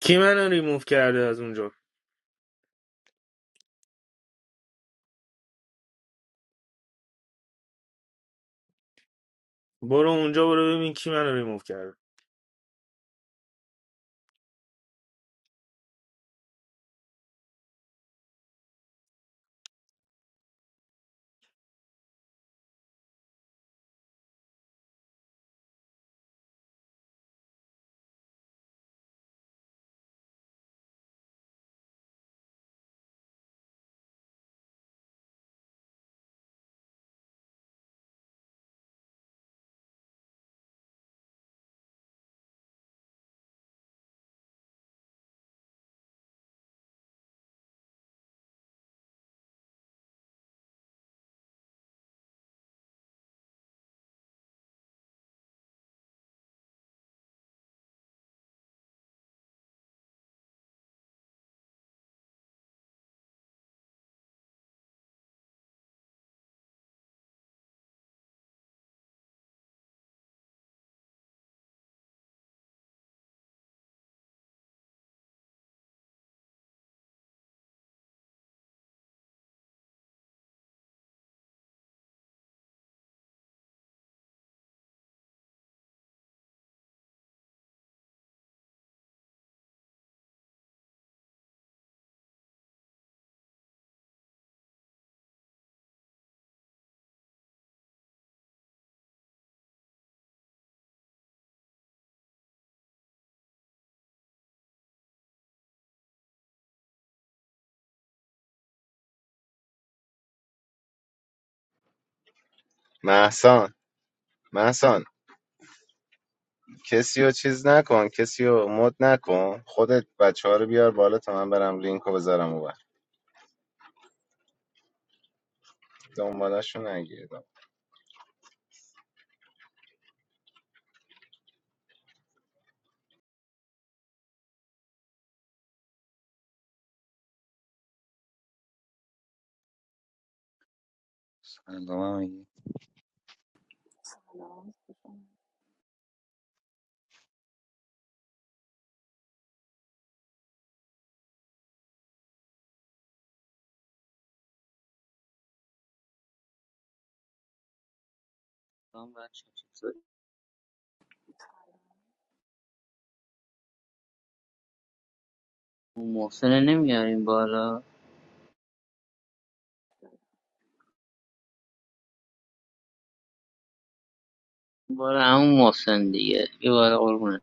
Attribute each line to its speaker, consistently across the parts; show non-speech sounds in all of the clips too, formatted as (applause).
Speaker 1: Kimano removed from that place. Go to that place and see who removed it.
Speaker 2: محسان محسان کسی رو چیز نکن کسی رو مد نکن خودت بچه ها رو بیار بالا تا من برم لینک رو بذارم اون دنبالشون نگیر
Speaker 3: سلام علی.
Speaker 4: سلام بچه چطوری؟ عمو محسن رو نمیاریم بالا این همون محسن دیگه یه بار قربونه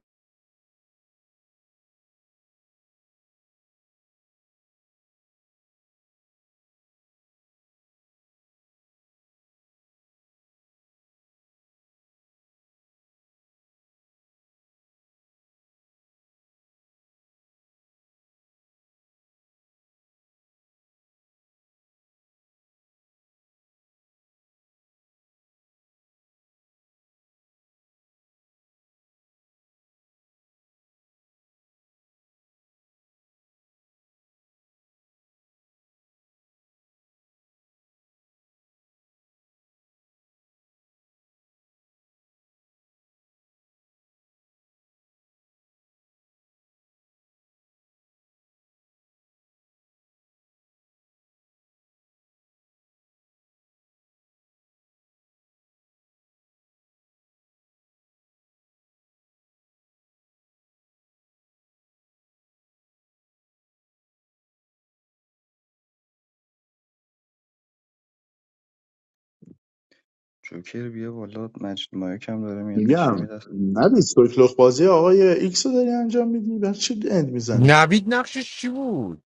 Speaker 3: جوکر بیا بالا مجید مایک هم داره میاد بشین می
Speaker 5: میگم
Speaker 3: دست
Speaker 5: نبید سوکلخ بازی آقای ایکس رو داری انجام میدی بر چی اند میزنی
Speaker 6: نوید نقشش چی بود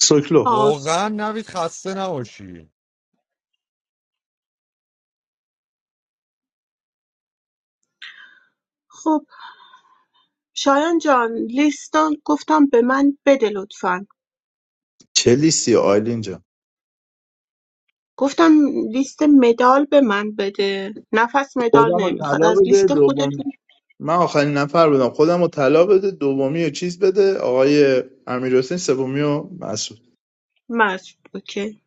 Speaker 5: سوکلخ
Speaker 7: پاس
Speaker 6: واقعا نوید خسته نباشی
Speaker 7: خب شایان جان لیست گفتم به من بده لطفا
Speaker 5: چه لیستی آیلین جان
Speaker 7: گفتم لیست مدال به من بده نفس مدال
Speaker 5: خودم رو
Speaker 7: نمیخواد
Speaker 5: طلا
Speaker 7: از
Speaker 5: بده
Speaker 7: لیست
Speaker 5: دوم
Speaker 7: خودتون
Speaker 5: من آخرین نفر بودم خودم رو طلا بده دومی رو چیز بده آقای امیر حسین سومی و مسعود
Speaker 7: مشق اوکی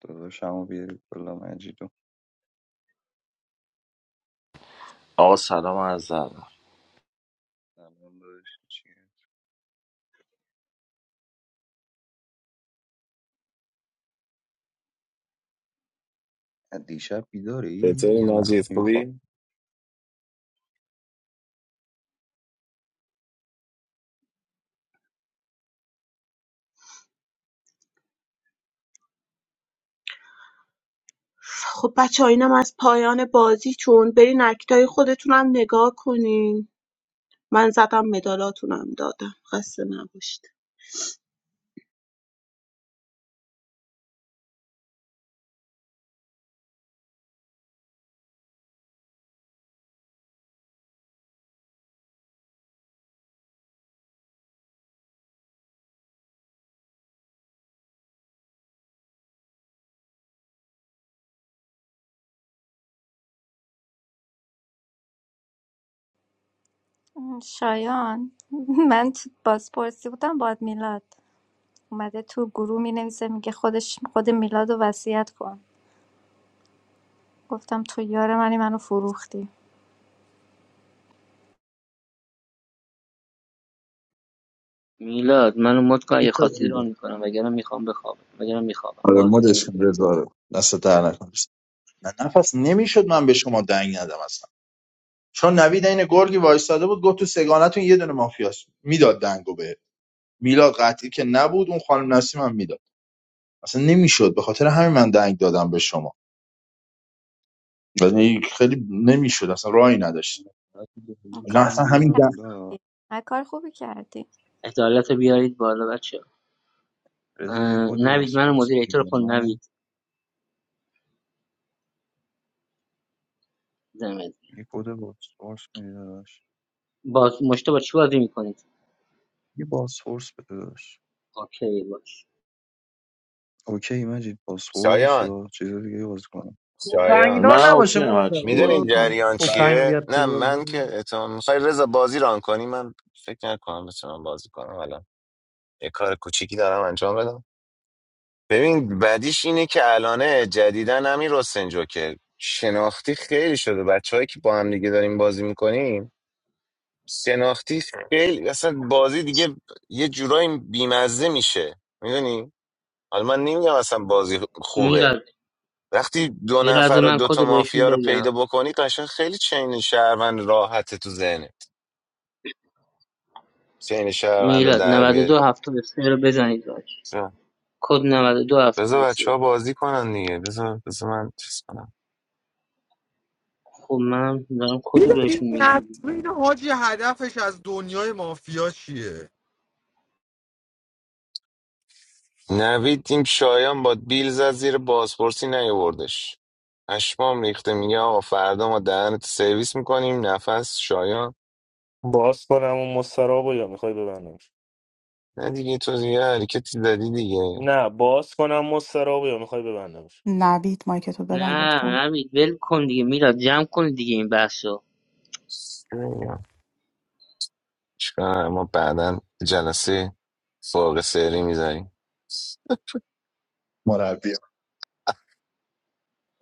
Speaker 3: داداشمو بیاری بالا مجیدو
Speaker 8: آقا سلام عرض ادب
Speaker 3: سلام داداش چیه دیشب بیداری
Speaker 9: چطوری
Speaker 3: یا نخ
Speaker 9: مجید
Speaker 3: یا خواب
Speaker 9: خوبی؟
Speaker 7: خب بچه ها، اینم از پایان بازیتون برین اکتای خودتونم نگاه کنین من زدم مدالاتونم دادم خسته نباشید
Speaker 10: Shayan, I thought Baspoor. I said about Milad. Maybe your teacher says that he himself celebrates Milad. I said to the people, I said to Farooq. Did
Speaker 4: میلاد منو مد کن اگه خاصی رو آن میکنم وگرنه میخوام بخوابم وگرنه میخوابم
Speaker 5: آره
Speaker 4: بازی
Speaker 5: مدش کن
Speaker 4: نمیکنم
Speaker 5: رضا رو دست در نکن من نفس نمیشد من به شما دنگ ندم اصلا چون نوید این گرگی وایستاده بود گفت تو سگانتون یه دونه مافیاست میداد دنگو به میلاد قطعی که نبود اون خانم نسیم هم میداد اصلا نمیشد به خاطر همین من دنگ دادم به شما یعنی خیلی نمیشد اصلا راهی نداشتم
Speaker 10: you
Speaker 5: نه
Speaker 10: do
Speaker 3: بیداریشم
Speaker 5: اصلا همین
Speaker 3: بیار
Speaker 5: دنگ
Speaker 10: the work? Did
Speaker 3: بالا
Speaker 10: you do
Speaker 4: عدالت رو بیارید بالا بچه
Speaker 3: رضا یه کد
Speaker 4: نوید منو
Speaker 3: باسپورس میدی
Speaker 4: مدیریتور
Speaker 3: به
Speaker 4: کن
Speaker 3: من
Speaker 4: نوید زمین
Speaker 3: یه کد باسپورس میدی داداش
Speaker 4: باز مشته با چی بازی میکنید
Speaker 3: یه باسپورس بده داداش
Speaker 4: اوکی باش
Speaker 3: اوکی مجید باسپورس
Speaker 9: شایان
Speaker 3: یا چیز دیگه بازی کنم
Speaker 9: شایان
Speaker 11: تفنگدار
Speaker 8: من
Speaker 11: نباشه
Speaker 8: اوکی هم هرچی که
Speaker 9: میدونی
Speaker 11: مجتبا
Speaker 8: بازی کنی
Speaker 9: جریان
Speaker 5: بله
Speaker 11: تفنگ
Speaker 9: چیه
Speaker 11: بیاد تو
Speaker 9: نه من
Speaker 11: بازی
Speaker 9: که اتمام میخوای رضا بازی ران کنی من فکر نکنم بتونم بازی کنم الان یه کار کوچیکی دارم انجام بدم ببین بدیش اینه که الانه جدیدن همین رستنجو که شناختی خیلی شده بچه که با هم دیگه داریم بازی میکنیم شناختی خیلی اصلا بازی دیگه یه جورایی بیمزه میشه میدونی حالا من نمیگم اصلا بازی خوبه
Speaker 4: میلاد
Speaker 9: وقتی دو
Speaker 4: یه
Speaker 9: نفر
Speaker 4: لحظه
Speaker 9: و
Speaker 4: من
Speaker 9: دو
Speaker 4: کد
Speaker 9: تا
Speaker 4: رو بهشون
Speaker 9: مافیا رو
Speaker 4: بگم
Speaker 9: پیدا بکنی قشنگ خیلی چین شهروند راحته تو ذهنت چین شهروند رو
Speaker 4: میلاد
Speaker 9: در بیاری
Speaker 4: 92 73 رو بزنید باش
Speaker 9: بذار
Speaker 4: کد 92
Speaker 9: بذار بچه
Speaker 4: 73
Speaker 9: ها بازی کنن دیگه بذار بذار من چیز کنم
Speaker 4: خب من دارم کد رو
Speaker 6: میدونی
Speaker 4: بهشون میگم
Speaker 6: نسرین حاجی هدفش از دنیای مافیا چیه
Speaker 9: نوید این شایان با بیل زد زیر بازپرسی نیاوردش اشمام ریخته میگه آقا فردا ما دهنت سرویس میکنیم نفس شایان
Speaker 1: Boss, can I be a servant? I want to be a servant.
Speaker 9: نه دیگه تو دیگه حرکتی دادی دیگه
Speaker 1: No, boss, can I be a servant? I want to be a servant.
Speaker 12: نوید مایکتو ببند
Speaker 4: نه
Speaker 12: لطفا
Speaker 4: نوید ول کن دیگه میلاد جمع کن دیگه این بحثو
Speaker 9: چی میگم؟ چیکار ما بعدا جلسه فوق سری میذاریم
Speaker 5: مربی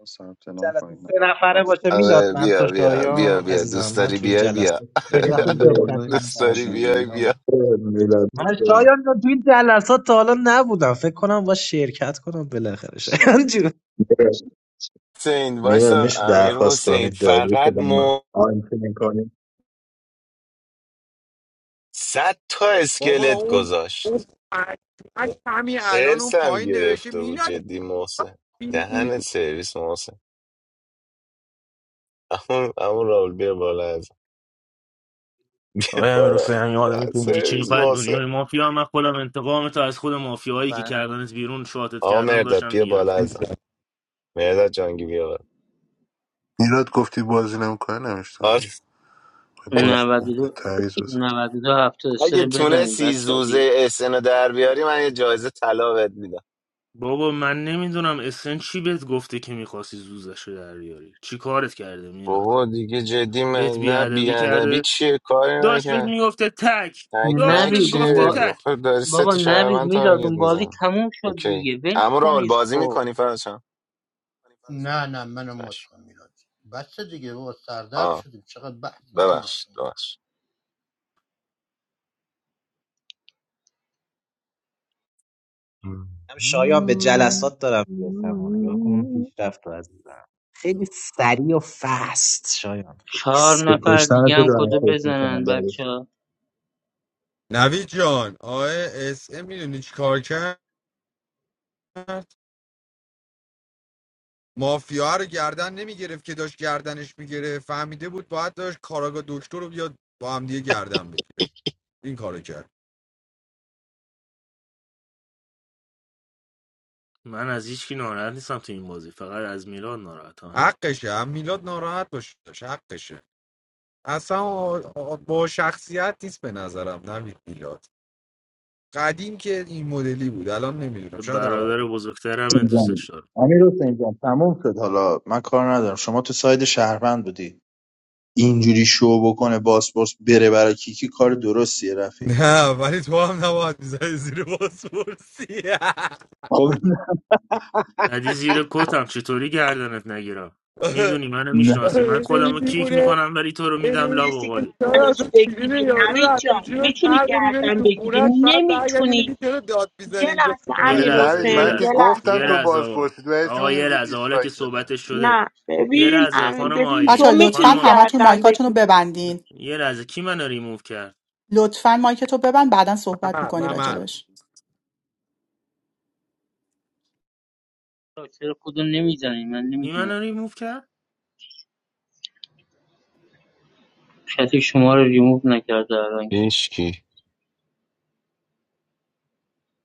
Speaker 3: ثبت نام
Speaker 11: جلسه
Speaker 3: کنید
Speaker 11: سه
Speaker 3: نفر
Speaker 11: نفره
Speaker 3: هفت
Speaker 11: باشه میلاد
Speaker 9: آره
Speaker 11: من
Speaker 9: بیا
Speaker 11: تو
Speaker 9: بیا بیا
Speaker 11: شایان
Speaker 9: بیا
Speaker 11: عزیزم
Speaker 9: دوست
Speaker 11: من
Speaker 9: داری
Speaker 11: تو این
Speaker 9: بیا بیا
Speaker 11: جلسه خیلی وقت
Speaker 3: ریحان بیا
Speaker 11: شرکت
Speaker 3: بالا
Speaker 9: (laughs)
Speaker 3: یه
Speaker 9: دوست
Speaker 3: دست
Speaker 9: داری
Speaker 11: نکردم
Speaker 3: بشینیم
Speaker 9: بیای بیا
Speaker 3: ریحان
Speaker 5: میلاد
Speaker 11: من
Speaker 5: میشه
Speaker 11: شایان رو تو این جلسات تا حالا نبودم فکر کنم با شرکت کنم بالاخره شایان جون
Speaker 9: حسین
Speaker 5: میلاد
Speaker 9: وایسا
Speaker 5: میشه
Speaker 9: امیر
Speaker 5: درخواست کنم
Speaker 9: حسین
Speaker 5: این داریوش رو
Speaker 9: فقط
Speaker 5: با من
Speaker 9: مو
Speaker 5: آنتی میکنیم
Speaker 9: صد تا
Speaker 6: بابا
Speaker 9: اسکلت
Speaker 6: اون اون
Speaker 9: گذاشت
Speaker 6: پشمک همین الان اون
Speaker 9: ارسم
Speaker 6: پایین نوشته
Speaker 9: گرفته بود
Speaker 6: میلاد
Speaker 9: جدی محسن
Speaker 6: چی؟
Speaker 9: دهن سرویس محسن اما اما راول بیا بالا از
Speaker 1: Oh, I'm a
Speaker 9: بالا
Speaker 1: servant. I'm a
Speaker 9: دهن
Speaker 1: servant.
Speaker 9: سرویس
Speaker 1: What in the
Speaker 9: محسن
Speaker 1: world? Mafia? All the time? They're doing it themselves. The mafia who did it
Speaker 4: و
Speaker 1: from outside. They did it. I
Speaker 9: آقا
Speaker 1: didn't know. Dad,
Speaker 9: مرداد بیا بالا ازم مرداد جانگی بیا بالا
Speaker 13: میلاد گفتی بازی نمیکنه نمیشتم
Speaker 9: آره،
Speaker 13: اگه بخوای باز کنی،
Speaker 4: 92
Speaker 13: تعویض بزن
Speaker 4: 92 73
Speaker 9: اگه
Speaker 4: رو بزنیم
Speaker 9: تونستی
Speaker 4: بچه ها دیگه
Speaker 9: زوزه اسنو در بیاری من یه جایزه طلا بهت
Speaker 1: I don't know. Isn't he what said that he wanted to be killed? What did he do? He didn't come. He came.
Speaker 9: بابا دیگه جدی من
Speaker 1: He
Speaker 9: نه بیادبی چیه کاری نکن
Speaker 1: came. He came.
Speaker 9: تکمک
Speaker 4: نوید اون
Speaker 1: He
Speaker 9: چیه
Speaker 4: با...
Speaker 1: came.
Speaker 9: آخه داری سه
Speaker 4: بابا
Speaker 9: تا
Speaker 4: نوید
Speaker 9: شهروند
Speaker 4: میلاد
Speaker 9: تارگت
Speaker 4: اون بازی
Speaker 9: میزن
Speaker 4: تموم شد
Speaker 9: اوکی
Speaker 4: دیگه ول
Speaker 9: اما رال
Speaker 4: کنید
Speaker 9: بازی
Speaker 4: خب
Speaker 9: میکنی فراشم
Speaker 14: نه نه منم مد
Speaker 9: چش.
Speaker 14: کن میلاد بس دیگه بابا سردرد
Speaker 9: آه
Speaker 14: شدیم چقدر بحث میکنید
Speaker 9: ببخش
Speaker 14: شما
Speaker 9: ببخش
Speaker 11: هم شایان به جلسات دارم میرسم یا کن پیشرفت رو عزیزم خیلی سریع و فست شایان خیلی
Speaker 4: چهار
Speaker 5: به
Speaker 11: سریع
Speaker 4: نفر
Speaker 5: کشتن
Speaker 4: دیگه
Speaker 5: تو
Speaker 4: هم
Speaker 5: دارم
Speaker 4: کدو
Speaker 5: فکر میکنم
Speaker 4: بزنن
Speaker 5: داریوش
Speaker 4: بچه ها
Speaker 6: نوید جان آقای اس ام میدونی چی کار کرد مافیا رو گردن نمیگرفت که داشت گردنش میگرفت فهمیده بود باید داشت کاراگا دکتر رو بیاد با هم دیگه گردن بگیره این کارو کرد
Speaker 1: من از هیچکی ناراحت نیستم تو این بازی فقط از میلاد ناراحتم هم
Speaker 6: حقشه هم میلاد ناراحت باشه حقشه اصلا آ- با شخصیت نیست به نظرم نوید میلاد قدیم که این مدلی بود الان نمیدونم شاید عوض
Speaker 1: برادر بزرگترم دوستش
Speaker 5: جان.
Speaker 1: دارم
Speaker 5: امیر حسین جان تموم شد حالا من کار ندارم شما تو ساید شهروند بودی اینجوری شو بکنه باسپورس بره برای کیکی کار درستیه رفیق
Speaker 6: نه ولی تو هم نباید میزنی زیر بازپرسی
Speaker 5: خب
Speaker 1: ادی زیر کتم چطوری گردنت نگیرم
Speaker 6: (laughs)
Speaker 1: میدونی منو
Speaker 5: نه
Speaker 1: میشناسی من
Speaker 6: آره،
Speaker 1: خودم
Speaker 6: این
Speaker 1: رو کیک
Speaker 6: دیوونه،
Speaker 1: میکنم ولی تو رو
Speaker 6: این
Speaker 1: میدم لاب و قالی
Speaker 6: شاید
Speaker 7: گردنش
Speaker 6: تو کلین
Speaker 7: بگیری
Speaker 6: یارو رو
Speaker 7: نوید
Speaker 6: از تو
Speaker 7: جان
Speaker 6: جیبش
Speaker 7: میتونی
Speaker 6: برداری بری
Speaker 7: گردن
Speaker 6: تو
Speaker 7: بگیری
Speaker 6: خونش بعد برگردی
Speaker 7: نمیتونی
Speaker 6: میگی چرا داد میزنی
Speaker 7: یه
Speaker 6: اینجا
Speaker 7: لحظه
Speaker 6: خونه
Speaker 1: یه
Speaker 13: دیگه
Speaker 7: امیر
Speaker 6: منه
Speaker 13: نوید
Speaker 1: لحظه یه
Speaker 13: من
Speaker 7: حسین
Speaker 13: که
Speaker 7: یه
Speaker 1: لحظه
Speaker 13: گفتم
Speaker 1: یه
Speaker 7: لحظه
Speaker 13: تو
Speaker 1: لحظه
Speaker 13: باز
Speaker 1: آقا
Speaker 13: پرسید و چی
Speaker 1: آقا
Speaker 13: میدیم
Speaker 1: یه
Speaker 13: که
Speaker 1: لحظه حالا که
Speaker 13: دیسلایک بده
Speaker 1: صحبتش شده
Speaker 7: نه
Speaker 1: یه
Speaker 7: ببین
Speaker 1: لحظه
Speaker 7: امیر
Speaker 1: خانم
Speaker 7: ببین
Speaker 12: بچه
Speaker 7: تو
Speaker 1: آیلین
Speaker 12: لطفا
Speaker 1: خانم
Speaker 7: میتونی
Speaker 1: آیلین
Speaker 12: همتون
Speaker 7: گردن
Speaker 12: مایکاتون رو
Speaker 7: بگیری
Speaker 12: ببندین
Speaker 1: یه لحظه کی منو ریموو کرد
Speaker 12: لطفا مایکتو ببند بعدا صحبت
Speaker 6: ممر
Speaker 12: میکنی
Speaker 6: ممر
Speaker 12: راجبش
Speaker 4: چرا کدو نمیزنید من
Speaker 1: کی
Speaker 4: نمیدونم
Speaker 1: منو ریموو کرد
Speaker 4: کسی شما رو ریموو نکرده الان که.
Speaker 9: هیچکی (laughs)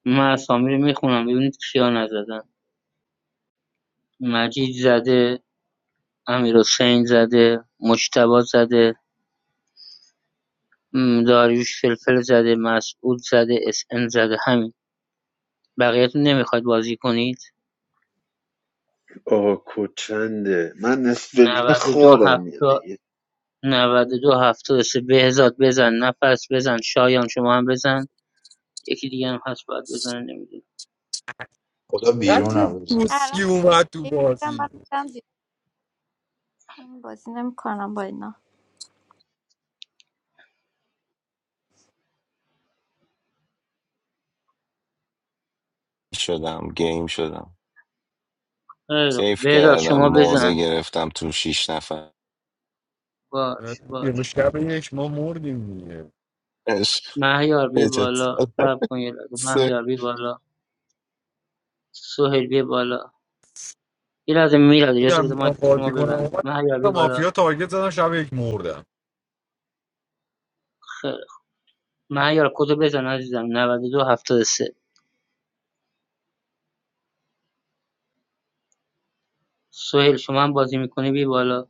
Speaker 4: من اسامی رو میخونم ببینید کیا نزدن مجید زده امیر حسین زده مجتبا زده داریوش فلفل زده مسعود زده اس ان زده همین بقیه‌تون نمیخواید بازی کنید
Speaker 15: آه کچنده من نصف نیمه
Speaker 4: نود و دو
Speaker 15: خوابم میاد
Speaker 4: هفتاد،
Speaker 15: دیگه
Speaker 4: نود و دو 70 92 73 بهزاد بزن نفس بزن شایان شما هم بزن یکی دیگه هم هست باید بزنه نمیدونم
Speaker 5: خدا
Speaker 6: نه چه
Speaker 5: بیرونم
Speaker 6: دوستی اومد تو
Speaker 10: the
Speaker 6: بازی
Speaker 10: work? I did the work. I'm not doing it anymore. (laughs)
Speaker 9: شدم گیم شدم
Speaker 4: خیلی خوب
Speaker 9: سیف
Speaker 4: بهزاد
Speaker 9: کردم
Speaker 4: شما
Speaker 9: موزه
Speaker 4: بزن
Speaker 9: گرفتم تو شیش نفر
Speaker 4: باش
Speaker 6: یه
Speaker 4: باش
Speaker 6: شب یک ما مردیم دیگه.
Speaker 9: (laughs) اش،
Speaker 4: مهیار بیا
Speaker 9: یه چه
Speaker 4: بالا
Speaker 9: طرف.
Speaker 4: صبر کن یه لحظه مهیار بیا بالا سهیل بیا بالا یه لحظه میلاد اجازه
Speaker 6: بودم
Speaker 4: بده
Speaker 6: بیام
Speaker 4: مایک شما
Speaker 6: بازی کنم
Speaker 4: ببند
Speaker 6: اومد
Speaker 4: مهیار
Speaker 6: تا
Speaker 4: بیا بالا
Speaker 6: مافیا تارگت زدم شب یک مردم
Speaker 4: خیلی خوب. مهیار کدو بزن عزیزم 92 73 سهیل شما هم بازی میکنی بی بالا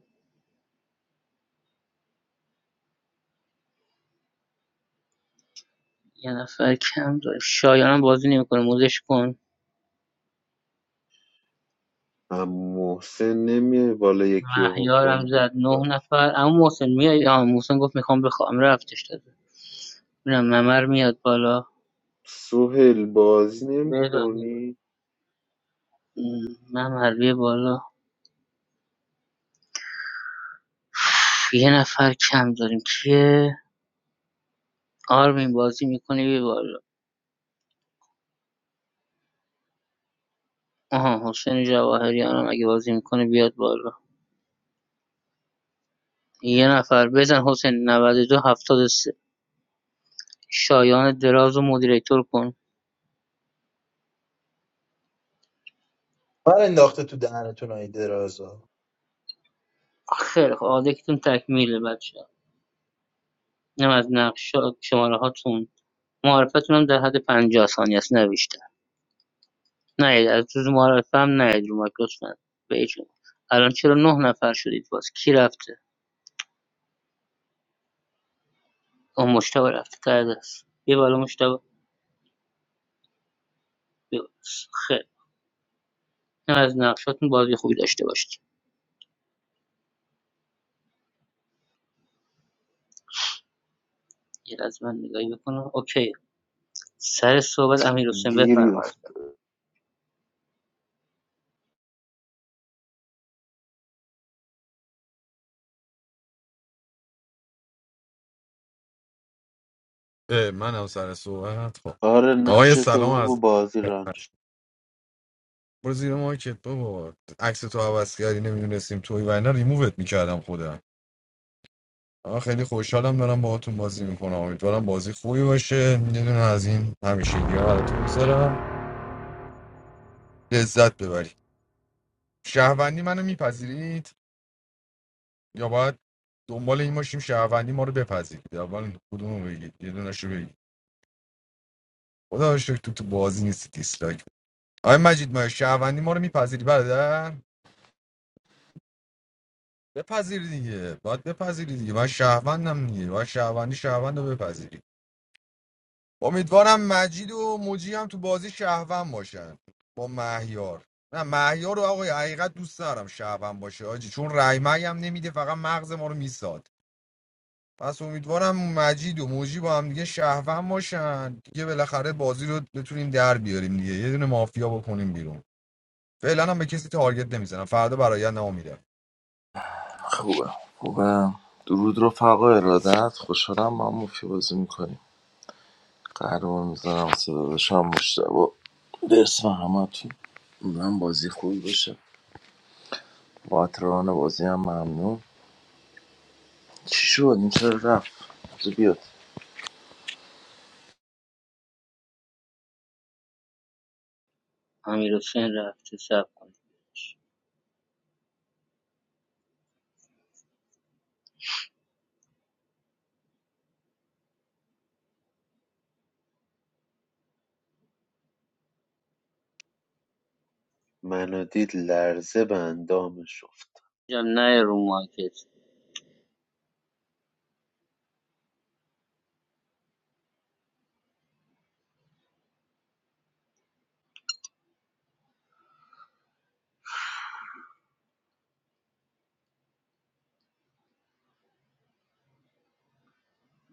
Speaker 4: یه نفر کم داریم شایان هم بازی نمیکنه موزش کن
Speaker 15: اما محسن نمیای بالا یکی رو بکن
Speaker 4: مهیارم زد نه
Speaker 15: بیرون.
Speaker 4: نفر اما محسن میای آه محسن گفت میخوام بخوام رفتش داده ببینم ممر میاد بالا
Speaker 15: سهیل بازی نمی
Speaker 4: بهزاد
Speaker 15: کنی؟
Speaker 4: م، ممر بیا بالا یه نفر کم داریم کیه آرمین بازی میکنه بی بالا آها حسین جواهریان هم اگه بازی میکنه بیاد بالا یه نفر بزن حسین 92 73 شایان دراز و مدیریتور کن
Speaker 5: من انداخته تو دهنتون های درازا
Speaker 4: خیلی خب آدکتون تکمیله بچه اینم از نقش شماره هاتون معرفتون هم در حد پنجاه ثانیه است نه نه از تو معرفه هم نه رو مایک به هیچ عنوان. الان چرا نه نفر شدید باز کی رفته اون مشتبه رفته ته دست یه بالا مشتبه بیا بالا. خیلی از نقشاتون بازی خوبی داشته باشید یه از من نگاهی بکنم اوکی سر صحبت امیر حسین
Speaker 15: گیری
Speaker 4: بفرمایید
Speaker 15: افت
Speaker 6: اه، منم سر صحبت خب
Speaker 15: آره نقش
Speaker 6: آقای سلام
Speaker 15: تو بگو
Speaker 6: از
Speaker 15: بازی رانش
Speaker 6: برو زیر مارکت بابا عکس تو عوض کردی نمیدونستیم توی و اینا ریمووت میکردم خودم آه، خیلی خوشحالم دارم باهاتون بازی میکنم امیدوارم بازی خوبی باشه میدونم از این همیشه دیگه براتون میذارم لذت ببری شهروندی منو میپذیرید یا باید دنبال این باشیم شهروندی ما رو بپذیرید اول کدوم رو بگید یه دونش رو بگید خدا رو شکر تو تو بازی نیستی آقای مجید ما شهروندی ما رو میپذیری برادر بپذیری دیگه باید بپذیری دیگه من شهروندم دیگه باید شهروندی شهروند رو بپذیری امیدوارم مجید و موجی هم تو بازی شهروند باشن با مهیار نه مهیار رو آقای حقیقت دوست دارم شهروند باشه آجی چون رای مهی هم نمیده فقط مغز ما رو میساد پس امیدوارم مجید و موجی با هم دیگه شهروند باشن دیگه بالاخره بازی رو بتونیم در بیاریم دیگه یه دونه مافیا بکنیم بیرون فعلا هم به کسی تارگت نمیزنم فردا برایت نمیدم
Speaker 8: خوبه خوبه درود رفقا ارادت خوشحالم ما مفی بازی میکنیم قهرمان میزنم صدا داشتم مشتبه درس و همه تو من بازی خوبی باشه باتران بازی هم ممنون چی شد این چرا رفت بذار بیاد
Speaker 4: امیر حسین رفته سب کنید
Speaker 15: منو دید لرزه به اندامش افت
Speaker 4: جان نه رو مایکت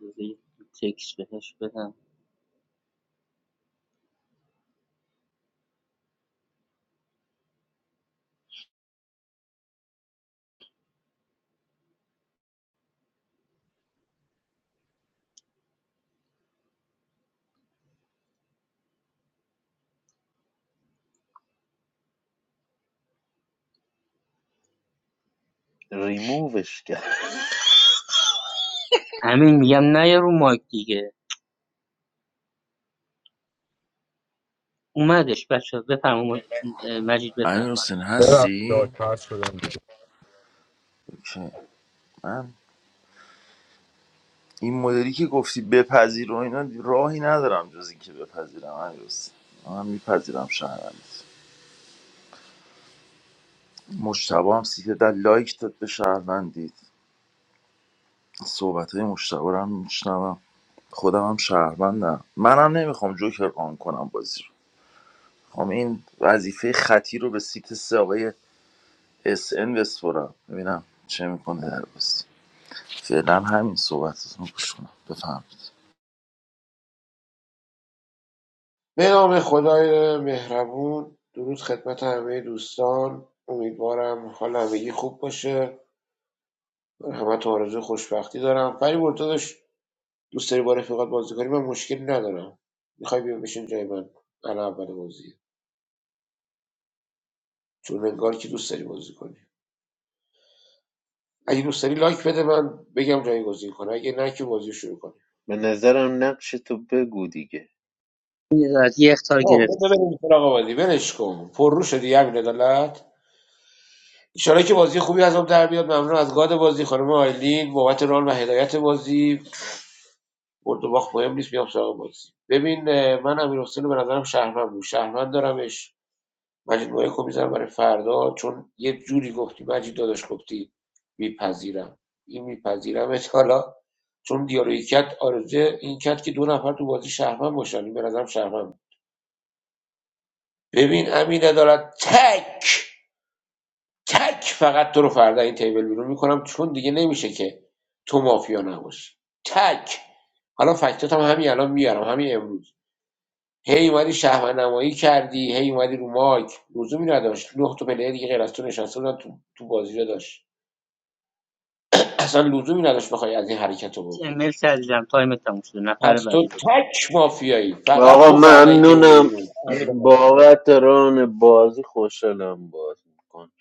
Speaker 4: بذار یه تکس بهش بدم
Speaker 15: ریمووش کرد
Speaker 4: همین میگم نیا رو مایک دیگه اومدش بچه بفرما مجید
Speaker 8: امیر
Speaker 4: بفرما
Speaker 8: حسین
Speaker 6: ببخشید داد
Speaker 8: هستی؟
Speaker 6: پس شدم بیرون
Speaker 8: اوکی من این مدلی که گفتی بپذیر و اینا راهی ندارم جز اینکه بپذیرم امیر حسین من میپذیرم شهرم مشتبه هم سیت در لایک داد به شهروندید صحبت های مشتبه رو هم میشنوم خودم هم شهروندم منم نمیخوام جوکر آن کنم بازی رو میخوام این وظیفه خطی رو به سیت سه آقای اس ان بسپرم ببینم چه میکنه در بازی فعلا همین صحبتتون رو گوش کنم بفهمید
Speaker 16: به نام خدای مهربون درود خدمت همه دوستان امیدوارم حال همگی خوب باشه همه تو آرزوی خوشبختی دارم فری مرتضش دوست داری با رفیقات بازی کنی من مشکلی ندارم میخوای بیا بشین جای من الان اول بازیه چون انگار که دوست داری بازی کنی اگه دوست داری لایک بده من بگم جایگزین کنه اگه نه که بازی شروع کنیم
Speaker 15: به نظرم نقش تو بگو دیگه
Speaker 4: این ادارت یه اختار
Speaker 16: خب خب،
Speaker 4: گرفتی
Speaker 16: ببینیم سراغ بازی ولش کن پررو شدی همین عدالت ایشالا که بازی خوبی ازم در بیاد ممنون از گاد بازی خانم آیلین بابت ران و هدایت بازی برد و باخت مهم نیست میام سراغ بازی ببین من امیر حسین به نظرم شهروند بود شهروند دارمش مجید مایک میذارم برای فردا چون یه جوری گفتی مجید داداش گفتی میپذیرم این میپذیرم (laughs) حالا چون دیالوگی کرد آرزه این کرد که دو نفر تو بازی شهروند باشن این به نظرم شهروند بود. ببین امین عدالت تک تک فقط تو رو فردا این تیبل بیرون میکنم چون دیگه نمیشه که تو مافیا نباشی تک حالا فکتات هم همین الان میارم همین امروز هی اومدی شهوندنمایی کردی هی اومدی رو مایک لزومی نداشت نه تا پلیر دیگه غیر از تو نشسته بودن تو تو بازی رو داشت اصلا لزومی نداشت بخوای از این حرکت رو بکنی
Speaker 4: مل عزیزم تایم تموم شده نفر
Speaker 16: پس تو
Speaker 4: بعدی لطفا
Speaker 16: تک مافیایی فقط
Speaker 15: آقا
Speaker 16: تو فردا این تیبل
Speaker 15: ممنونم
Speaker 16: میبینی حالش
Speaker 15: بابت ران بازی خوشحالم باز میکن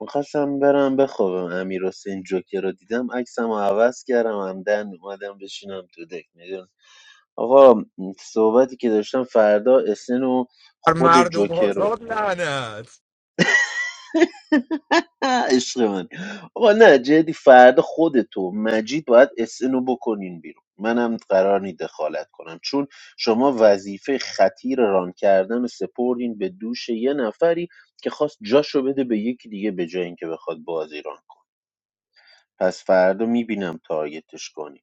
Speaker 15: میخواستم برم بخوابم امیر حسین جوکر رو دیدم عکسم رو عوض کردم همدن اومدم بشینم تو دک میدون آقا صحبتی که داشتم فردا اسن و
Speaker 6: بر
Speaker 15: خود
Speaker 6: مردم
Speaker 15: جوکر رو
Speaker 6: آزاد لعنت
Speaker 15: عشق من آقا نه جدی فردا خودتو مجید باید اسنو بکنین بیرون منم قرار نی دخالت کنم چون شما وظیفه خطیر ران کردن رو سپردین به دوش یه نفری که خواست جاشو بده به یکی دیگه به جای اینکه بخواد بازی ران کنه پس فردا میبینم تارگتش کنی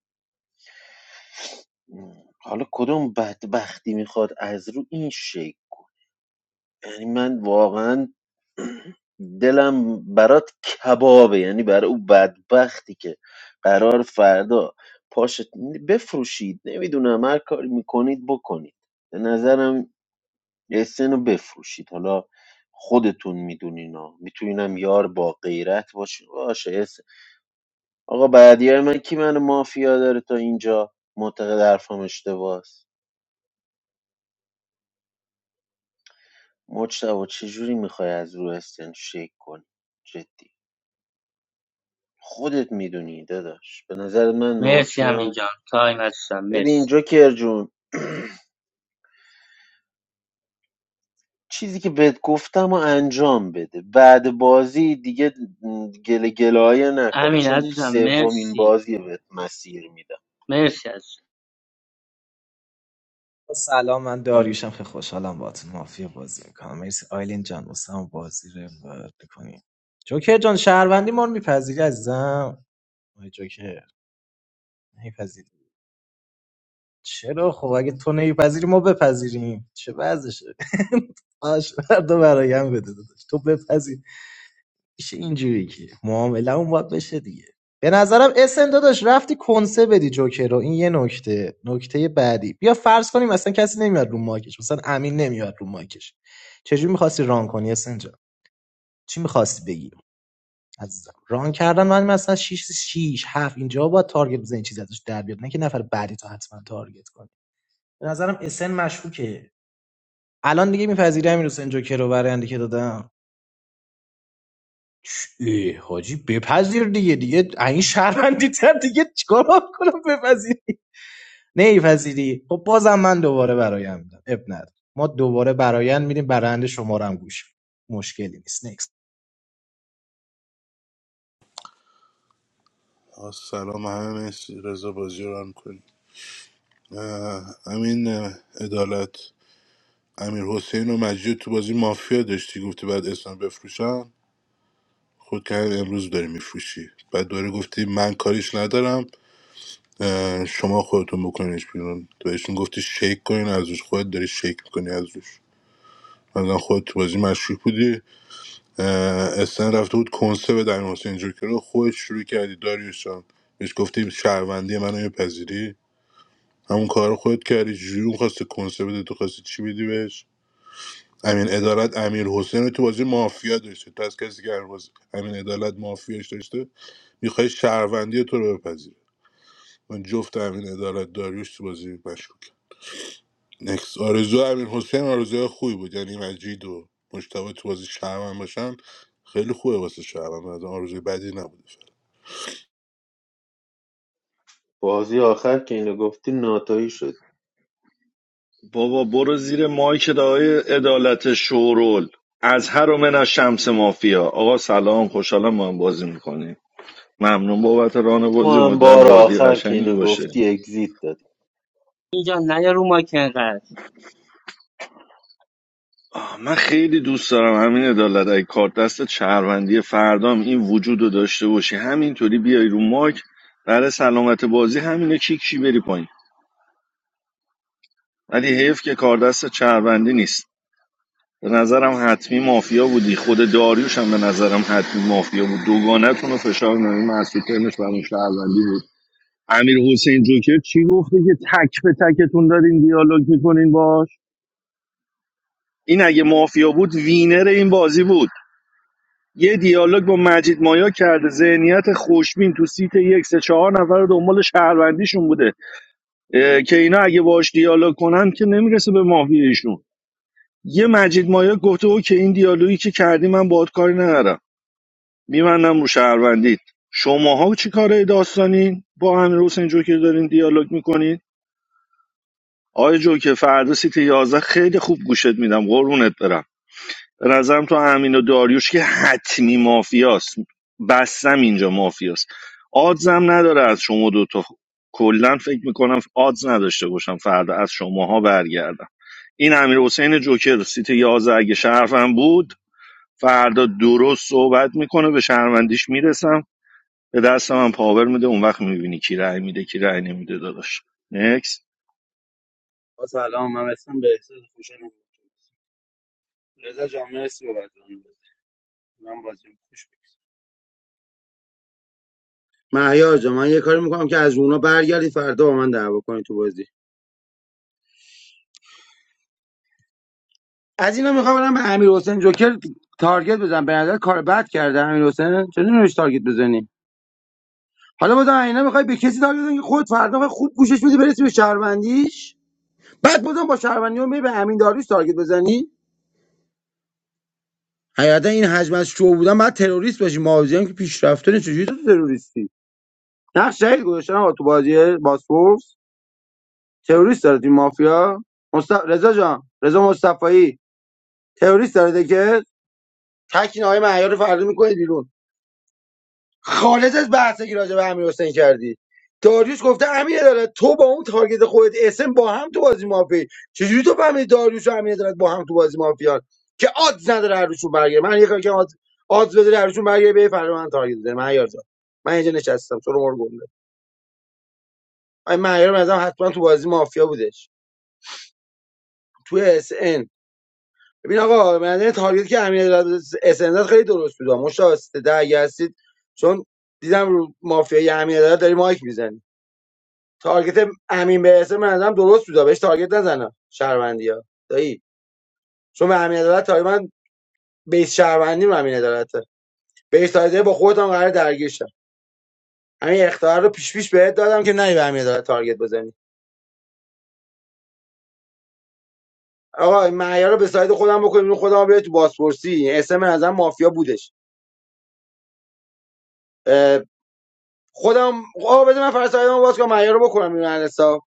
Speaker 15: حالا کدوم بدبختی میخواد از رو این شکل یعنی من واقعا دلم برات کبابه یعنی برای او بدبختی که قرار فردا پاشت بفروشید نمیدونم هر کاری میکنید بکنید به نظرم اسن رو بفروشید حالا خودتون میدونین ها میتونینم یار با غیرت باشین باشه اسن آقا بعدی من کی من مافیا داره تا اینجا معتقد حرفم اشتباهه مجتبا چجوری میخوای از رو اسن شیک کنی جدی خودت میدونی داداش به نظر من
Speaker 4: مرسی امین
Speaker 15: مافیام
Speaker 4: جان تایم عزیزم
Speaker 15: ببین
Speaker 4: مرسی
Speaker 15: جوکر جون (clears throat) چیزی که بهت گفتم و انجام بده بعد بازی دیگه گله گلایه نکنه
Speaker 4: امین
Speaker 15: چون
Speaker 4: عزیزم
Speaker 15: سومین
Speaker 4: مرسی
Speaker 15: بازی بهت مسیر میدم
Speaker 4: مرسی عزیزم
Speaker 11: سلام من داریوشم خیلی خوشحالم باهاتون مافیا بازی میکنم مرسی آیلین جان واسم بازی رو امرار میکنیم جوکر جان شهروندی ما رو میپذیری عزیزم آی جوکر میپذیری چرا خب اگه تو نمیپذیری ما بپذیریم چه وضعشه (laughs) آش فردا برایم بده داداش. تو بپذیر میشه اینجوری که معامله اون باید بشه دیگه به نظرم اسن داداش رفتی کنسه بدی جوکر رو این یه نکته نکته بعدی بیا فرض کنیم مثلا کسی نمیاد رو مایکش مثلا امین نمیاد رو مایکش چجوری میخواستی ران کنی اسن جان چی میخواستی بگی عزیزم ران کردن من مثلا 6 6 7 اینجا با تارگت بزنی چیزی ازش در بیاد نه که نفر بعدی تو حتما تارگت کنی به نظرم اسن مشکوکه الان دیگه میپذیری امیر حسین جوکر رو برنده که دادم ای حاجی بپذیر دیگه دیگه این شهروندی تر دیگه چیکار باید کنم بپذیری نمیپذیری خب بازم من دوباره برایم میدم اب نداره ما دوباره برایند میریم برنده شما رو هم گوش می‌دیم. مشکلی نیست نکست
Speaker 13: آه، سلام همه مرسی رضا بازی رو ران کنی اه، امین اه، عدالت امیر حسین و مجید تو بازی مافیا داشتی گفتی بعد اسم بفروشن خود که امروز داری میفروشی بعد دوره گفتی من کاریش ندارم اه، شما خودتون بکنیش بیرون تو بهشون گفتی شیک کنین از روش خودت داری شیک میکنی از روش مثلا خودت تو بازی مشکوک بودی استن رفته بود کنسه به در حسین جوکر رو خودت شروع کردی داریوش جان بهش گفتیم شهروندی منو میپذیری همون کار رو خودت کردی جوری اون خواسته کنسه بده تو خواستی چی بدی بهش امین عدالت امیر حسین رو تو بازی مافیا داشته تو از کسی که هر بازی امین عدالت مافیاش داشته میخوای شهروندی تو رو بپذیری من جفت امین عدالت داریوش تو بازی مشکوک نکس آرزو امیر حسین آرزوی خوبی بود یعنی مجید و مشتبه تو بازی شهروند باشن خیلی خوبه واسه شهروند از آرزوی بدی نبود
Speaker 15: بازی آخر که اینو گفتی ناتایی شد
Speaker 17: بابا برو زیر مایک دعای عدالت شورول از هر و من از شمس مافیا آقا سلام خوشحالم ما هم بازی میکنیم ممنون بابت ران
Speaker 15: تو
Speaker 17: بازی
Speaker 15: هم
Speaker 17: امیدوارم
Speaker 15: بار
Speaker 17: بازی
Speaker 15: آخر که
Speaker 17: قشنگی
Speaker 15: اینو
Speaker 17: باشه
Speaker 15: گفتی اگزیت دادی
Speaker 4: اینجا نیا رو مایک انقدر
Speaker 17: آه من خیلی دوست دارم همین عدالت ای کارت دست شهروندی فردام این وجود رو داشته باشی همینطوری بیای رو مایک برای سلامت بازی همینه کیکی بری پایین ولی حیف که کار دست شهروندی نیست به نظرم حتمی مافیا بودی خود داریوش هم به نظرم حتمی مافیا بود دوگانتون رو فشار نمی مسعود ترمش برای شهروندی بود امیر حسین جوکر چی گفته که تک به تکتون دارین دیالوگ میکنین باش این اگه مافیا بود وینر این بازی بود یه دیالوگ با مجید مایا کرده ذهنیت خوشبین تو سیت یک سه چهار نفر دنبال شهروندیشون بوده اه، که اینا اگه باش دیالوگ کنن که نمیرسه به مافیا ایشون یه مجید مایا گفته او که این دیالوگی که کردی من باهات کاری ندارم میبندم رو شهروندید شماها چی کاره داستانین با امیر حسین جوکر دارین دیالوگ میکنین آقای جوکر فردا سیت 11 خیلی خوب گوشت میدم قربونت برم به نظرم تو امین و داریوش که حتمی مافیاست بستم اینجا مافیاست آدزم نداره از شما دوتا کلا فکر میکنم آدز نداشته باشم فردا از شماها برگردم این امیر حسین جوکر سیت 11 اگه شرفم بود فردا درست صحبت میکنه به شهروندیش میرسم به دست من پاور میده اون وقت میبینی کی رأی میده کی رأی نمیده داداش نکس
Speaker 18: با سلام من اسمم به احساس خوشحالم باهاتون. رضا جان مرسی بابت اون بازی. من بازی رو خوش بگذرونم. مهیار جان من یه کاری میکنم که از اونا برگردی فردا با من دعوا کنی تو بازی از اینا میخوام برم به امیر حسین جوکر تارگت بزنم به نظر کار بد کرده امیر حسین چرا نمیش تارگت بزنی حالا بازم اینا میخوای به کسی تارگت بزنی که خود فردا خود گوشش میدی برسی به شهروندیش بعد بازم با شهروندی می به امین داریوش تارگت بزنی حقیقتا این حجم از شو بودن بعد تروریست باشی مازیان که پیشرفته نیست. چجوری تو تروریستی نقش جدید گذاشتن آقا تو بازی باسپورس تروریست داره تیم مافیا مصطف... رضا جان رضا مصطفایی تروریست داره که تکین های معیار رو فردا میکنه بیرون خالص از بحثی که راجع به امیر حسین کردی داریوش گفته امیر داره تو با اون تارگت خودت اسم با هم تو بازی مافیا چجوری تو فهمیدی داریوش و امیر دارن با هم تو بازی مافیا که آدز نداره هر روشون برگره من یه کاری که آدز آدز بده هر روشون برگره به فردا من تارگت بزنه معیار جان من اینجا نشستم تو رو مرگونده این معیار به حتما تو بازی مافیا بوده. توی اس ان ببین آقا من تارگت که امین اس ان خیلی درست بود مشتاق ده اگه هستید چون دیدم رو مافیای امین عدالت داری مایک میزنی تارگت امین به اس من نظرم درست بود بهش تارگت نزنم شهروندی ها دایی چون به امین عدالت تارگت من بیس شهروندی امین عدالته بیس تارگت زدی با خودت هم قرار درگیر شم همین اختیار رو پیش پیش بهت دادم که نری به امین عدالت تارگت بزنی آقا این معیار رو به سایت خودم بکنیم خودم بیاد تو بازپرسی اس من نظرم مافیا بودش خودم آه بذار من فرستادم باز کنم معیار رو بکنم این حساب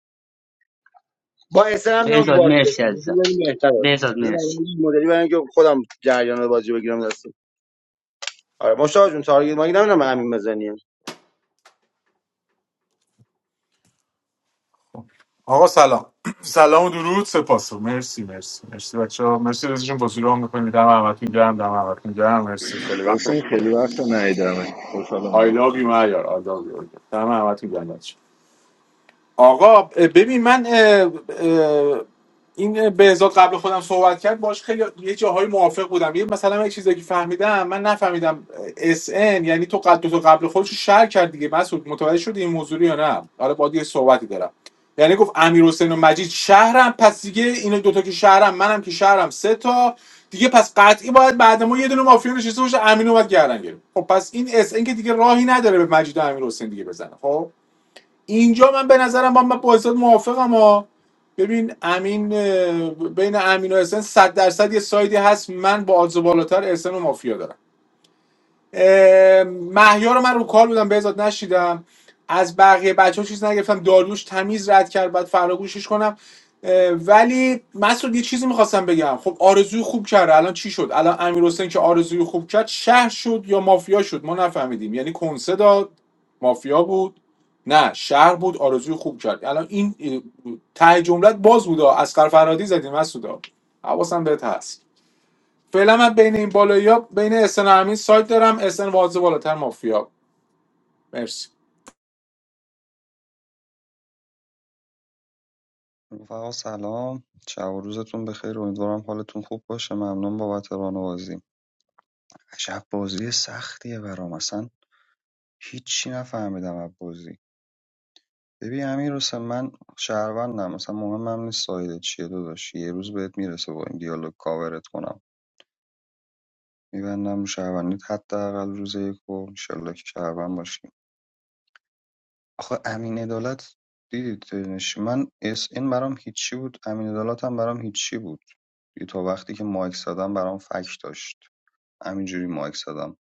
Speaker 18: با اسن هم میام تو
Speaker 4: بهزاد
Speaker 18: بازی
Speaker 4: مرسی عزیزم
Speaker 18: ببینیم بهتره
Speaker 4: بهزاد
Speaker 18: بذار
Speaker 4: مرسی
Speaker 18: برام یه مدلی برای اینکه خودم جریان بازی بگیرم دستم آره مشتاق جون تارگت ما نمیدونم همین بزنی
Speaker 19: آقا سلام (clears throat) سلام و درود سپاس و مرسی مرسی مرسی بچه ها مرسی رزشون بازی رو هم میکنیم دم همتون گرم دم همتون گرم مرسی خیلی وقت
Speaker 17: حسین
Speaker 19: بود.
Speaker 17: خیلی وقت ندیدم خوشحالم
Speaker 19: I
Speaker 17: باهات
Speaker 19: love you
Speaker 17: شد.
Speaker 19: معیار I love you دم همتون گرم آقا ببین من اه، اه، این بهزاد قبل خودم صحبت کرد باش خیلی یه جاهای موافق بودم یه مثلا یه چیزی که فهمیدم من نفهمیدم اس ان یعنی تو قد تو قبل خودش رو شر کرد دیگه مسعود متوجه شدی این موضوع رو یا نه حالا با یه صحبتی دارم یعنی گفت امیر حسین و مجید شهرم پس دیگه اینا دوتا که شهرم منم که شهرم سه تا دیگه پس قطعی باید بعد ما یه دونه مافیا نشسته باشه امین اومد گردن گرفت خب پس این اس ان که دیگه راهی نداره به مجید و امیر حسین دیگه بزنه خب اینجا من به نظرم با من با حساب موافقم ها ببین امین بین امین و احسان 100 درصد یه سایدی هست من با آدز بالاتر احسان و مافیا دارم اه، رو من رو کال بودم بهزاد نشیدم از بقیه بچه ها چیز نگرفتم داریوش تمیز رد کرد بعد فردا گوشش کنم ولی مسعود یه چیزی میخواستم بگم خب آرزوی خوب کرد الان چی شد الان امیر حسین که آرزوی خوب کرد شهر شد یا مافیا شد ما نفهمیدیم یعنی کنسه داد مافیا بود نه شهر بود آرزوی خوب کرد الان این اه، ته جملت باز بود از اسقر فرهادی زدیم مسعودا حواسم بهت هست فعلا من بین این بالایی ها بین اسن و امین سایت دارم اسن واضح بالاتر مافیا مرسی
Speaker 3: رفقا سلام شب و روزتون بخیر امیدوارم حالتون خوب باشه ممنون بابت ران بازی عجب بازی سختیه برام اصلا هیچی نفهمیدم از بازی ببین امیر حسین من شهروندم مثلا مهمم نیست سایده چیه داداش یه روز بهت میرسه با این دیالوگ کاورت کنم میبندم رو شهروندیت حداقل روز یک و انشالله که شهروند باشی آخه امین امینعدالت دیدیدش من اس این برام هیچی بود امین امینعدالت هم برام هیچی بود دیگه تا وقتی که مایک زدم برام فک داشت همینجوری مایک زدم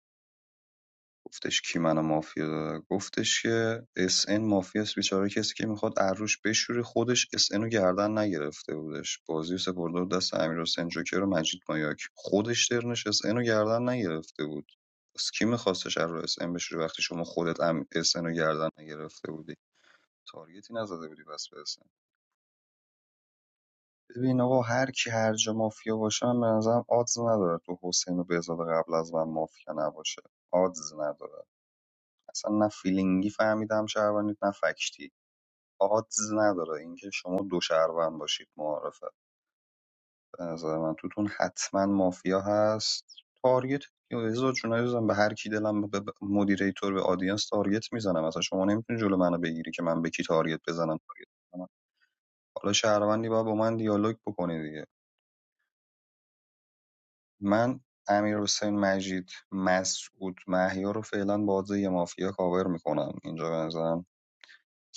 Speaker 3: گفتش کی منو مافیا داره گفتش که اس ان مافیاس بیچاره کسی که میخواد عروش بشوری خودش اس ان رو گردن نگرفته بودش بازی رو سپرده بود دست امیر حسین جوکر و مجید مایاک خودش درنش اس ان رو گردن نگرفته بود از کی میخواستش رو اس ان بشوری وقتی شما خودت ام اس ان رو گردن نگرفته بودی تارگتی نزده بودی بس برسه ببین آقا هر کی هر جا مافیا باشه من به نظرم آدز نداره تو حسین و بهزاد قبل از من مافیا نباشه آدز نداره اصلا نه فیلینگی فهمیدم شهروندیت نه فکتی آدز نداره اینکه شما دو شهروند باشید معارفه به نظر من توتون حتما مافیا هست تارگت یا بهزاد چون عزیزم به هر کی دلم به به مدیریتور به آدینس تارگت میزنم اصلا شما نمیتونی جلو منو بگیری که من به کی تارگت بزنم تارگت بزنم. حالا شهروندی باید با من دیالوگ بکنه دیگه من امیرحسین مجید مسعود محیا رو فعلا با آدرس یه مافیا کاور میکنم اینجا به نظرم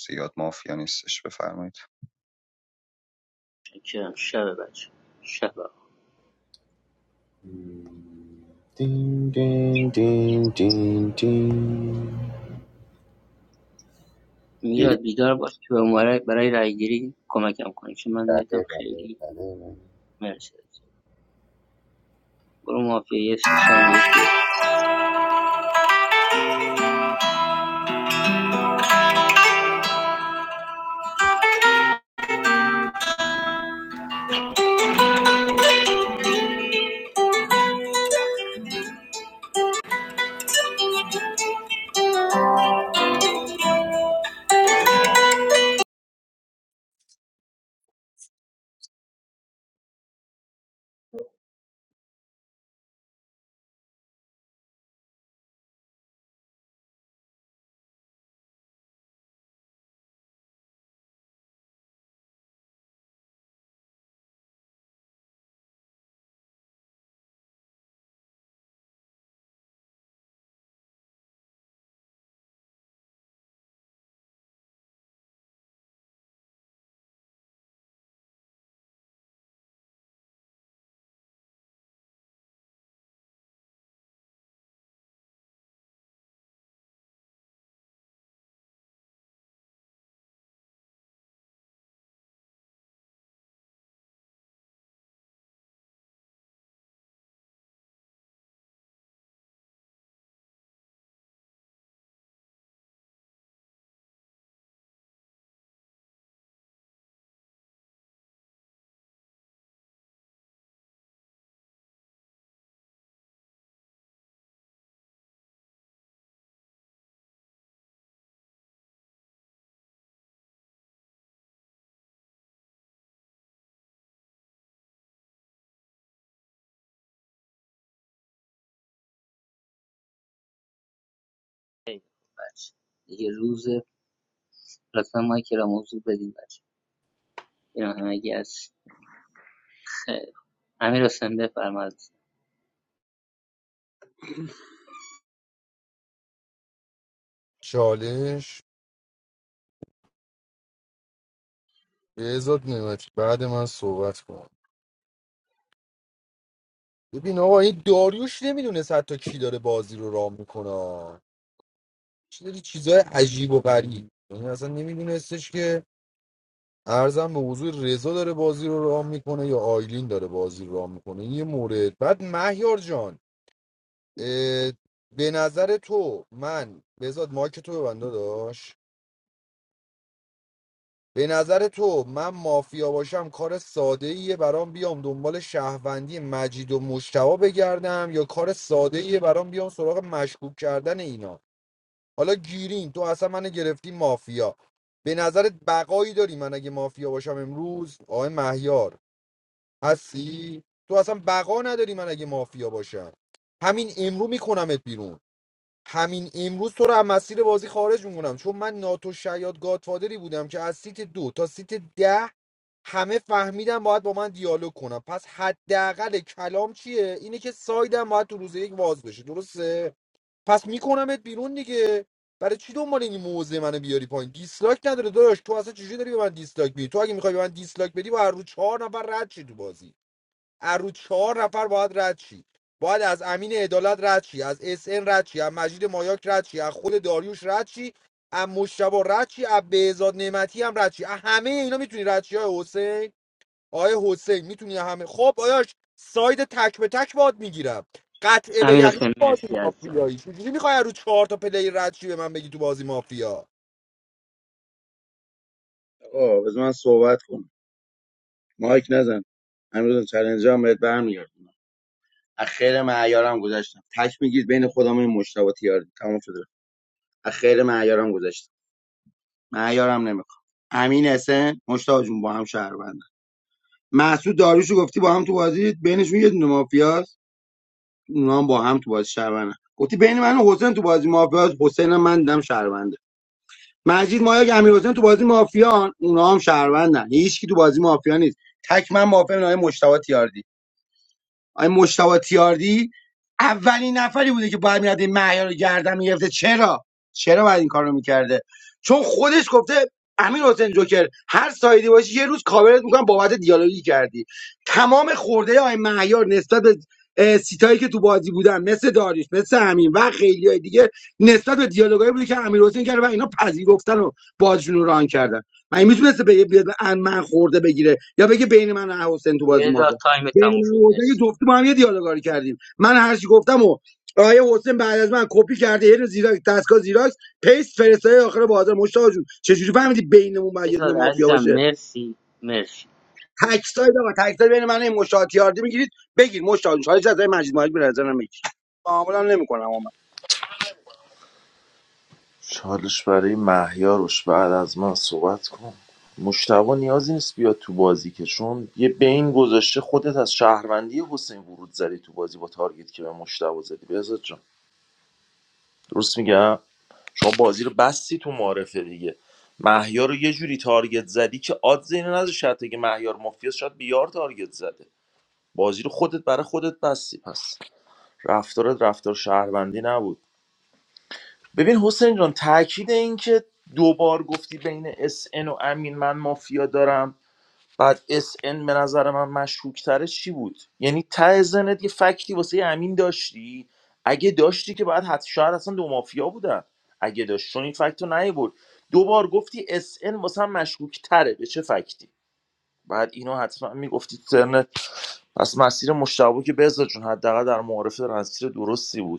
Speaker 3: زیاد مافیا نیستش بفرمایید
Speaker 4: شکرم شب بچه شب آقا.
Speaker 9: Ding ding ding ding ding. Ding,
Speaker 4: میلاد بیدار باش که به مبارک برای رای گیری کمکم کنی چون من
Speaker 9: بله
Speaker 4: نتم
Speaker 9: بله
Speaker 4: خیلی
Speaker 9: بله بله.
Speaker 4: مرسی برو مافیا یه سی ثانیه یک دقیقه. بچه دیگه روز لطفا مایک را موضوع بدین بچه اینا همگی از خیر امیر حسین بفرمایید
Speaker 6: چالش بهزاد نعمتی بعد من صحبت کن ببین آقا این داریوش نمیدونست حتی کی داره بازی رو رام میکنه چی داری چیزای عجیب و غریب یعنی اصلا نمیدونستش که ارزم به حضور رضا داره بازی رو رام میکنه یا آیلین داره بازی رو رام میکنه این یه مورد بعد مهیار جان اه، به نظر تو من بهزاد مایک تو ببنده داشت به نظر تو من مافیا باشم کار ساده ایه برام بیام دنبال شهروندی مجید و مشتبا بگردم یا کار ساده ایه برام بیام سراغ مشکوک کردن اینا حالا گیرین تو اصلا منو گرفتی مافیا به نظرت بقایی داری من اگه مافیا باشم امروز آقای مهیار هستی تو اصلا بقا نداری من اگه مافیا باشم همین امرو میکنمت بیرون همین امروز تو رو از مسیر بازی خارج میکنم چون من ناتو شیاد گادفادری بودم که از سیت دو تا سیت ده همه فهمیدن باید با من دیالوگ کنم پس حداقل کلام چیه اینه که سایدم باید تو روز یک باز بشه درسته پس میکنمت بیرون دیگه برای چی دنبال این موزه منو بیاری پایین دیسلایک نداره داداش تو اصلا چجوری داری به من دیسلایک میدی تو اگه میخوای به من دیسلایک بدی با هر رو چهار نفر رد شی تو بازی از رو چهار نفر باید رد شی باید از امین عدالت رد شی از اس ان رد شی از مجید مایاک رد شی از خود داریوش رد شی از مشتبه رد شی از بهزاد نعمتی هم رد شی از همه اینا میتونی رد شی آقای حسین آقای حسین میتونی همه خب آیاش ساید تک به تک باد میگیرم قطعه به
Speaker 4: امیر
Speaker 6: یقین
Speaker 4: حسین
Speaker 6: بازی
Speaker 4: مرسی عزیزم
Speaker 6: مافیایی چجوری میخوای رو چهار تا پلی رد شی به من بگی تو بازی مافیا
Speaker 18: آه بذار من صحبت کنم مایک نزن امروز چالنج هم بهت برمیگردم اخیر معیارم گذاشتم تک میگید بین خودم و این مشتاق تیار تمام شده اخیر معیارم گذاشتم معیارم نمیخوام امین اسن مشتاق جون با هم شهروند مسعود داریوشو گفتی با هم تو بازی بینشون یه دونه مافیاست اونا هم با هم تو بازی شهروندن گفتی بین من و حسین تو بازی مافیاست، حسین من دیدم شهرونده مجید مایا امیر حسین تو بازی مافیان اونا هم شهروندن هیچ کی تو بازی مافیا نیست تک من مافیا نهای مشتاق تیاردی آقای مشتبه تیاردی اولین نفری بوده که باید میرفت این مهیار رو گردن میگرفته چرا چرا باید این کار رو میکرده چون خودش گفته امین حسین جوکر هر سایدی باشی یه روز کاورت میکنم بابت دیالوگی کردی تمام خورده های مهیار نسبت به اه، سیتایی که تو بازی بودن مثل داریش مثل همین و خیلی های دیگه نسبت به دیالوگایی بوده که امیر حسین کرده و اینا پذیرفتن و بازیشون رو ران کردن من میتونسته بگه بیاد به ان- من خورده بگیره یا بگه بین من و حسین تو بازی
Speaker 4: لیلا
Speaker 18: مافه
Speaker 4: تایم تموم
Speaker 18: بین من
Speaker 4: شد
Speaker 18: و حسین
Speaker 4: مرسی
Speaker 18: که جفتی با هم یه دیالوگاری کردیم من هر چی گفتم و آیا حسین بعد از من کپی کرده یه زیراک دستگاه زیراکس پیست فرستای آخر بازار مشتاق جون چجوری فهمیدی بینمون باید یه دونه
Speaker 4: بذار
Speaker 18: مافیا
Speaker 4: عزیزم
Speaker 18: باشه
Speaker 4: مرسی مرسی
Speaker 18: تک ساید آقا تک ساید بین من و این مشتاق تیاردی میگیرید بگیر مشتاق جون حالا جزای مجید ماجد به نظرم میگیر معامل هم نمیکنم اما
Speaker 8: چالش برای مهیاروش بعد از من صحبت کن مشتبه نیازی نیست بیاد تو بازی که چون یه بین گذاشته خودت از شهروندی حسین ورود زدی تو بازی با تارگت که به مشتبه زدی بهزاد جان درست میگم شما بازی رو بستی تو معرفه دیگه مهیار رو یه جوری تارگت زدی که آد زینه نذاشت حتی که مهیار مافیاس شاید بیار تارگت زده بازی رو خودت برای خودت بستی پس رفتارت رفتار شهروندی نبود ببین حسین جان تاکید این که دوبار گفتی بین اس ان و امین من مافیا دارم بعد اس ان به نظر من مشکوکتره چی بود یعنی ته ذهنت یه فکتی واسه امین داشتی اگه داشتی که بعد حتی شاید اصلا دو مافیا بودن اگه داشت چون این فکت رو نیبرد دوبار گفتی اس ان واسه هم مشکوکتره به چه فکتی بعد اینو حتما میگفتی ترنت پس مسیر مشتبه که بذار جون حداقل در معارفه مسیر درستی بود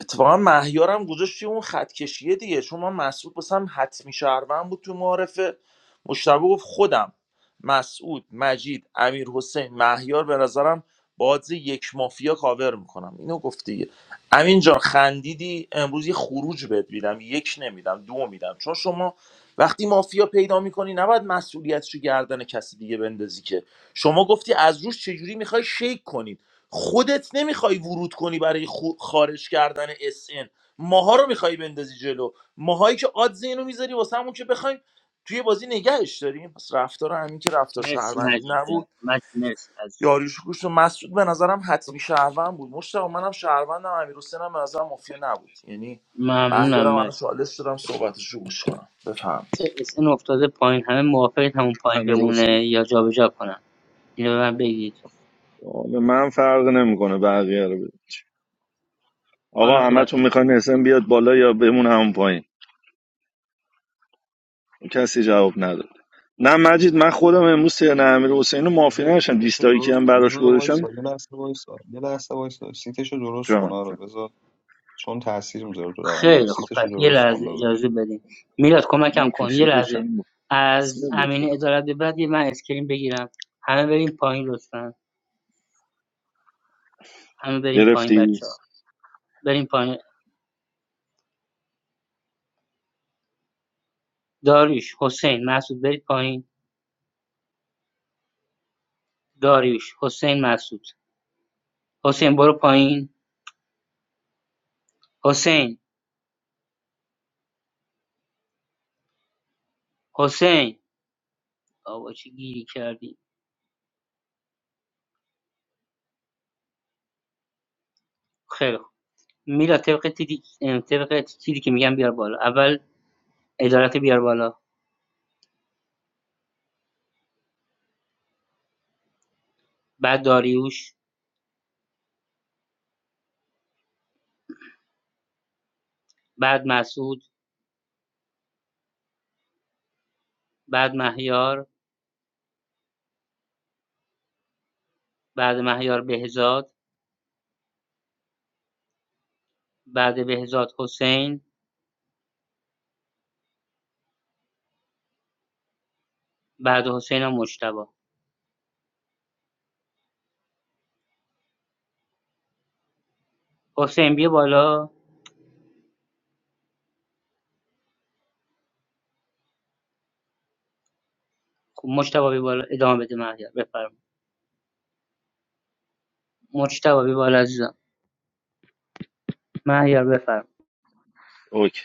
Speaker 8: اتفاقا مهیارم گذاشت توی اون خط کشیه دیگه چون من مسعود بسم حتمی شهروند بود تو معارفه مشتبه گفت خودم مسعود مجید امیر حسین مهیار به نظرم بازی یک مافیا کاور میکنم اینو گفت دیگه امین جان خندیدی امروز یه خروج بهت میدم یک نمیدم دو میدم چون شما وقتی مافیا پیدا میکنی نباید مسئولیتش رو گردن کسی دیگه بندازی که شما گفتی از روش چجوری میخوای شیک کنی خودت نمیخوای ورود کنی برای خو- خارج کردن اس ان، ماها رو میخوای بندازی جلو ماهایی که آدز اینو میذاری واسه همون که بخوایم توی بازی نگهش داریم پس رفتار همین که رفتار
Speaker 4: مرسی
Speaker 8: شهروندی
Speaker 4: مجید
Speaker 8: نبود
Speaker 4: جان مجید مرسی عزیزم
Speaker 8: یاریوش کوش و مسعود به نظرم حتمی شهروند بود مشتاق منم شهروندم امیر هم به نظرم مافیا نبود یعنی
Speaker 4: ممنونم
Speaker 8: مهیارم الان
Speaker 4: مرسی
Speaker 8: چالش دارم صحبتشو گوش کنم بفهمید
Speaker 4: چه اسن افتاده پایین همه موافقید همون پایین
Speaker 17: امیر حسین
Speaker 4: بمونه یا جابجا کنم اینو به من بگید
Speaker 17: آه، به من فرق نمیکنه بقیه رو بده
Speaker 4: حالا
Speaker 17: آقا
Speaker 4: صحبت
Speaker 17: همتون میخواین اسم بیاد بالا یا بمون همون پایین کسی جواب نداد نه مجید من خودم امروز سیر امیر حسین رو معافی
Speaker 3: آره
Speaker 17: نشم
Speaker 3: سیتش رو
Speaker 17: دیسلایکی
Speaker 3: درست
Speaker 17: هم
Speaker 3: کن یه
Speaker 17: براش
Speaker 3: دقیقه
Speaker 17: گذاشتم
Speaker 3: وایسا یه لحظه وایسا یه لحظه وایسا سیتش رو درست کن
Speaker 17: جان
Speaker 3: آره
Speaker 17: جان
Speaker 3: بذار چون تاثیر میذاره تو روند بازی
Speaker 4: خیلی خب
Speaker 3: سیتش رو
Speaker 4: پس یه
Speaker 3: درست کن
Speaker 4: لحظه
Speaker 3: داداش
Speaker 4: اجازه بدین میلاد کمکم
Speaker 17: اون
Speaker 4: کن یه
Speaker 17: کسی تو
Speaker 4: لحظه
Speaker 17: چند بود
Speaker 4: از
Speaker 17: سه بود فکر
Speaker 4: امین
Speaker 17: کنم.
Speaker 4: ادارت به بعد یه من اسکرین بگیرم همه بریم پایین لطفا همه بریم پایین
Speaker 17: گرفتی
Speaker 4: بچه ها بریم پایین داریوش حسین مسعود برید پایین داریوش حسین مسعود حسین برو پایین حسین حسین آبا چه گیری کردی خیلی خوب میلاد طبق تیری ام، طبق چیزی که میگم بیار بالا اول ادارت بیار بالا بعد داریوش بعد مسعود بعد مهیار بعد مهیار بهزاد بعد بهزاد حسین بعد حسینم مجتبی حسین بیا بالا خب مجتبی بیا بالا ادامه بده مهیار بفرم مجتبی بیا بالا عزیزم مهیار بفرم
Speaker 17: اوکی.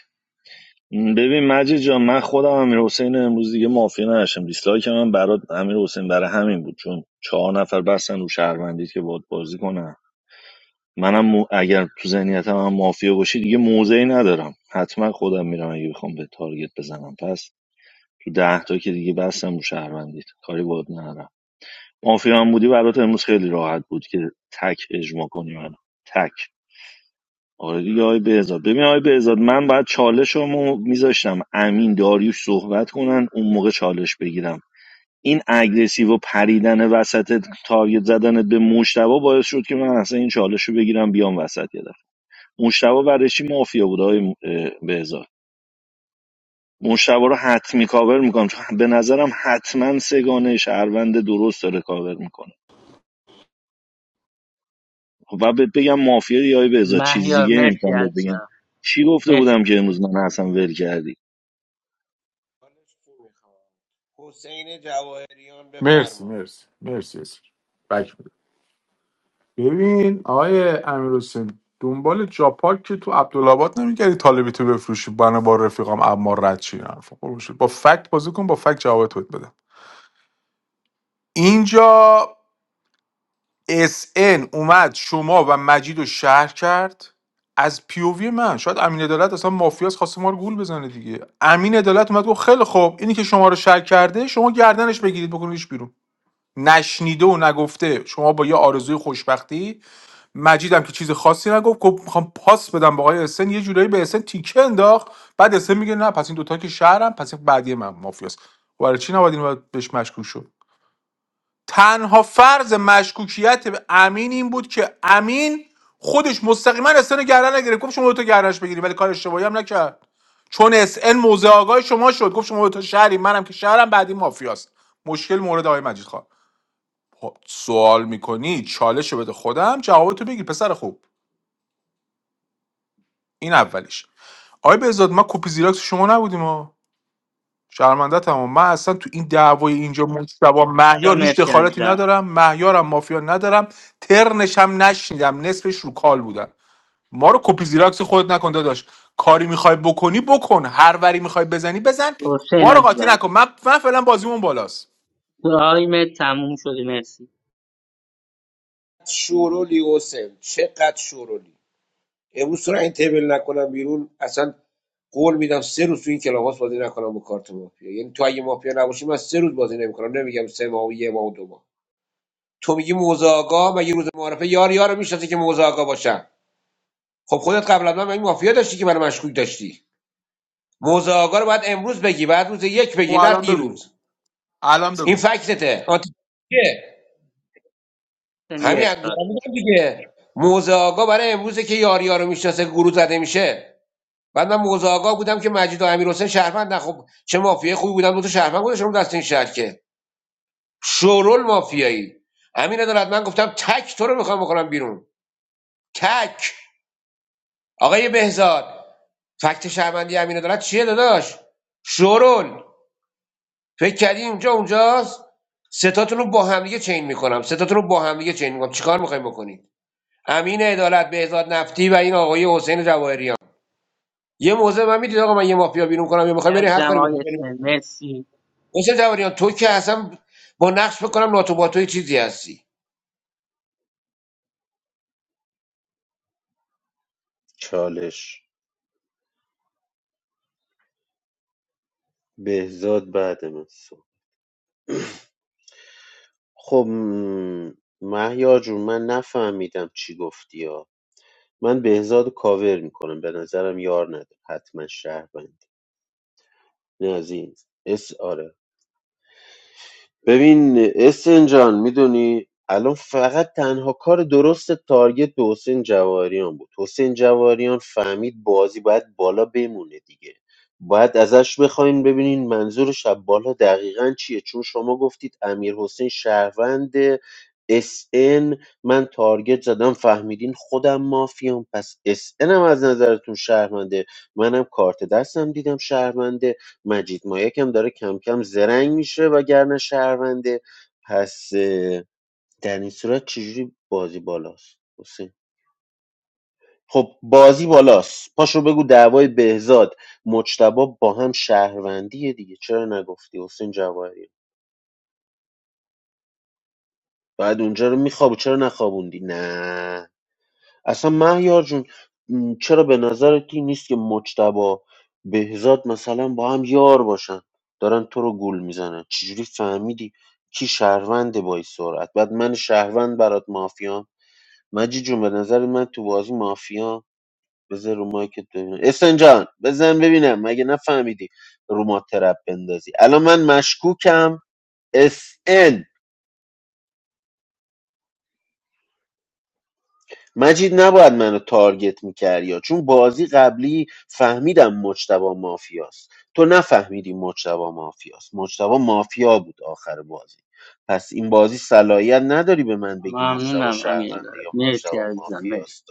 Speaker 17: ببین مجید جان من خودم امیر حسین امروز دیگه مافیا نداشتم دیسلایک من برات امیر حسین برای همین بود چون چهار نفر بستن رو شهروندی که باد بازی کنن منم مو- اگر تو ذهنیتم هم مافیا باشی دیگه موضعی ندارم حتما خودم میرم اگه بخوام به تارگت بزنم پس تو ده تا که دیگه بستم رو شهروندیت کاری باد ندارم مافیا هم بودی برات امروز خیلی راحت بود که تک اجماع کنی منو تک آره دیگه آقای بهزاد ببین آقای بهزاد من باید چالشمو میذاشتم امین داریوش صحبت کنن اون موقع چالش بگیرم این اگریسیو و پریدن وسط تارگت زدن به مشتبه باعث شد که من اصلا این چالش رو بگیرم بیام وسط یه دفعه مشتبه برای چی مافیا بود آقای م- اه، بهزاد مشتبه رو حتمی کاور میکنم چون به نظرم حتما سگانه شهروند درست داره کاور میکنه و بهت بگم مافیا یا آقای بهزاد چیز
Speaker 4: مهیار
Speaker 17: دیگه
Speaker 4: مرسی
Speaker 17: نمیتونم بهت بگم
Speaker 4: عزیزم
Speaker 17: چی گفته
Speaker 4: مرسی
Speaker 17: بودم که
Speaker 4: مهیار
Speaker 17: امروز من اصلا ول کردی
Speaker 16: چی می‌خوام؟ حسین جواهریان
Speaker 19: مرسی
Speaker 16: بفرما
Speaker 19: مرسی مرسی اسم. بک بده. ببین آقای امیر حسین دنبال جاپارک که تو عبدالآباد نمیگردی طالبی تو بفروشی بنا با رفیقام اما رد چی نه. خب، خب شد. با فکت بازی کن با فکت جواب تو بده اینجا اس ان اومد شما و مجید رو شهر کرد از پیووی من شاید امین عدالت اصلا مافیاس خواسته ما رو گول بزنه دیگه امین عدالت اومد گفت خیلی خوب اینی که شما رو شهر کرده شما گردنش بگیرید بکنیدش بیرون نشنیده و نگفته شما با یه آرزوی خوشبختی مجیدم که چیز خاصی نگفت گفت میخوام پاس بدم به آقای اسن یه جورایی به اسن تیکه انداخت بعد اسن میگه نه پس این دوتا که شهرم پس این بعدی من مافیاست برای چی نباید اینو بهش مشکوک شد تنها فرض مشکوکیت به امین این بود که امین خودش مستقیما اسن گردن نگرفت گفت شما دو تا گردنش بگیری ولی کار اشتباهی هم نکرد چون اس ان موضع آگاه شما شد گفت شما دو تا شهری منم که شهرم بعدی مافیاست مشکل مورد آقای مجید خان خب، سوال میکنی چالش رو بده خودم جوابتو بگیر پسر خوب این اولیش آقای بهزاد ما کپی زیراکس شما نبودیم ما شرمنده تمام من اصلا تو این دعوای اینجا مجتبا
Speaker 4: اینجا
Speaker 19: مهیار هیچ
Speaker 4: مرسی
Speaker 19: دخالتی
Speaker 4: عزیزم
Speaker 19: ندارم مهیارم مافیا ندارم ترنش هم نشنیدم نصفش رو کال بودن ما رو کپی زیراکس خودت نکن داداش کاری میخوای بکنی بکن هر وری میخوای بزنی بزن
Speaker 4: حسین
Speaker 19: ما رو قاطی
Speaker 4: عزیزم
Speaker 19: نکن من, من فعلا بازیمون بالاست
Speaker 4: دعاییم تموم شده مرسی
Speaker 16: شورولی حسین چقدر شورولی امروز تو رو این تیبل نکنم بیرون اصلا قول میدم سه روز تو این کلاس بازی نکنم با کارت مافیا یعنی تو اگه مافیا نباشی من سه روز بازی نمیکنم نمیگم سه ماه و یه ماه و دو ماه تو میگی موزه آقا مگه روز معارفه یار یار میشناسه که موزه آقا باشم خب خودت قبل از من این مافیا داشتی که برای مشکوک داشتی موزه آقا رو باید امروز بگی بعد روز یک
Speaker 19: خب
Speaker 16: بگی نه
Speaker 19: الان بگو
Speaker 16: دیروز
Speaker 19: الان
Speaker 16: این
Speaker 19: بگو
Speaker 16: فکتته آنتی- چیه؟
Speaker 4: حسین یه
Speaker 16: همین از دارم
Speaker 4: اختار
Speaker 16: میگم دیگه موزه آقا برای امروزه که یار یار رو میشناسه گروه زده میشه بعد من موزه آقا بودم که مجید و امیر حسین شهروند نه خب چه مافیای خوبی بودن دو تا شهروند گذاشتم دست این شهر که شورول مافیایی همین ندارد من گفتم تک تو رو میخوام بکنم بیرون تک آقای بهزاد فکت شهروندی امین دارد چیه داداش شورول فکر کردی اینجا اونجاست ستاتون رو با همدیگه چین میکنم ستاتون رو با همدیگه چین میکنم چیکار میخوایم بکنید امین عدالت بهزاد نفتی و این آقای حسین جواهریان یه موضع من میدید آقا من یه مافیا بیرون کنم یا میخوام بری هر
Speaker 4: عزیزم
Speaker 16: کاری
Speaker 4: آقای
Speaker 16: میخوام بری
Speaker 4: اسم
Speaker 16: بکن.
Speaker 4: مرسی
Speaker 16: حسین جواهریان تو که اصلا با نقش بکنم ناتو با توی چیزی هستی
Speaker 15: چالش بهزاد بعد من صبح. خب م، مهیار جون من نفهمیدم چی گفتی ها. من بهزاد رو کاور میکنم به نظرم یار نداره حتما شهروند این از این اس آره ببین اسن جان میدونی الان فقط تنها کار درست تارگت به حسین جواهریان بود حسین جواهریان فهمید بازی باید بالا بمونه دیگه باید ازش بخواین ببینین منظور شب بالا دقیقا چیه چون شما گفتید امیر حسین شهروند اس ان، من تارگت زدم فهمیدین خودم مافیام پس اس ان هم از نظرتون شهرمنده منم کارت دستم دیدم شهرمنده مجید مایک هم داره کم کم زرنگ میشه وگرنه شهرونده پس اه، در این صورت چجوری بازی بالاست حسین خب بازی بالاست پاشو بگو دعوای بهزاد مجتبا با هم شهروندیه دیگه چرا نگفتی حسین جواهری بعد اونجا رو میخواب چرا نخوابوندی نه اصلا مهیار جون م، چرا به نظرت این نیست که مجتبا بهزاد مثلا با هم یار باشن دارن تو رو گول میزنن چجوری فهمیدی کی شهرونده با این سرعت بعد من شهروند برات مافیام مجی جون به نظر من تو بازی مافیا بذار رو مایکت ببینم اسن جان بزن ببینم مگه نفهمیدی رو ما ترپ بندازی الان من مشکوکم اس مجید نباید منو تارگت میکردی چون بازی قبلی فهمیدم مجتبا مافیاست تو نفهمیدی مجتبا مافیاست مجتبا مافیا بود آخر بازی پس این بازی صلاحیت نداری به من بگی مجتبا
Speaker 4: ممنونم امیر
Speaker 15: شهرونده
Speaker 4: دارد.
Speaker 15: یا
Speaker 4: مرسی
Speaker 15: مجتبا
Speaker 4: عزیزم مرسی
Speaker 15: مافیاست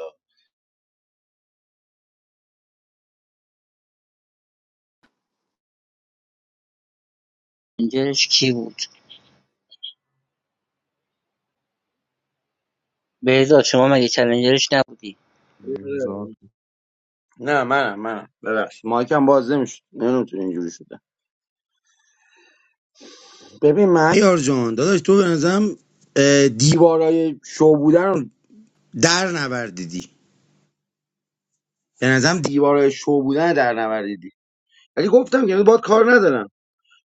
Speaker 4: چالنجرش کی بود بهزاد شما مگه چالنجرش نبودی
Speaker 3: بذار
Speaker 18: نه منم منم ببخش مایکم باز نمیشد نمیتونی اینجوری شده ببین مهیار جان داداش تو به نظرم اه، دیوارای شو بودن رو در نوردیدی به نظرم دیوارای شو بودن در نوردیدی ولی گفتم که باید کار ندارم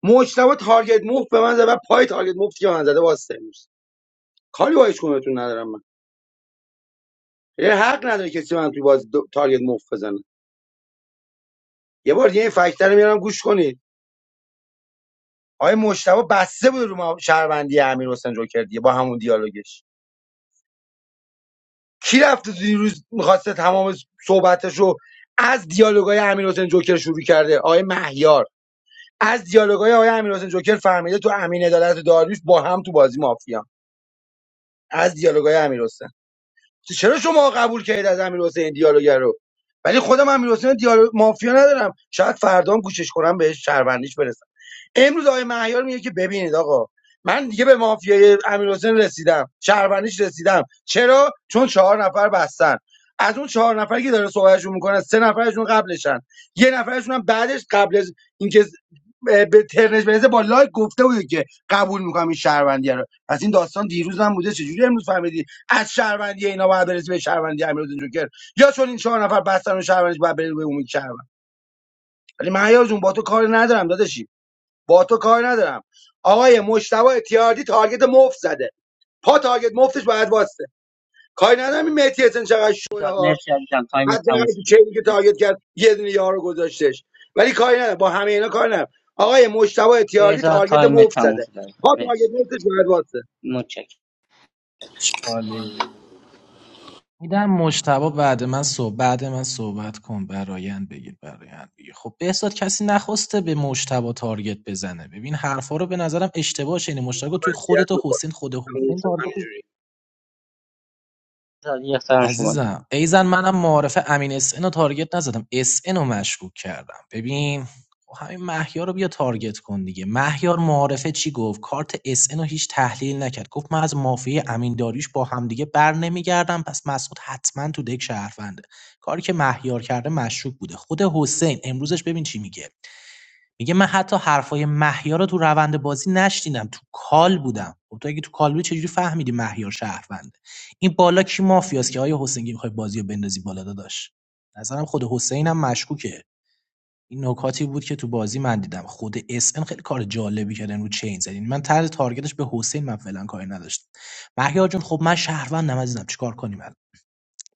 Speaker 18: مجتبا تارگت مفت به من زد و پای تارگت مفتی که به من زده واسه نیست کاری با هیچکدومتون ندارم من یه حق نداره کسی به من توی باز تارگت مفت بزنه یه بار دیگه این فکتر رو میارم گوش کنید آقای مجتبا بسته بود رو ما- شهروندی امیر جوکر دیگه با همون دیالوگش کی رفته تو دیروز میخواسته تمام صحبتش رو از دیالوگای امیر حسین جوکر شروع کرده آقای مهیار از دیالوگای آقای امیر جوکر فهمیده تو امین عدالت و داریوش با هم تو بازی مافیا از دیالوگای امیر حسین چرا شما قبول کردید از امیر حسین دیالوگ رو ولی خودم امیر حسین دیالوگ مافیا ندارم شاید فردا هم گوشش کنم بهش شهروندیش برسم امروز آقای مهیار میگه که ببینید آقا من دیگه به مافیای امیرحسین رسیدم شهروندیش رسیدم چرا چون چهار نفر بستن از اون چهار نفری که داره صحبتشون میکنه سه نفرشون قبلشن یه نفرشون هم بعدش قبل از اینکه اه، به ترنش برسه با لایک گفته بود که قبول میکنم این شهروندی رو پس این داستان دیروز هم بوده چجوری امروز فهمیدی از شهروندی اینا باید برسی به شهروندی امیرحسین جوکر یا چون این چهار نفر بستن و شهروندیش باید بره به اون شهروند ولی مهیار جون با تو کار ندارم داداشی با تو کار ندارم آقای مشتبه اتیاردی تارگت مفت زده پا تارگت مفتش باید واسه کاری ندارم این مهدی حسن چقدر شوه
Speaker 4: بهزاد
Speaker 18: ها
Speaker 4: مرسی عزیزم تایم تموم
Speaker 18: حداقل تو
Speaker 4: شده
Speaker 18: چینی که
Speaker 4: مرسی
Speaker 18: تارگت کرد یه دونه یارو گذاشتش ولی کاری ندارم با همه اینا کاری ندارم آقای مشتبه اتیاردی
Speaker 4: بهزاد
Speaker 18: تارگت
Speaker 4: تایم
Speaker 18: مفت
Speaker 4: تموم
Speaker 18: زده
Speaker 4: شده عزیزم
Speaker 18: پا تارگت
Speaker 4: مرسی
Speaker 18: مفتش باید واسه
Speaker 4: متشکرم
Speaker 11: چاله میدم مشتبه بعد من صحبت بعد من صحبت کن برایند بگیر برایند بگیر خب بهزاد کسی نخواسته به مشتبه تارگت بزنه ببین حرفا رو به نظرم اشتباه شنیدی مشتبه توی
Speaker 18: وضعیت
Speaker 11: خودت و
Speaker 18: می‌کنیم.
Speaker 11: حسین خود
Speaker 18: تموم
Speaker 11: حسین
Speaker 18: شد.
Speaker 11: تارگت
Speaker 18: همینجوری
Speaker 4: بهزاد یه اخترم شما دید.
Speaker 11: عزیزم ایزن منم معارف امین اس رو تارگت نزدم اس رو مشکوک کردم ببین خب همین مهیار رو بیا تارگت کن دیگه مهیار معارفه چی گفت کارت اس رو هیچ تحلیل نکرد گفت من از مافیای امین داریش با همدیگه بر نمیگردم پس مسعود حتما تو دک شهرونده کاری که مهیار کرده مشکوک بوده خود حسین امروزش ببین چی میگه میگه من حتی حرفای مهیار رو تو روند بازی نشنیدم تو کال بودم خب تو اگه تو کال بودی چجوری فهمیدی مهیار شهرونده این بالا کی مافیاست که آیا حسینگی میخوای بازی رو بندازی بالا داداش نظرم خود حسین هم مشکوکه این نکاتی بود که تو بازی من دیدم خود اس ان خیلی کار جالبی کردن رو چین زدین من طرز تارگتش به حسین من فعلا کاری نداشتم مهیار جون خب من شهروندم عزیزم چیکار کنیم الان؟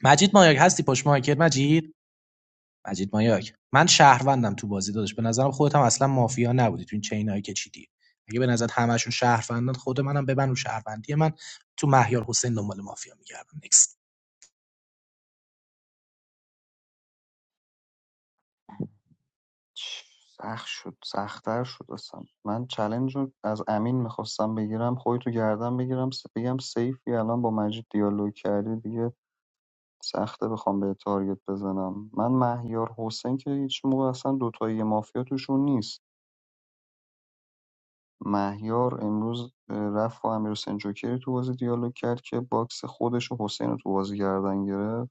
Speaker 11: مجید مایاک هستی پشت مایکت مجید مجید مایاک من شهروندم تو بازی داداش به نظرم خودت هم اصلا مافیا نبودی تو این چینایی که چیدی اگه به نظر همشون شهروندان خود منم ببن رو شهروندی من تو مهیار حسین دنبال مافیا میگردم نکست
Speaker 3: چ- سخت شد سختتر شد اصلا من چلنج رو از امین میخواستم بگیرم خودتو گردم بگیرم س- بگم سیفی الان با مجید دیالوگ کردی دیگه سخته بخوام به تارگت بزنم من مهیار حسین که هیچ موقع اصلا دوتایی مافیا توشون نیست مهیار امروز اه، رفت با امیرحسین جوکری تو بازی دیالوگ کرد که باکس خودش و حسین رو تو بازی گردن گرفت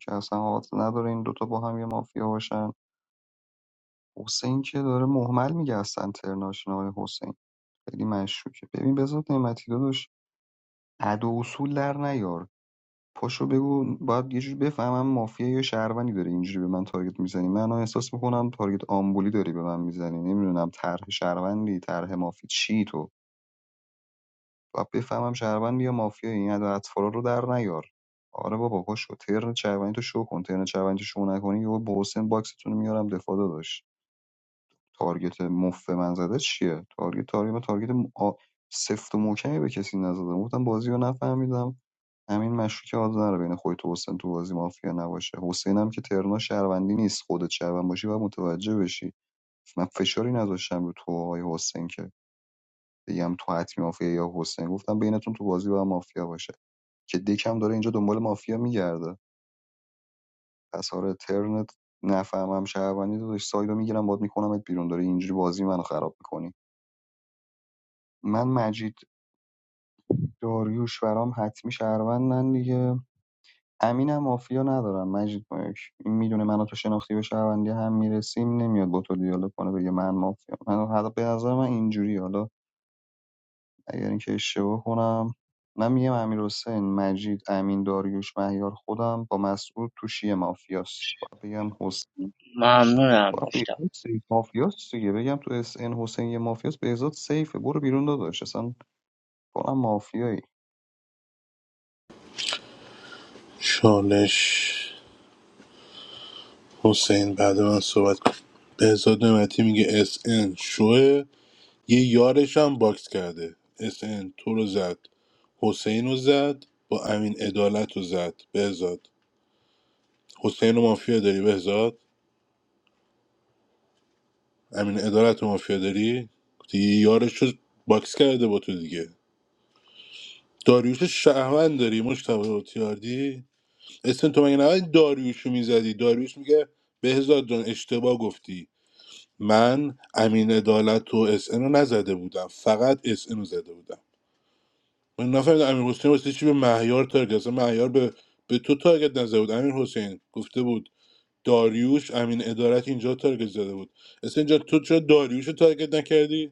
Speaker 3: که اصلا حالت نداره این دوتا با هم یه مافیا باشن حسین که داره محمل میگه اصلا ترناشین آقای حسین خیلی مشکوکه ببین بذات نعمتی داداش عدو اصول در نیار پاشو بگو باید یه جوری بفهمم مافیایی یا شهروندی داره اینجوری به من تارگت میزنی من الان احساس میکنم تارگت آمبولی داری به من میزنی نمیدونم طرح شهروندی طرح مافی چی تو باید بفهمم شهروندی یا مافیایی این اطفالا رو در نیار آره بابا پاشو ترن شهروندی تو شو کن ترن شهروندی تو شو نکنی یهو با حسین باکستون رو میارم دفاع داداش تارگت مفت من زده چیه تارگت تارگت من تارگت م- آ- سفت و محکمی به کسی نزدم گفتم بازی رو نفهمیدم امین مشروطه آدز نره بین خودت و حسین تو بازی مافیا نباشه حسین هم که ترنا شهروندی نیست خودت شهروند باشی و متوجه بشی من فشاری نذاشتم رو تو آقای حسین که بگم تو حتمی مافیا یا حسین گفتم بینتون تو بازی با مافیا باشه که دکم داره اینجا دنبال مافیا میگرده پس آره ترنت نفهمم شهروندی داداش سایدو میگیرم باد میکنمت بیرون داره اینجوری بازی منو خراب میکنی من مجید داریوش برام حتمی شهروندن دیگه امینم مافیا ندارم مجید مایک این میدونه منو تو شناختی به شهروندی هم میرسیم نمیاد با تو دیالوگ کنه بگه من مافیا من حالا به نظر من اینجوری حالا اگر اینکه اشتباه کنم من میگم امیر حسین مجید امین داریوش مهیار خودم با مسعود تو شیه مافیاست باید بگم حسین
Speaker 4: ممنونم
Speaker 3: باید
Speaker 4: مشتاق
Speaker 3: بهزاد سیف مافیاست دیگه بگم تو اس ان حسین یه مافیاست بهزاد سیفه برو بیرون داداش اصلا کنم مافیایی
Speaker 13: چالش حسین بعد من صحبت کن بهزاد نعمتی میگه اس ان شوه یه یارش هم باکس کرده اس ان تو رو زد حسین رو زد با امین عدالت رو زد بهزاد حسین رو مافیا داری بهزاد امین عدالت رو مافیا داری دیگه یه یارش رو باکس کرده با تو دیگه داریوش شهوند داری مشتبه تیاردی اسن تو مگه نباید داریوش رو میزدی داریوش میگه بهزاد جان اشتباه گفتی من امین عدالت و اس ان رو نزده بودم فقط اس ان رو زده بودم من نفهمیدم امیر حسین واسه چی به مهیار تارگت اصلا مهیار به به تو تارگت نزده بود امیر حسین گفته بود داریوش امین عدالت اینجا تارگت زده بود اصلا جان تو چرا داریوش رو تارگت نکردی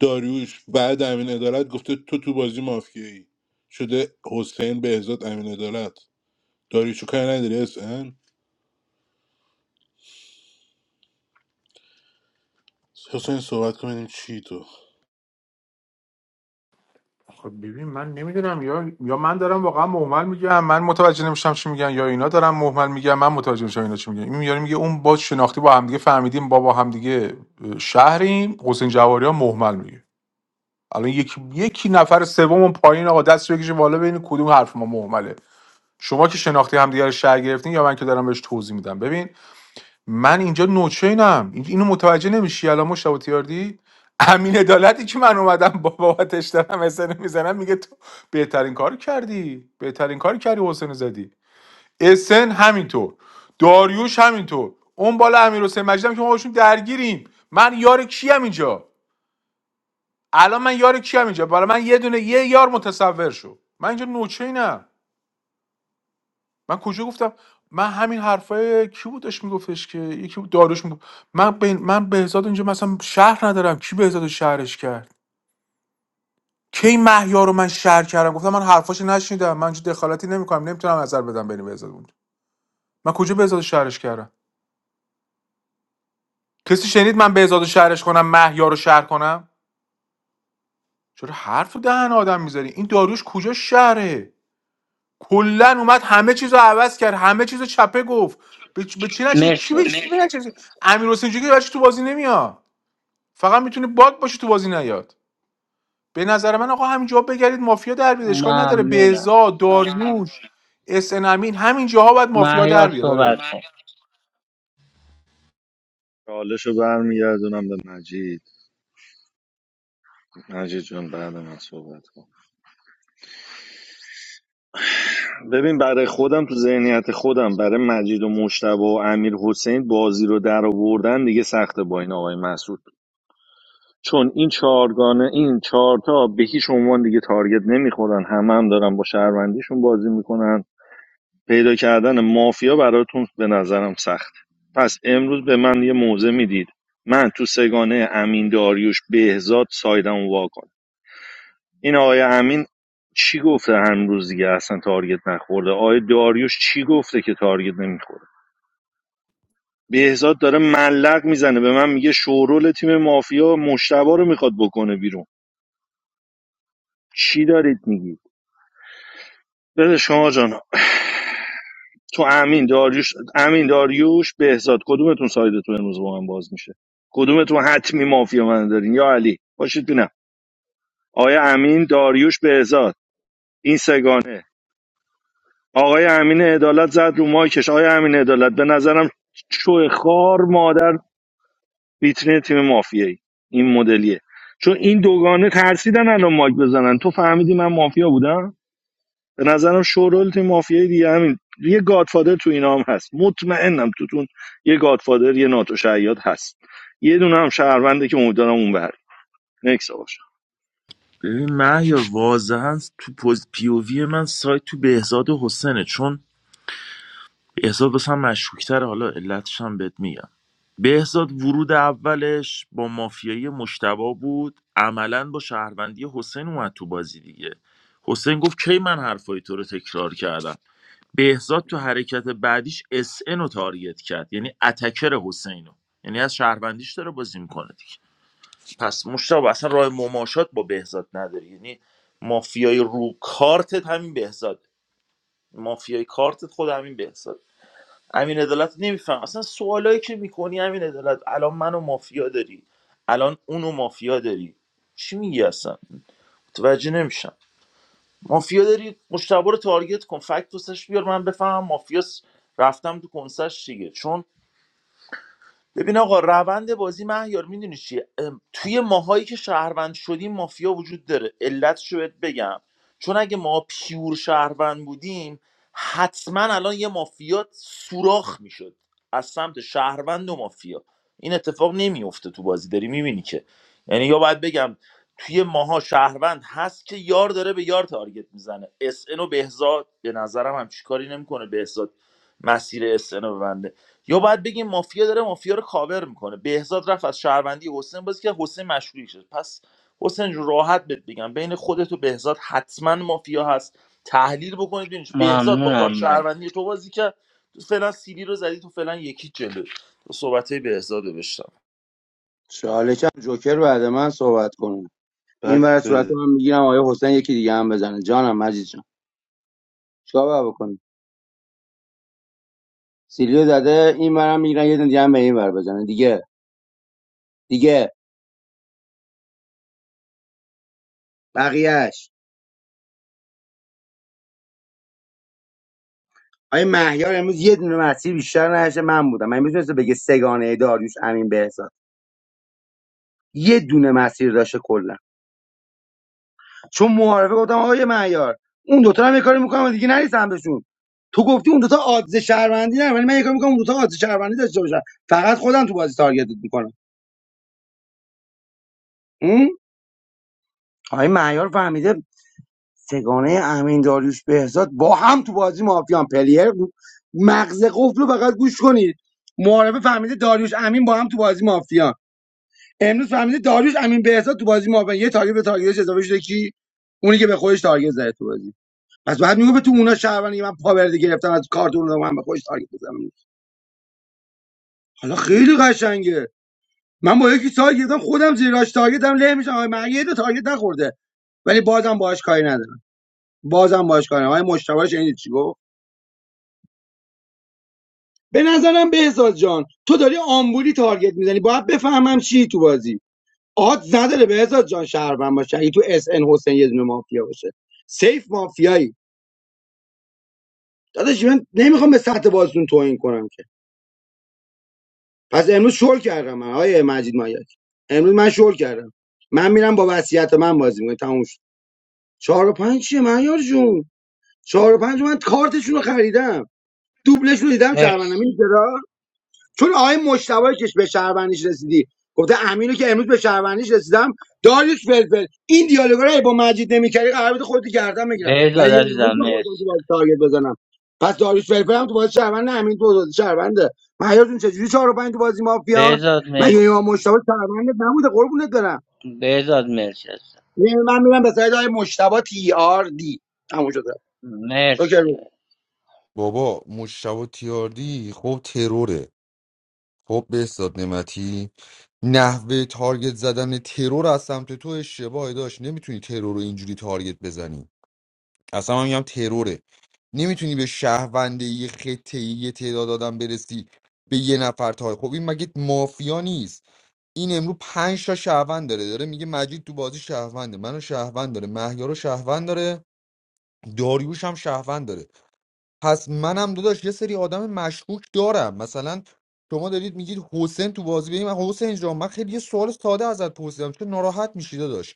Speaker 13: داریوش بعد امین عدالت گفته تو تو بازی مافیایی شده حسین بهزاد امین عدالت داریوشو کاری نداری اس ان حسین صحبت کنیم چی تو
Speaker 19: خب ببین من نمیدونم یا یا من دارم واقعا مهمل میگم من متوجه نمیشم چی میگن یا اینا دارن مهمل میگن من متوجه نمیشم اینا چی میگن این میاره میگه اون با شناختی با همدیگه فهمیدیم با با همدیگه شهریم حسین جواری ها مهمل میگه الان یکی یکی نفر سوم اون پایین آقا دست بکشه بالا ببین کدوم حرف ما مهمله شما که شناختی همدیگه رو شهر گرفتین یا من که دارم بهش توضیح میدم ببین من اینجا نوچینم این- اینو متوجه نمیشی الان مشتاق تیاردی امین عدالتی که من اومدم با بابتش دارم اسن میزنم میگه تو بهترین کار کردی بهترین کار کردی حسین زدی اسن همینطور داریوش همینطور اون بالا امیر حسین مجیدم که ما باشون درگیریم من یار کیم اینجا الان من یار کیم اینجا برای من یه دونه یه یار متصور شو من اینجا نوچینم من کجا گفتم من همین حرفای کی بودش میگفتش که یکی بود داروش میگفت من به من بهزاد اینجا مثلا شهر ندارم کی بهزاد شهرش کرد کی محیا رو من شهر کردم گفتم من حرفاشو نشنیدم من اینجا دخالتی نمیکنم نمیتونم نظر بدم بین بهزاد بود من کجا بهزاد شهرش کردم کسی شنید من بهزاد شهرش کنم محیا رو شهر کنم چرا حرف دهن آدم میذاری این داروش کجا شهره کلا اومد همه چیزو عوض کرد همه چیزو چپه گفت به چ- به چی نشه کی
Speaker 4: مرسی
Speaker 19: به کی
Speaker 4: حسین
Speaker 19: به امیر حسین جوکی برای چی تو بازی نمیاد فقط میتونه باگ باشه تو بازی نیاد به نظر من آقا همینجا بگردید مافیا در بیاد اشکال نداره
Speaker 4: ممنونم
Speaker 19: بهزاد داریوش اس ان امین همینجاها باید مافیا در
Speaker 4: مهیار
Speaker 19: بیاد داره
Speaker 4: صحبت کن
Speaker 17: چالش رو برمیگردونم به مجید مجید جان بعد من صحبت کن ببین برای خودم تو ذهنیت خودم برای مجید و مشتبه و امیر حسین بازی رو در آوردن دیگه سخته با این آقای مسعود چون این چهارگانه این چهارتا به هیچ عنوان دیگه تارگت نمیخورن همه هم دارن با شهروندیشون بازی میکنن پیدا کردن مافیا براتون به نظرم سخت پس امروز به من یه موزه میدید من تو سگانه امین داریوش بهزاد سایدم واکنم این آقای امین چی گفته هنوز دیگه اصلا تارگت نخورده آقای داریوش چی گفته که تارگت نمیخوره بهزاد داره ملق میزنه به من میگه شورول تیم مافیا مشتبه رو میخواد بکنه بیرون چی دارید میگید بله شما جان تو امین داریوش امین داریوش بهزاد کدومتون سایدتون امروز با من باز میشه کدومتون حتمی مافیا من دارین یا علی باشید بینم آیا امین داریوش بهزاد این سگانه آقای امین عدالت زد رو مایکش آقای امین عدالت به نظرم شوه خار مادر ویترین تیم مافیایی این مدلیه چون این دوگانه ترسیدن الان مایک بزنن تو فهمیدی من مافیا بودم به نظرم شورول تیم مافیایی دیگه همین یه گادفادر تو اینا هم هست مطمئنم توتون یه گادفادر یه ناتو شعیاد هست یه دونه هم شهرونده که امیدوارم اون بر نکس آقا.
Speaker 8: ببین مهیار واضحا تو پوز پی او وی من سایت تو بهزاد و حسنه چون بهزاد واسه هم مشکوکتر حالا علتش هم بهت میگم بهزاد ورود اولش با مافیایی مشتبه بود عملا با شهروندی حسین اومد تو بازی دیگه حسین گفت کی من حرفای تو رو تکرار کردم بهزاد تو حرکت بعدیش اس ان رو تارگت کرد یعنی اتکر حسین رو یعنی از شهروندیش داره بازی میکنه دیگه پس مشتبه اصلا راه مماشات با بهزاد نداری یعنی مافیای رو کارتت همین بهزاد مافیای کارتت خود همین بهزاد امین عدالت نمیفهم اصلا سوالایی که میکنی امین عدالت الان منو مافیا داری الان اونو مافیا داری چی میگی اصلا متوجه نمیشم مافیا داری مشتبه رو تارگت کن فکت واسش بیار من بفهمم مافیاس رفتم تو کنسش دیگه چون ببین آقا روند بازی مهیار میدونی چیه ام، توی ماهایی که شهروند شدیم مافیا وجود داره علتشو بهت بگم چون اگه ما پیور شهروند بودیم حتما الان یه مافیا سوراخ میشد از سمت شهروند و مافیا این اتفاق نمیفته تو بازی داری میبینی که یعنی یا باید بگم توی ماها شهروند هست که یار داره به یار تارگت میزنه اس و بهزاد به نظرم هم چیکاری نمیکنه بهزاد مسیر اس رو ببنده یا باید بگیم مافیا داره مافیا رو کاور میکنه بهزاد رفت از شهروندی حسین بازی که حسین مشروعی شد پس حسین جون راحت بهت بگم بین خودت و بهزاد حتما مافیا هست تحلیل بکنید ببینید بهزاد با
Speaker 4: ممنونم
Speaker 8: کارت
Speaker 4: من
Speaker 8: شهروندی تو بازی که تو فعلا سیلی رو زدی تو فعلا یکی جلو تو صحبت های بهزاد رو بشتم
Speaker 18: چالشم جوکر بعد من صحبت کنه این ور
Speaker 15: بک
Speaker 18: صورت
Speaker 15: بده
Speaker 18: هم میگیرم آیا حسین یکی دیگه هم بزنه جانم مجید جان چیکار باید بکنیم؟ سیلیو زده این منم میگیرن یه دونه دیگه هم به این ور بزنن دیگه دیگه بقیهش آیا مهیار امروز یه دونه مسیر بیشتر نداشته من بودم من میتونسته بگه سگانه داریوش امین بهزاد یه دونه مسیر داشته کلا چون معارفه گفتم آقای مهیار اون دوتا هم یه کاری میکنم دیگه نریسم بهشون تو گفتی اون دوتا آدز شهروندی نه ولی من یه کاری میکنم اون دوتا آدز شهروندی داشته باشن فقط خودم تو بازی تارگتت میکنم آقای مهیار فهمیده سگانه امین داریوش بهزاد با هم تو بازی مافیان پلیر مغز قفل رو فقط گوش کنید معارفه فهمیده داریوش امین با هم تو بازی مافیان امروز فهمیده داریوش امین بهزاد تو بازی مافیان یه تارگت به تارگتش اضافه شده کی اونی که به خودش تارگت زده تو بازی پس بعد میگه به تو اونا شهروندی که من پاورده گرفتم از کارتون رو من به خودش تارگت بزنم حالا خیلی قشنگه من با یکی تارگت گرفتم خودم زیراش تارگتم له میشم آقا من یه دو تارگت نخورده ولی بازم باهاش کاری ندارم بازم باهاش کاری ندارم آقا مشتبه شنید چی گفت به نظرم بهزاد جان تو داری آمبولی تارگت میزنی باید بفهمم چی تو بازی آهات نداره بهزاد جان شهروند باشه اگه تو اس ان حسین یه دونه مافیا باشه سیف مافیایی داداش من نمیخوام به سطح بازیتون توهین کنم که پس امروز شل کردم من آیه مجید مایک امروز من شل کردم من میرم با وصیت من بازی میکنم تموم شد چهار و پنج چیه معیار جون چهار و پنج من کارتشون رو خریدم دوبلشون رو دیدم شهروندم این
Speaker 4: مرسی
Speaker 18: چون آقای مشتبه کش به شهروندیش رسیدی گفته امینو که امروز به شهروندیش رسیدم داریوش فلفل این دیالوگا رو با مجید نمیکردی قرار بود خودت گردن میگیرم
Speaker 4: بهزاد
Speaker 18: ولی یه
Speaker 4: عزیزم
Speaker 18: امروز به خودم تو
Speaker 4: مرسی
Speaker 18: بازی
Speaker 4: داداش.
Speaker 18: تارگت بزنم پس داریوش فلفل هم تو بازی شهروند امین تو بازی شهرونده مهیار چجوری چهار و 5 تو بازی مافیان
Speaker 4: بهزاد
Speaker 18: مگه امام
Speaker 4: مرسی
Speaker 18: مشتبه شهروند نبوده قربونت برم
Speaker 4: بهزاد مرسی عزیزم
Speaker 18: یعنی من میرم به سایت های مشتبه تی آر دی همون شده اوکی
Speaker 4: مرسی
Speaker 18: رو
Speaker 6: بابا مشتبه تیاردی خب تروره خب به نعمتی نحوه تارگت زدن ترور از سمت تو اشتباهی داشت نمیتونی ترور رو اینجوری تارگت بزنی اصلا من میگم تروره نمیتونی به شهرونده یه خطه یه تعداد آدم برسی به یه نفر تای خب این مگه مافیا نیست این امرو پنج تا شهروند داره داره میگه مجید تو بازی شهرونده منو شهروند داره مهیارو شهروند داره داریوش هم شهروند داره پس منم داداش یه سری آدم مشکوک دارم مثلا شما دارید میگید حسین تو بازی بریم من حسین جان من خیلی یه سوال ساده ازت پرسیدم چون ناراحت میشی داداش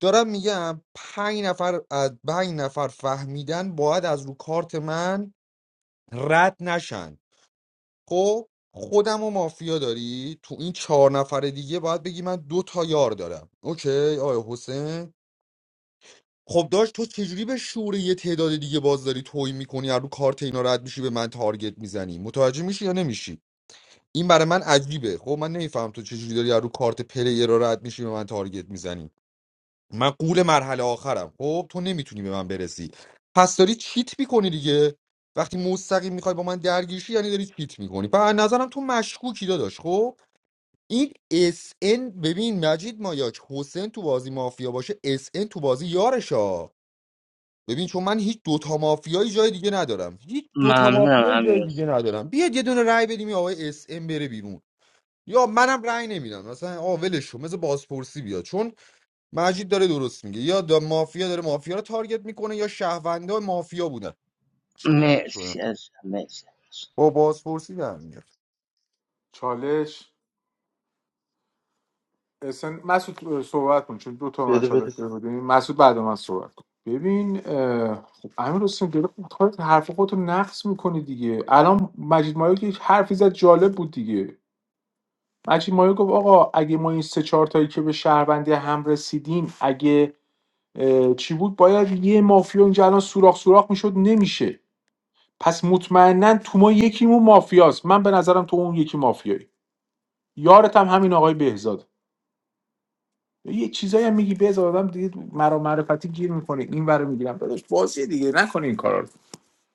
Speaker 6: دارم میگم پنج نفر از پنج نفر فهمیدن باید از رو کارت من رد نشن خب خودم و مافیا داری تو این چهار نفر دیگه باید بگی من دو تا یار دارم اوکی آیا حسین خب داشت تو چجوری به شعور یه تعداد دیگه باز داری توهین میکنی از رو کارت اینا رد میشی به من تارگت میزنی متوجه میشی یا نمیشی این برای من عجیبه خب من نمیفهم تو چجوری داری از رو کارت پلیر را رد میشی به من تارگت میزنی من قول مرحله آخرم خب تو نمیتونی به من برسی پس داری چیت میکنی دیگه وقتی مستقیم میخوای با من درگیرشی یعنی داری چیت میکنی پس از نظرم تو مشکوکی داداش خب این اس ان، ببین مجید مایاک حسین تو بازی مافیا باشه اس ان تو بازی یارشه ببین چون من هیچ دوتا مافیایی جای دیگه ندارم هیچ دوتا
Speaker 4: ممنونم
Speaker 6: مافیایی جای
Speaker 4: امیر
Speaker 6: دیگه
Speaker 4: حسین
Speaker 6: ندارم بیاد یه دونه رأی بدیم این آقای اس ام بره بیرون یا منم رأی نمیدم مثلا آ ولش کن مثل بازپرسی بیاد چون مجید داره درست میگه یا دا مافیا داره مافیا رو تارگت میکنه یا شهروندا مافیا بودن شهروند شدن.
Speaker 4: مرسی عزیزم مرسی
Speaker 6: با بازپرسی در میاد
Speaker 19: چالش اسن مسعود صحبت کن چون دو تا من
Speaker 15: بده
Speaker 19: چالش
Speaker 15: بده
Speaker 19: داده بودیم مسعود بعد من صحبت کن ببین اه، خب امیر حسین داره کارت حرف خودتو نقص میکنه دیگه الان مجید مایو که یک حرفی زد جالب بود دیگه مجید مایو گفت آقا اگه ما این سه چهار تایی که به شهروندی هم رسیدیم اگه چی بود باید یه مافیا اینجا الان سوراخ سوراخ میشد نمیشه پس مطمئنا تو ما یکیمون مافیاست من به نظرم تو اون یکی مافیایی یارت هم همین آقای بهزاد یه چیزایی هم میگی بهزاد آدم دیگه مرا معرفتی گیر میکنه این ور میگیرم داداش بازی دیگه نکنه این کارا رو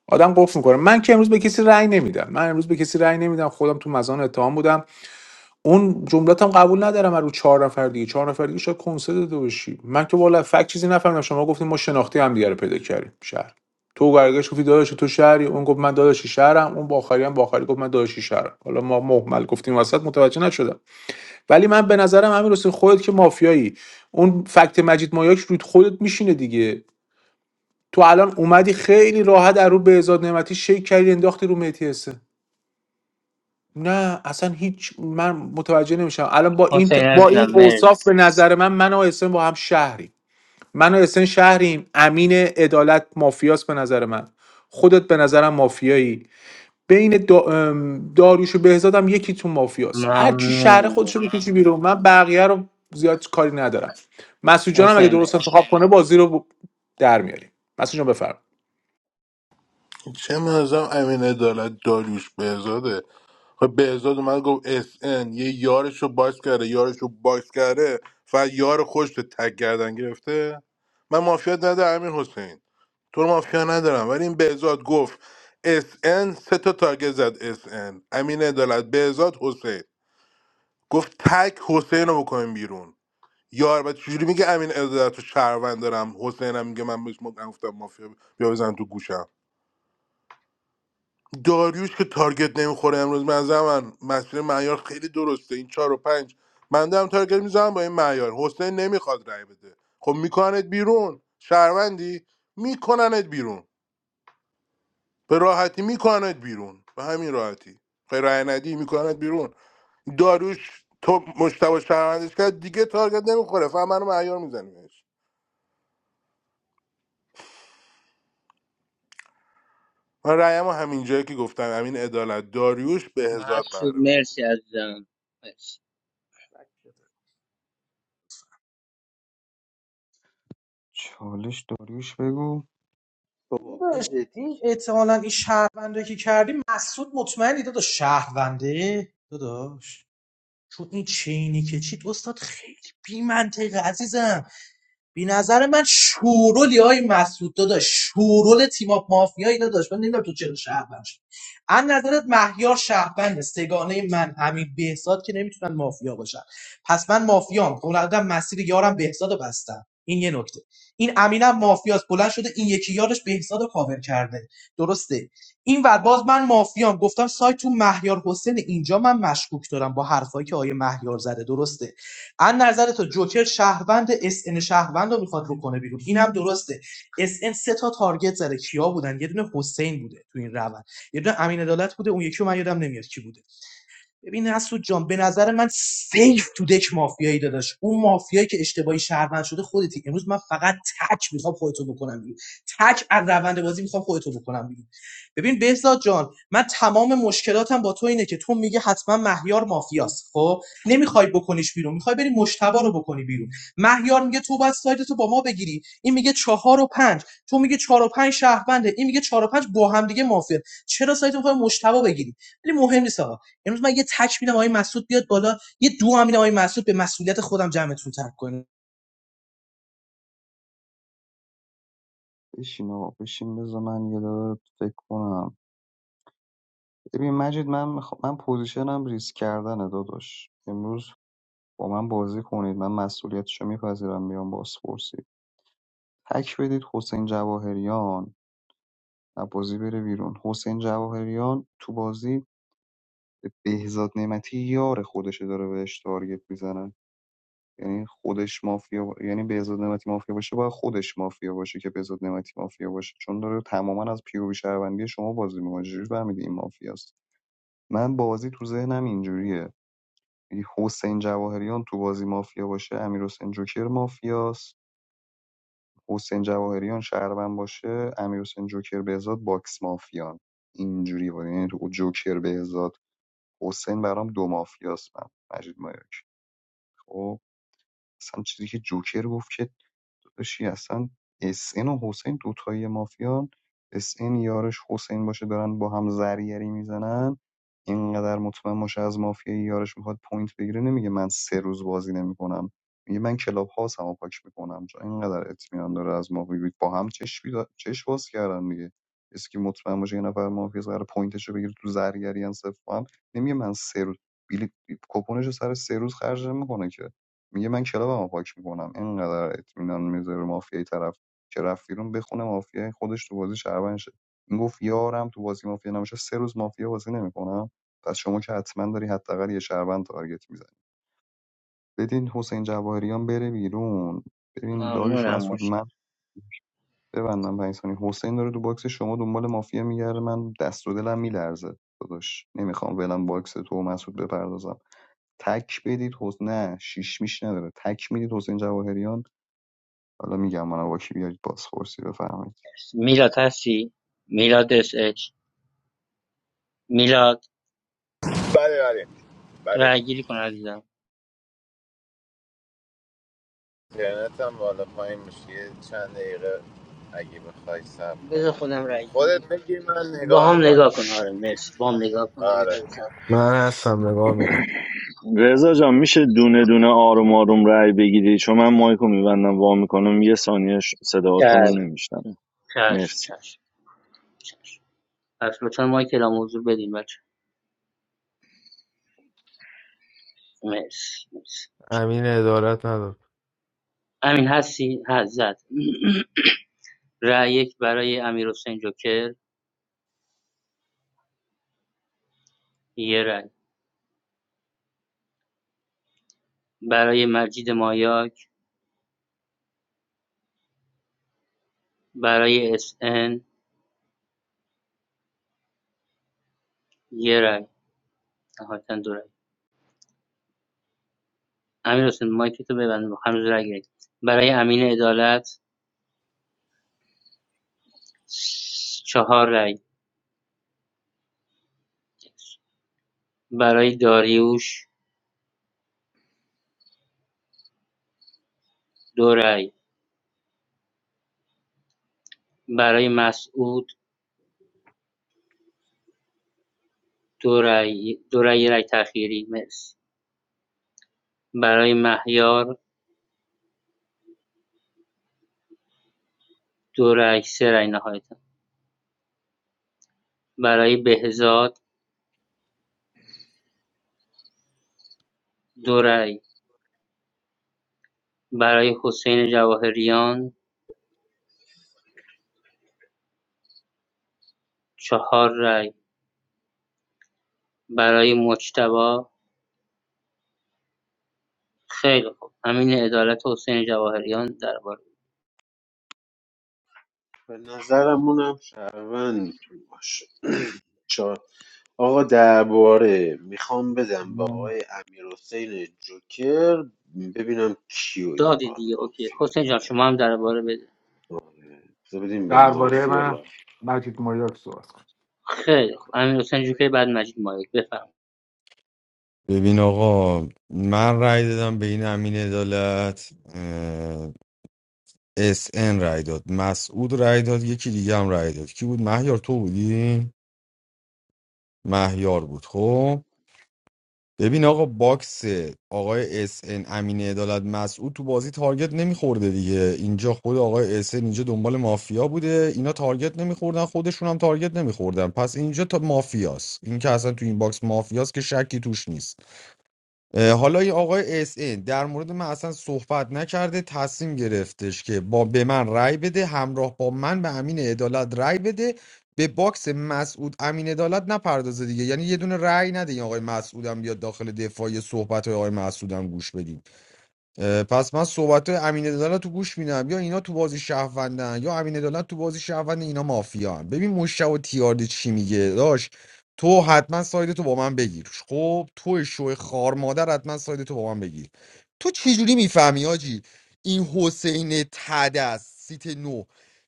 Speaker 19: آدم قفل میکنه من که امروز به کسی رأی نمیدم من امروز به کسی رأی نمیدم خودم تو مزان اتهام بودم اون جملاتم قبول ندارم از رو چهار نفر دیگه چهار نفر دیگه شاید کنسرت داده باشی من که والا فکت چیزی نفهمیدم شما گفتیم ما شناختی هم دیگه رو پیدا کردیم شهر تو برگشت گفتی داداش تو شهری اون گفت من داداشی شهرم اون با آخری هم با آخری گفت من داداشی شهرم حالا ما مهمل گفتیم وسط متوجه نشدم ولی من به نظرم امیر حسین خودت که مافیایی اون فکت مجید مایاک رود خودت میشینه دیگه تو الان اومدی خیلی راحت در رو بهزاد نعمتی شیک کردی انداختی رو مهدی حسن. نه اصلا هیچ من متوجه نمیشم الان با این
Speaker 4: حسین
Speaker 19: ت- با
Speaker 4: عزیزم
Speaker 19: این اوصاف به
Speaker 4: مرسی
Speaker 19: نظر من من و اسن با هم شهریم من و اسن شهریم امین عدالت مافیاست به نظر من خودت به نظرم مافیایی بین دا... ام، داریوش و بهزادم یکی تو مافیاست هر کی شهر خودش
Speaker 4: ممنون
Speaker 19: رو بکشه بیرون من بقیه رو زیاد کاری ندارم مسعود جانم اگه
Speaker 4: حسین
Speaker 19: درست انتخاب کنه بازی رو ب- در میاریم مسعود جان بفرم
Speaker 13: چه منظم امین عدالت داریوش بهزاده خب بهزاد اومد گفت اس ان یه یارش رو باکس کرده یارش رو باکس کرده فقط یار خوش به تک گردن گرفته من مافیا ندارم امیر حسین تو رو مافیا ندارم ولی این بهزاد گفت اس ان سه تا تارگت زد اس ان امین عدالت بهزاد حسین گفت تک حسین رو بکنیم بیرون یار بعد چجوری میگه امین عدالت رو شهروند دارم حسینم میگه من بهش گفتم مافیا بیا بزن تو گوشم داریوش که تارگت نمیخوره امروز من من مسیر معیار خیلی درسته این چهار و پنج من دارم تارگت میزنم با این معیار حسین نمیخواد رای بده خب میکننت بیرون شهروندی میکننت بیرون به راحتی میکننت بیرون به همین راحتی خیلی رای ندی میکننت بیرون داریوش تو مشتبه شهروندش کرد دیگه تارگت نمیخوره فقط منو معیار میزنیمش من رأیمو همینجایی که گفتم همین عدالت داریوش به هزار
Speaker 4: مسعود
Speaker 13: قراره بده
Speaker 4: مرسی عزیزم مرسی
Speaker 3: چالش داریوش بگو
Speaker 15: بابا
Speaker 11: داداش
Speaker 15: بده
Speaker 11: این
Speaker 15: دیگه
Speaker 11: احتمالا این شهرونده که کردی مسعود مطمئنی داداش شهرونده داداش چون این چینی که چیت استاد خیلی بی منطقه عزیزم به نظر من شورولی های مسعود داداش شورول تیم اپ مافیایی داداش من نمیدونم تو چرا شهروند از نظرت مهیار شهروند سگانه من همین بهزاد که نمیتونن مافیا باشن پس من مافیام بلندم مسیر یارم بهزاد رو بستم این یه نکته این امینم مافیاست بلند شده این یکی یارش بهزاد رو کاور کرده درسته این ور باز من مافیام گفتم سایت تو مهیار حسین اینجا من مشکوک دارم با حرفایی که آیه مهیار زده درسته از نظر تو جوکر شهروند اس ان شهروند رو میخواد بکنه بیرون این هم درسته اس ان سه تا تارگت زده کیا بودن یه دونه حسین بوده تو این روند یه دونه امین عدالت بوده اون یکی رو من یادم نمیاد کی بوده ببین حسود جان به نظر من سیف تو دک مافیایی داداش اون مافیایی که اشتباهی شهروند شده خودتی امروز من فقط تک میخوام خودتو بکنم بیرون تک از روند بازی میخوام خودتو بکنم بیرون ببین بهزاد جان من تمام مشکلاتم با تو اینه که تو میگی حتما مهیار مافیاست خب نمیخوای بکنیش بیرون میخوای بری مشتبه رو بکنی بیرون مهیار میگه تو باید سایدتو با ما بگیری این میگه چهار و پنج تو میگه چهار و پنج شهرونده این میگه چهار و پنج با هم دیگه مافیا چرا سایدتو میخوای مشتبا بگیری ولی مهم نیست آقا امروز من یه تک میدم آقای مسعود بیاد بالا یه دو هم میدم آقای مسعود به مسئولیت خودم جمعتون ترک کنه
Speaker 3: بشین آقا بشین بذار من یه دقیقه فکر کنم ببین مجید من میخوا... من پوزیشنم ریسک کردنه داداش امروز با من بازی کنید من مسئولیتشو میپذیرم بیام بازپرسی تک بدید حسین جواهریان و بازی بره بیرون حسین جواهریان تو بازی بهزاد نعمتی یار خودشه داره بهش تارگت میزنن یعنی خودش مافیا با- یعنی بهزاد نعمتی مافیا باشه باید خودش مافیا باشه که بهزاد نعمتی مافیا باشه چون داره تماما از پیووی شهروندی شما بازی میکنه چجوری فهمیدی این مافیاست من بازی تو ذهنم اینجوریه یعنی حسین جواهریان تو بازی مافیا باشه امیرحسین جوکر مافیاست حسین جواهریان شهروند باشه امیرحسین جوکر بهزاد باکس مافیان اینجوری بود یعنی تو جوکر بهزاد حسین برام دو مافیاست من مجید مایاک خب اصلا چیزی که جوکر گفت که داداشی اصلا اس ان و حسین دوتایی مافیان اس ان یارش حسین باشه دارن با هم زرگری میزنن اینقدر مطمئن باشه از مافیای یارش میخواد پوینت بگیره نمیگه من سه روز بازی نمیکنم میگه من کلاب هاوس هم پاک میکنم چون اینقدر اطمینان داره از مافیا با هم چشم بیدا- چشم باز کردن دیگه اسکی مطمئن باشه یه نفر مافیا قرار پوینتشو بگیره تو زرگری هم صفر با هم نمیگه من سه روز بلیت کپونشو سر سه روز خرج نمیکنه که میگه من کلابمو پاک میکنم اینقدر اطمینان میذاره به مافیای طرف که رفت بیرون بخونه مافیای خودش تو بازی شهروند شه این گفت یارم تو بازی مافیا نمیشه سه روز مافیا بازی نمیکنم پس شما که حتما داری حداقل یه شهروند تارگت میزنی بدین حسین جواهریان بره بیرون ببین داریوش
Speaker 4: ممنونم
Speaker 3: مسعود من
Speaker 4: مشتاق
Speaker 3: ببندم پنج ثانیه. حسین داره تو باکس شما دنبال مافیا میگرده من دست و دلم میلرزه داداش نمیخوام ولم باکس تو و مسعود بپردازم تک بدید حس... نه شیش میش نداره تک میدید حسین جواهریان حالا میگم منو با کی بیارید بازپرسی بفرمایید
Speaker 4: میلاد هستی میلاد اس اچ میلاد
Speaker 9: بله بله بله
Speaker 4: رای گیری کن عزیزم
Speaker 9: اینترنت هم بالا پایین میشه یه چند دقیقه اگه بخوای صبر کنی
Speaker 4: بذار خودم رای گیری
Speaker 9: خودت بگیر من
Speaker 4: با
Speaker 9: نگاه
Speaker 4: هم
Speaker 9: میکنم
Speaker 4: نگاه کن آره مرسی با هم نگاه کن یه
Speaker 9: آره
Speaker 4: ذره صبر
Speaker 1: من هستم نگاه میکنم
Speaker 4: کن.
Speaker 17: رضا جان میشه دونه دونه آروم آروم رأی بگیری چون من مایکو میبندم وا میکنم یه ثانیه ش- صداهاتون رو
Speaker 4: چشم
Speaker 17: نمیشنم
Speaker 4: چشم
Speaker 17: مرسی
Speaker 4: چشم پس لطفا ما کلام حضور بدین بچه مرسی مرسی امین هستی حضرت (clears throat) رای یک برای امیر حسین جوکر یه رای برای مجید مایاک برای اس ان یه رای نهایتا دو رای. امیرحسین مایکتو ببند هنوز رای گرفت. برای امین عدالت چهار رای برای داریوش دو رای برای مسعود دو رای دو رای رای تأخیری مرسی برای مهیار دو رای سه رای نهایتا برای بهزاد دو رای برای حسین جواهریان چهار رای برای مجتبی خیلی خوب امین عدالت و حسین جواهریان درباره
Speaker 15: به نظرمونم شهروند میتونی باشه (clears throat) آقا درباره میخوام بدم به
Speaker 3: نه
Speaker 15: آقای امیر جوکر ببینم کیو این
Speaker 4: دادی
Speaker 15: بار
Speaker 4: دیگه اوکی
Speaker 15: مافیا
Speaker 4: حسین جان
Speaker 15: داره
Speaker 4: شما هم درباره بده
Speaker 15: بذار بدیم به
Speaker 19: درباره
Speaker 15: مافیا
Speaker 19: من
Speaker 15: لا
Speaker 19: مجید مایاک صحبت کن.
Speaker 4: خیلی خوب امیرحسین جوکر بعد مجید مایک بفرمایید
Speaker 6: ببین آقا من رأی دادم به این امین عدالت اه، اس ان رأی داد مسعود رأی داد یکی دیگه هم رأی داد کی بود مهیار تو بودی مهیار بود خب ببین آقا باکس آقای اس ان امین عدالت مسعود تو بازی تارگت نمیخورده دیگه اینجا خود آقای اس ان اینجا دنبال مافیا بوده اینا تارگت نمیخوردن خودشون هم تارگت نمیخوردن پس اینجا تا مافیاست این که اصلا تو این باکس مافیاست که شکی توش نیست اه، حالا این آقای اس این در مورد من اصلا صحبت نکرده تصمیم گرفتش که با به من رأی بده همراه با من به امین عدالت رأی بده به باکس مسعود امین عدالت نپردازه دیگه یعنی یه دونه رأی نده این آقای مسعودم بیاد داخل دفاعی صحبت های آقای مسعودم گوش بدیم اه، پس من صحبت امین عدالت تو گوش میدم یا اینا تو بازی شهروندن یا امین عدالت تو بازی شهروند اینا مافیان ببین مشتبه و تیاردی چی میگه داش تو حتما ساید تو با من بگیر خب تو شو خار مادر حتما ساید تو با من بگیر تو چجوری میفهمی آجی این حسین تدس سیت نو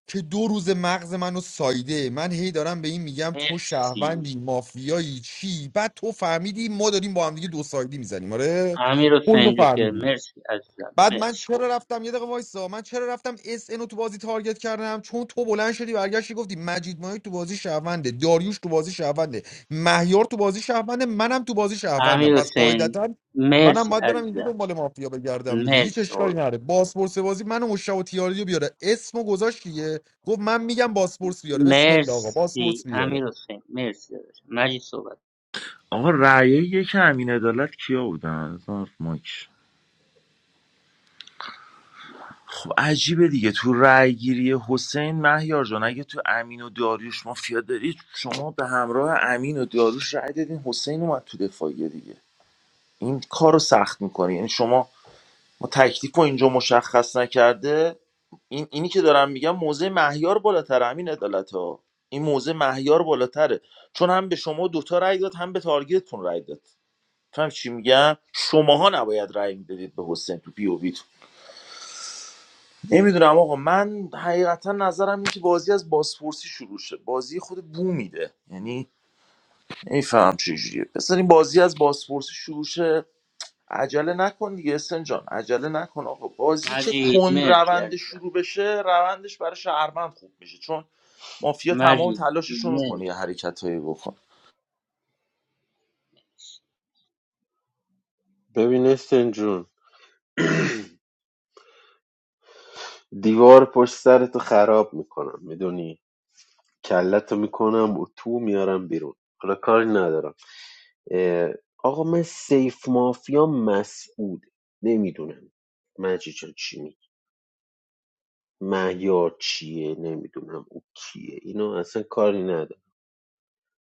Speaker 6: که دو روز مغز منو سایده من هی دارم به این میگم تو
Speaker 4: مرسی
Speaker 6: شهروندی مافیایی چی بعد تو فهمیدی ما داریم با هم دیگه دو سایدی میزنیم آره تو اینو
Speaker 4: امیرحسین جوکر
Speaker 6: فهمیدی
Speaker 4: مرسی عزیزم
Speaker 6: بعد من
Speaker 4: مرسی
Speaker 6: چرا
Speaker 4: خوب
Speaker 6: رفتم یه دقیقه وایسا من چرا رفتم اس رو تو بازی تارگت کردم چون تو بلند شدی برگشتی گفتی مجید مایک تو بازی شهرونده داریوش تو بازی شهرونده مهیار تو بازی شهرونده منم تو بازی شهروندم پس
Speaker 4: امیرحسین
Speaker 6: قاعدتا منم
Speaker 4: مرسی
Speaker 6: باید برم اینجا
Speaker 4: عزیزم
Speaker 6: دنبال مافیا بگردم دیگه هیچ
Speaker 4: مرسی
Speaker 6: اشکالی
Speaker 4: قربون.
Speaker 6: نره باسپورس بازی منو مشتاق و تیاردی رو بیاره اسمو گذاشت دیگه گفت من میگم باسپورس بیاره بسم الله آقا
Speaker 4: مرسی
Speaker 6: باسپورس بیاره
Speaker 4: امیرحسین مرسی داداش مجید صحبت
Speaker 8: آقا رأی یک امین عدالت کیا بودن هزار مایک خب عجیبه دیگه تو رأی گیری حسین مهیار جان اگه تو امین و داریوش مافیا دارید شما به همراه امین و داریوش رأی دادین حسین اومد تو دفاعیه دیگه این کار رو سخت میکنه یعنی شما ما تکلیف رو اینجا مشخص نکرده این اینی که دارم میگم موزه مهیار بالاتر امین عدالت ها این موزه مهیار بالاتره چون هم به شما دوتا رأی داد هم به تارگتتون رأی داد فهم چی میگم شماها نباید رأی میدادید به حسین تو پی او وی. نمیدونم آقا من حقیقتا نظرم اینه که بازی از بازپرسی شروع شه بازی خود بو میده یعنی نمیفهم چجوریه بذارین بازی از بازپرسی شروع شه عجله نکن دیگه اسن جان عجله نکن آقا بازی که
Speaker 4: مجید
Speaker 8: کند
Speaker 4: مرسی
Speaker 8: روند
Speaker 4: عزیزم
Speaker 8: شروع بشه روندش برای شهروند خوب میشه چون مافیا تمام
Speaker 4: مجید
Speaker 8: تلاشش رو میکنه یه
Speaker 4: مرسی
Speaker 8: حرکت بکن
Speaker 15: ببین استن جون دیوار پشت سرتو خراب میکنم میدونی کلتو میکنم و تو میارم بیرون حالا کاری ندارم اه، آقا من سیف مافیا مسعود نمیدونم مجی جان چی می؟ مهیار چیه نمیدونم او کیه اینو اصلا کاری ندارم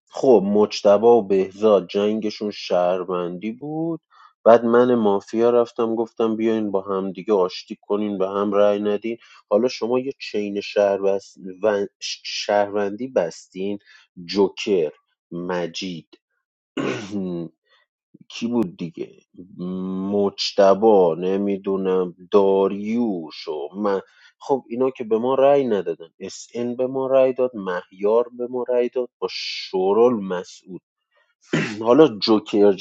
Speaker 15: خب مجتبی و بهزاد جنگشون شهروندی بود بعد من مافیا رفتم گفتم بیاین با همدیگه آشتی کنین به هم رأی ندین حالا شما یه چین شهر بس... ون- ش- شهروندی بستین جوکر مجید (clears throat) کی بود دیگه مجتبا نمیدونم داریوش و من خب اینا که به ما رأی ندادن اس ان به ما رأی داد مهیار به ما رأی داد با شورال مسعود حالا جوکر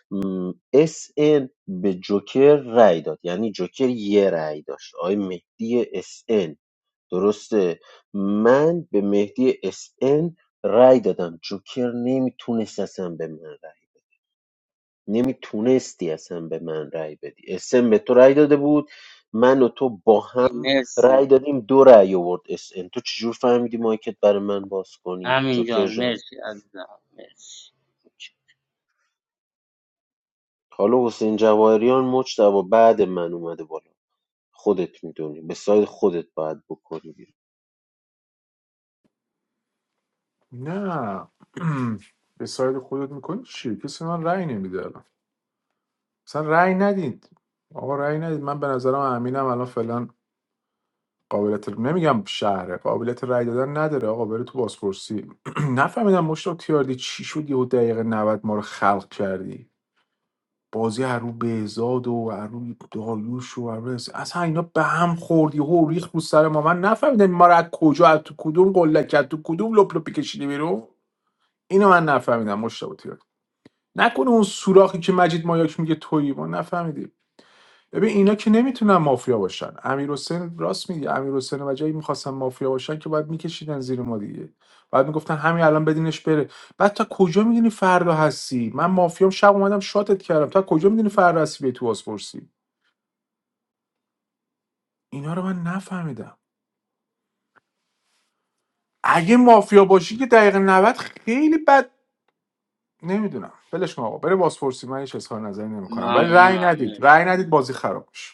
Speaker 15: جان اس ان به جوکر رأی داد یعنی جوکر یه رأی داشت آقای مهدی اس ان، درسته من به مهدی اس ان رأی دادم جوکر نمیتونست اصلا به من رأی نمیتونستی اصلا به من رأی بدی اس ان به تو رأی داده بود من و تو با هم
Speaker 4: مرسی
Speaker 15: رأی دادیم دو رأی آورد اس ان. تو چجور فهمیدی مایکت برای من باز کنی
Speaker 4: امین
Speaker 15: جوکر
Speaker 4: جان
Speaker 15: جان
Speaker 4: مرسی عزیزم مرسی
Speaker 15: حالا حسین جواهریان مجتبا بعد من اومده بالا خودت میدونی به ساید خودت باید بکنی بیرون
Speaker 19: نه (clears throat) به ساید خودت میکنی چی؟ کسی من رأی نمیده الان مثلا رأی ندید آقا رأی ندید من به نظرم امینم الان فعلا قابلیت نمیگم شهره قابلیت رأی دادن نداره آقا بره تو بازپرسی (clears throat) نفهمیدم مشتاق تیاردی چی شد یهو دقیقه 90 ما رو خلق کردی بازی هر رو بهزاد و هر رو داریوش و هر رو اس- اصلا اینا به هم خوردی و ریخ رو سر ما من نفهمیدم ما رو از کجا از تو کدوم قله کرد تو کدوم لپ لپی کشیدی بیرون اینو من نفهمیدم مشتاق نکنه اون سوراخی که مجید مایاک میگه تویی ما نفهمیدیم ببین اینا که نمیتونن مافیا باشن امیر حسین راست میگه امیر حسین و جایی میخواستن مافیا باشن که بعد میکشیدن زیر ما دیگه بعد میگفتن همین الان بدینش بره بعد تا کجا میدونی فردا هستی من مافیام شب اومدم شاتت کردم تا کجا میدونی فردا هستی به تو بازپرسی اینا رو من نفهمیدم اگه مافیا باشی که دقیقه 90 خیلی بد نمیدونم ولش کن آقا بره بازپرسی من هیچ اظهار نظری نمیکنم ولی رأی
Speaker 4: ممنونم
Speaker 19: ندید
Speaker 4: مرسی
Speaker 19: رأی ندید بازی خراب میشه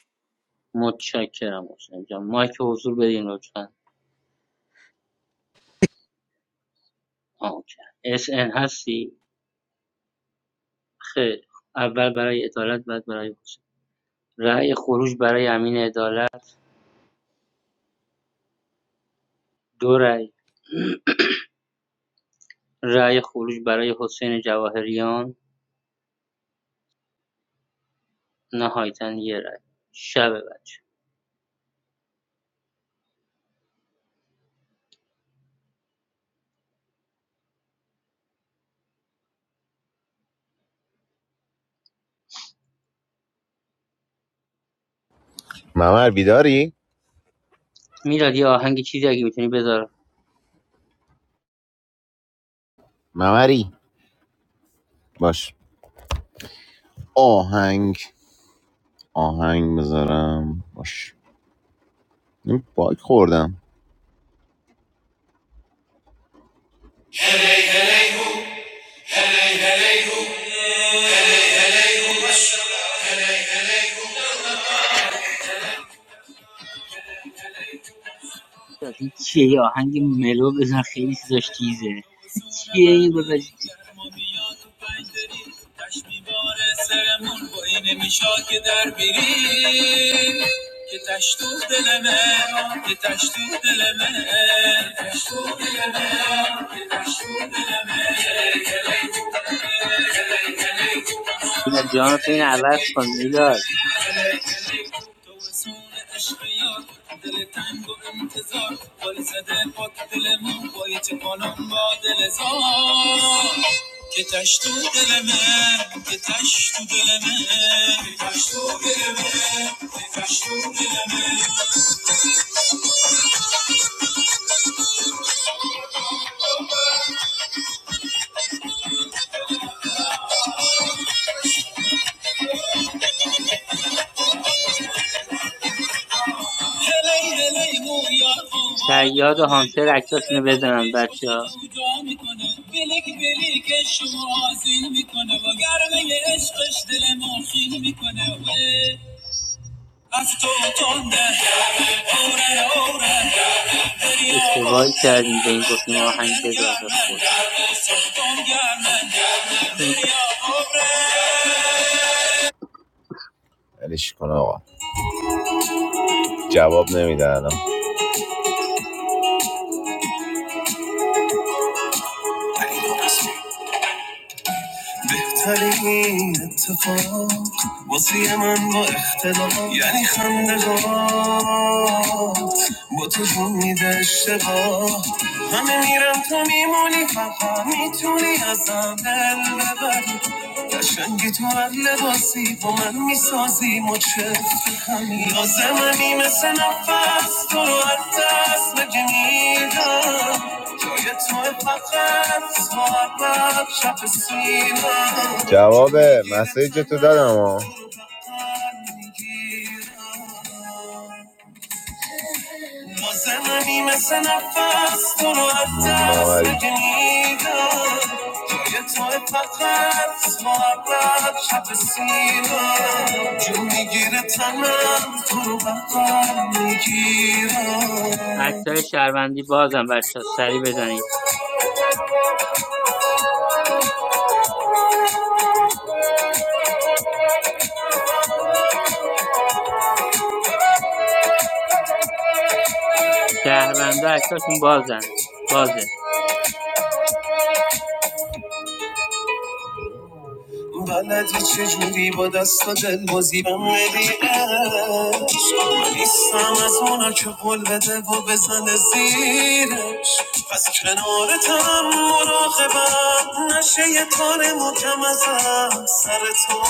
Speaker 4: متشکرم حسین جان مایک حضور بدین لطفا آه، اوکی اس ان هستی خیر، اول برای عدالت بعد برای حسین رأی خروج برای امین عدالت دو رأی رأی خروج برای حسین جواهریان نهایتا یه رأی شب بچه
Speaker 9: ممر بیداری؟
Speaker 4: میلاد یه آهنگ چیزی اگه میتونی بذار
Speaker 9: ممری باش آهنگ آهنگ بذارم باش این باگ خوردم
Speaker 4: چیه یه آهنگ ملو بذار خیلی چیزاش تیزه (laughs)
Speaker 9: واسونه
Speaker 4: چیه این بذار
Speaker 9: بندری گرما میاد تو پنج داری دشت میباره سرمون با این میشا که در بیری که تشت تو که تشت تو دل من
Speaker 4: میلاد جان تو این عوض کن میلاد
Speaker 9: کله کله تو سون عشق دل تنگ و انتظار گل زده پاک دل من بایی چه کنم با دل زار که تش تو دل من که تش تو دل من که تش تو دل من که تش تو دل من هلی هلی مویا آوا
Speaker 4: شیاد و
Speaker 9: میکنه
Speaker 4: هانتر
Speaker 9: دفتر
Speaker 4: اکتاشونو بزنن
Speaker 9: باقی خوش
Speaker 4: بچه ها
Speaker 9: جو جا میکنه بلیک بلیک شما آزین میکنه با گرمه عشقش دل ما خیل میکنه از تو تنده اوره اوره دریا
Speaker 4: اشتباهی
Speaker 9: اوره
Speaker 4: کردیم به این گفتیم آهنگ
Speaker 9: گرمه
Speaker 4: بذار به خود
Speaker 9: گرمه سرطان گرمه گرمه دریا اوره ولش کن آقا جواب نمیده الان بهترین اتفاق واسه من با اختلاف یعنی خندگات با تو جون میده اشتباه همه میرم تو میمونی فقط میتونی ازم دل ببری قشنگی تو هر لباسی با من میسازی مچه همین لازممی مثل نفس تو رو از دست بگی میدم جواب مسیج تو دادم ها
Speaker 4: اکتای شهروندی بازم بچه ها سریع بزنید شهروندا اکتاشون بازن بازه
Speaker 9: بلدی چجوری با دست و دل بازی من بدی عشق من نیستم از اونا که قول بده و بزنه زیرش پس کنارتم مراقبم نشه یه تار مکم ازم سر تو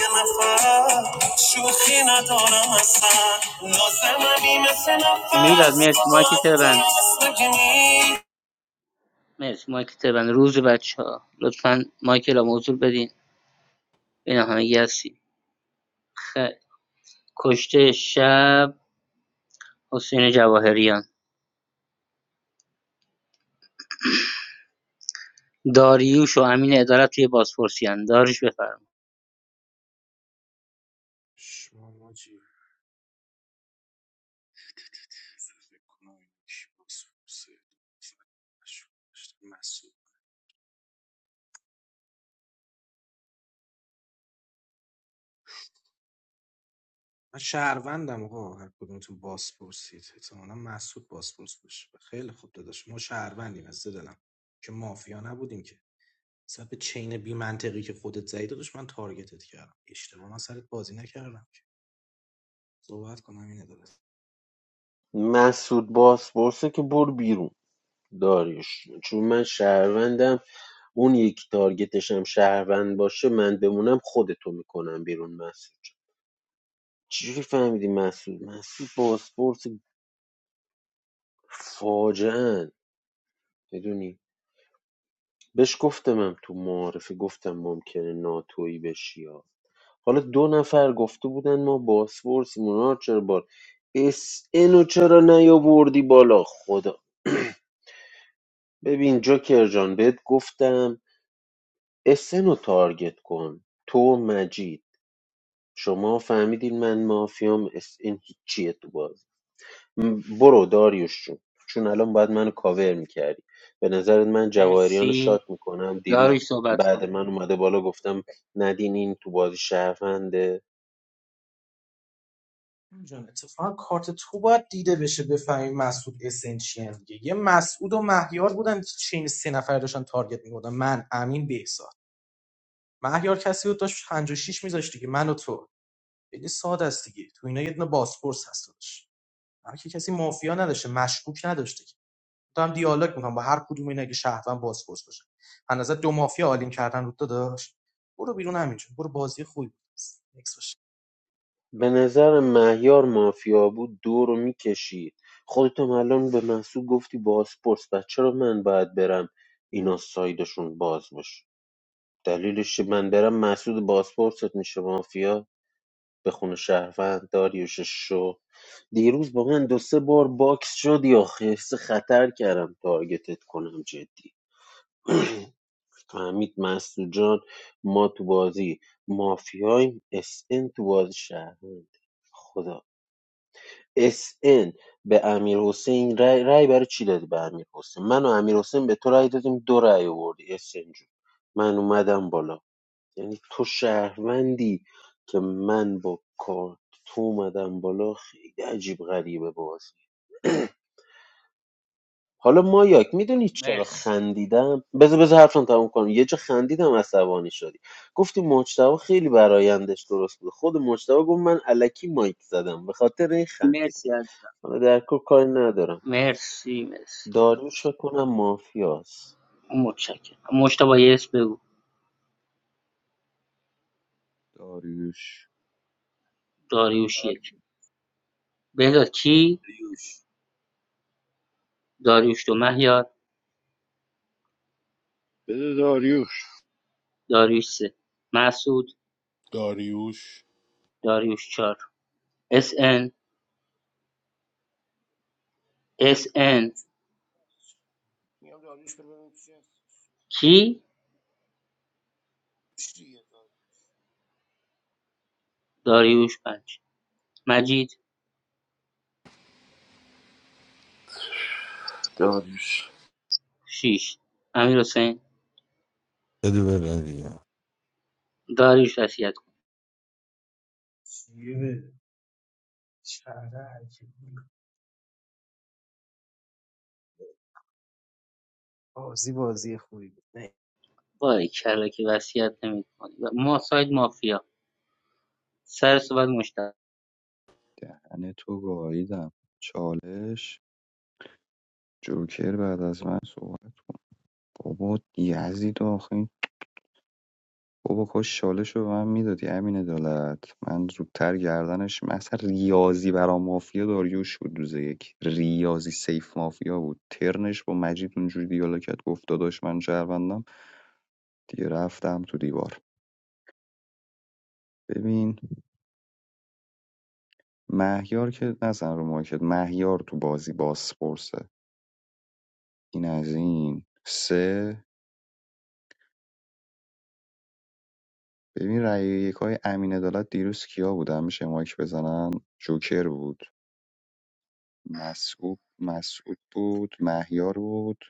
Speaker 9: یه نفر شوخی ندارم اصلا لازممی مثل نفس
Speaker 4: میلاد مرسی مایک
Speaker 9: ساعت
Speaker 4: بند
Speaker 9: دست نگی
Speaker 4: مرسی مایک بند روز بچه ها لطفا مایک را موضوع بدین اینا همه گی هستی کشته شب حسین جواهریان داریوش و امین ادارت توی بازپرسیان داریش بفرم
Speaker 11: شما ماجی فکر کنم کی باسپورسه. مسعود من شهروندم آقا هر کدومتون باسپورسید احتمالا مسعود باسپورس بشه خیلی خوب داداش ما شهروندیم از دلم که مافیا نبودیم که مثلا به چین بی منطقی که خودت زدی داداش من تارگتت کردم اشتباه من سرت بازی نکردم که صحبت کنم اینه داداش.
Speaker 15: مسعود باسپورسه که برو بیرون داریش چون من شهروندم اون یک تارگتش هم شهروند باشه من بمونم خودتو میکنم بیرون مسعود جان. چجوری فهمیدی مسعود مسعود باسپورس فاجعه ان، میدونی بهش گفتمم تو معارفه گفتم ممکنه ناتویی بشی ها. حالا دو نفر گفته بودن ما باسپورس مونار چرا بار اس اینو چرا نیاوردی بالا خدا (clears throat) ببین جوکر جان بهت گفتم اس رو تارگت کن تو و مجید شما فهمیدین من مافیام اس این هیچیه تو بازی م، برو داریوش جون چون الان باید منو کاور میکردی به نظرت من جواهریان رو شات
Speaker 4: مرسی
Speaker 15: میکنم دیروز
Speaker 4: داریوش صحبت کن
Speaker 15: بعد من اومده بالا گفتم ندین این تو بازی شهرونده
Speaker 11: جان اتفاقا کارت تو باید دیده بشه بفهمی مسعود اسنشیان دیگه یه مسعود و مهیار بودن چین سه نفر داشتن تارگت می‌کردن من امین بهزاد مهیار کسی بود داشت پنجاه و شش میذاشت دیگه من و تو خیلی ساده است دیگه تو اینا یه دونه باسپورس هست هر کی کسی مافیا نداشته مشکوک نداشته که تو هم دیالوگ میکنم با هر کدوم اینا که شهروند باسپورس باشه از نظر دو مافیا آلین کردن رو داداش برو بیرون همینجا برو بازی خوبی بود. باشه.
Speaker 15: به نظر مهیار مافیا بود دو رو میکشید خودتم الان به محسوب گفتی بازپرس و چرا من باید برم اینا سایدشون باز باشه دلیلش چیه؟ من برم مسعود بازپرست میشه مافیا به خون شهروند داریوش شو دیروز با من دو سه بار باکس شدی آخه خطر کردم تارگتت کنم جدی (clears throat) فهمید مسعود جان ما تو بازی مافیایم اس ان تو بازی شهروند خدا اس ان به امیر حسین رای, رای برای چی دادی به امیر حسین من و امیر حسین به تو رای دادیم دو رای آوردی اس ان جون من اومدم بالا یعنی تو شهروندی که من با کارت تو اومدم بالا خیلی عجیب غریبه بازی (clears throat) حالا مایاک میدونی چرا
Speaker 4: مرسی
Speaker 15: خندیدم بذار بذار حرفم تموم کنم یه جا خندیدم عصبانی شدی گفتی مجتبی خیلی برایندش درست بود خود مجتبی گفت من الکی مایک زدم به خاطر این خندیدم
Speaker 4: مرسی عزیزم
Speaker 15: حالا در کل کاری ندارم
Speaker 4: مرسی مرسی
Speaker 15: داریوش فکر کنم مافیاست
Speaker 4: متشکرم مشتبه یس بگو
Speaker 3: داریوش
Speaker 4: داریوش یک بهداد کی
Speaker 18: آردیوش
Speaker 4: داریوش دو مهیار
Speaker 17: بده داریوش
Speaker 4: داریوش سه، مسعود
Speaker 13: داریوش
Speaker 4: داریوش ۴ SN SN
Speaker 16: میام داریوش ببینم چی هست.
Speaker 4: کی
Speaker 16: چی دیگه؟
Speaker 4: داریوش پنج، مجید
Speaker 8: داریوش
Speaker 4: شش، امیر
Speaker 6: بده بره دیگه
Speaker 4: داریوش وصیت کن وای کلا که وصیت نمی‌کنی ما ساید مافیا سر صحبت مشتاق
Speaker 3: دهن تو گاییدم چالش جوکر بعد از من صحبت کن. بابا یزید آخه این بابا کاش چالش رو به من میدادی امین عدالت من زودتر گردنش مثلا ریاضی برا مافیا داریوش بود روز یک ریاضی سیف مافیا بود ترنش با مجید اونجوری دیالوگ کرد گفت داداش من شهروندم دیگه رفتم تو دیوار ببین مهیار که نزن رو مارکت مهیار تو بازی باسپورسه این از این سه ببین رأی یکای امین عدالت دیروز کیا بودن میشه مایک بزنن جوکر بود مسعود مسعود بود مهیار بود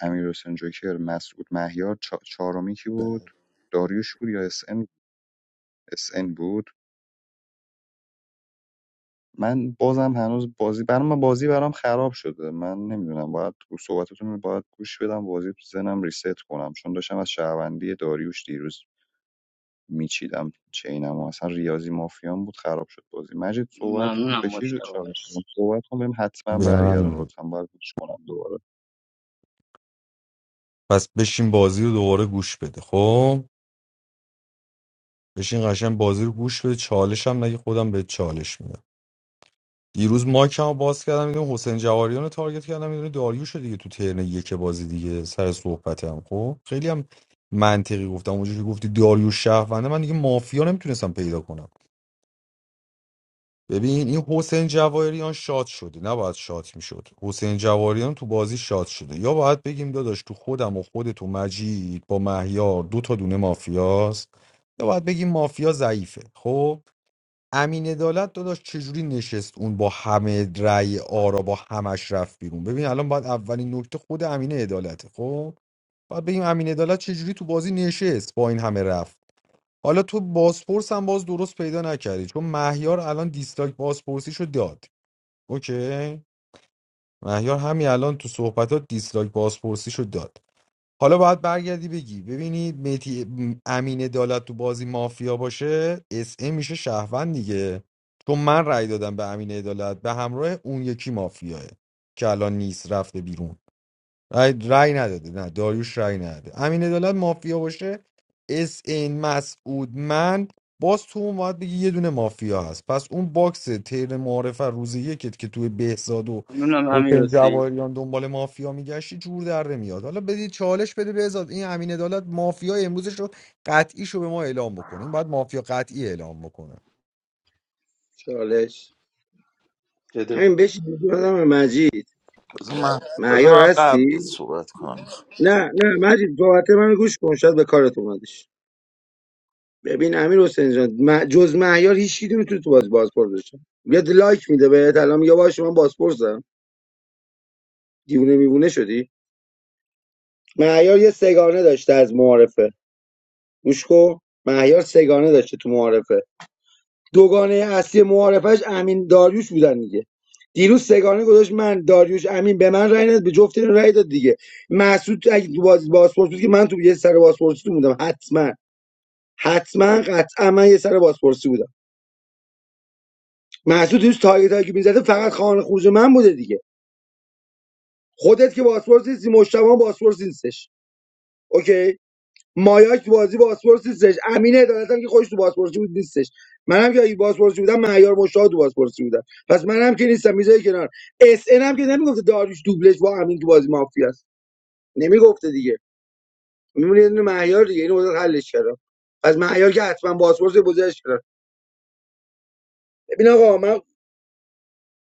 Speaker 3: امیر حسین جوکر مسعود مهیار چا- چهارمی کی بود داریوش بود یا اس ان اس ان بود من بازم هنوز بازی برام من بازی برام خراب شده من نمیدونم باید تو صحبتتون رو باید گوش بدم بازی تو ذهنم ریست کنم چون داشتم از شهروندی داریوش دیروز میچیدم چینم و اصلا ریاضی مافیان بود خراب شد بازی مجید صحبت کن به
Speaker 4: ممنونم
Speaker 3: کی رو
Speaker 4: مشتاق
Speaker 3: چالش دادم؟
Speaker 4: مرسی
Speaker 3: صحبت کن بهم حتما
Speaker 6: به من
Speaker 3: برگردون
Speaker 6: بده.
Speaker 3: لطفا باید گوش کنم دوباره
Speaker 6: پس بشین بازی رو دوباره گوش بده خب بشین قشنگ بازی رو گوش بده چالش هم نگه خودم به چالش میدم دیروز مایکم رو باز کردم میدونم حسین جواریان رو تارگت کردم میدونی داریوش رو دیگه تو ترن یک بازی دیگه سر صحبتم خب خیلی هم منطقی گفتم اونجوری که گفتی داریوش شهرونده من دیگه مافیا نمیتونستم پیدا کنم ببین این حسین جواریان شاد شده نباید شاد میشد حسین جواریان تو بازی شاد شده یا باید بگیم داداش تو خودم و خودت و مجید با مهیار دو تا دونه مافیاست یا باید بگیم مافیا ضعیفه خب امین عدالت داداش چجوری نشست اون با همه رأی آرا با همش رفت بیرون ببین الان باید اولین نکته خود امین عدالته خب باید بگیم امین عدالت چجوری تو بازی نشست با این همه رفت حالا تو بازپرس هم باز درست پیدا نکردی چون مهیار الان دیسلایک بازپرسیشو داد اوکی مهیار همین الان تو صحبتات دیسلایک بازپرسیشو داد حالا باید برگردی بگی ببینید میتی امین عدالت تو بازی مافیا باشه اس ام میشه شهروند دیگه چون من رأی دادم به امین عدالت به همراه اون یکی مافیاه که الان نیست رفته بیرون رای, رای نداده نه داریوش رای نداده امین عدالت مافیا باشه اس این مسعود من باز تو اون باید بگی یه دونه مافیا هست پس اون باکس تیر معارف روز یکت که توی بهزاد و
Speaker 4: ممنونم امیر
Speaker 6: حسین
Speaker 4: حسین
Speaker 6: جواهریان دنبال مافیا میگشتی جور در میاد حالا بدید چالش بده بهزاد این امین عدالت مافیا امروزش رو قطعیش رو به ما اعلام بکنه این باید مافیا قطعی اعلام بکنه
Speaker 18: چالش
Speaker 15: بده
Speaker 18: همین بشین بذارم به مجید
Speaker 8: بذار من بذار
Speaker 18: مهیار
Speaker 8: من قبلت
Speaker 18: هستی
Speaker 8: صحبت کنم
Speaker 18: نه نه مجید صحبت من گوش کن شاید به کارت اومدش ببین امیر حسین جان مه- جز مهیار هیچ کی تو تو باز بازپرس داشتم بیاد لایک میده بهت الان میگه باشه من بازپرسم دیوونه میوونه شدی مهیار یه سگانه داشته از معارفه گوش کن مهیار سگانه داشته تو معارفه دوگانه اصلی معارفش امین داریوش بودن دیگه دیروز سگانه گذاشت من داریوش امین به من رای نداد به جفت رای داد دیگه مسعود اگه تو باز بازپرس بود که من تو یه سر بازپرسی تو بودم حتما حتما قطعا من یه سر بازپرسی بودم محسود دیروز تارگت هایی که میزده فقط خانه خروج من بوده دیگه خودت که بازپرس نیستی مشتبه هم بازپرس نیستش اوکی مایاک تو بازی بازپرس نیستش امین عدالت هم که خودش تو بازپرسی بود نیستش منم که اگه بازپرسی بودم معیار مشتاق تو بازپرسی بودم پس منم که نیستم میذاری کنار اس ان هم که نمیگفته داریوش دوبلش با امین تو بازی مافیا است نمیگفته دیگه میمونه یه دونه معیار دیگه اینو بذار حلش کردم پس معیار که حتما بازپرس بزرگش کردم ببین آقا من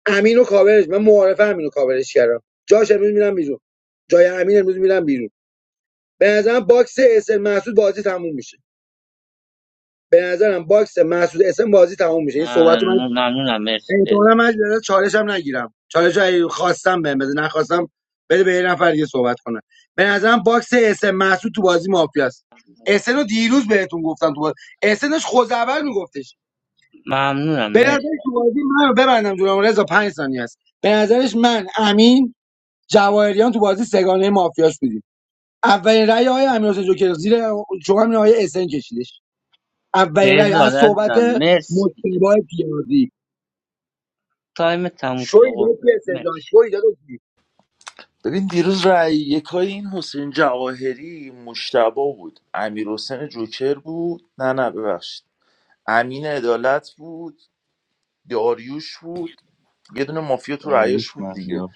Speaker 18: امینو کاورش من معارفه امین کاورش کردم جاش امروز میرم بیرون جای امین امروز میرم بیرون به نظرم باکس اسن محسود بازی تموم میشه به نظرم باکس محسود اسن بازی تموم میشه این صحبت من
Speaker 4: ممنون- ممنونم مرسی
Speaker 18: احتمالاً
Speaker 4: بهزاد
Speaker 18: من در چالش هم نگیرم چالش رو خواستم بهم بده نخواستم بده به یه نفر دیگه صحبت کنه به نظرم باکس اسن محسود تو بازی مافیاست اسن رو دیروز بهتون گفتم تو بازی اسنش خود اول میگفتش
Speaker 4: ممنونم
Speaker 18: به
Speaker 4: مرسی
Speaker 18: نظرش تو بازی من رو ببندم جونم رضا 5 ثانیه است به نظرش من امین جواهریان تو بازی سگانه مافیاش بودیم اولین رأی آقای امیرحسین جوکر زیر شما همین آقای اسن کشیدش اولین رأی
Speaker 4: بهزاد
Speaker 18: از صحبت
Speaker 4: عزیزم مرسی
Speaker 18: مصطفی پیازی
Speaker 4: تایم تموم شده
Speaker 18: شوی
Speaker 4: قربونت
Speaker 18: بهت اسن جان
Speaker 4: مرسی
Speaker 18: شوی داداش
Speaker 8: ببین دیروز رأی یکای این حسین جواهری مشتبا بود امیر حسین جوکر بود نه نه ببخشید امین عدالت بود داریوش بود یه دونه مافیا تو رأیاش
Speaker 3: داریوش
Speaker 8: بود دیگه
Speaker 3: مهیار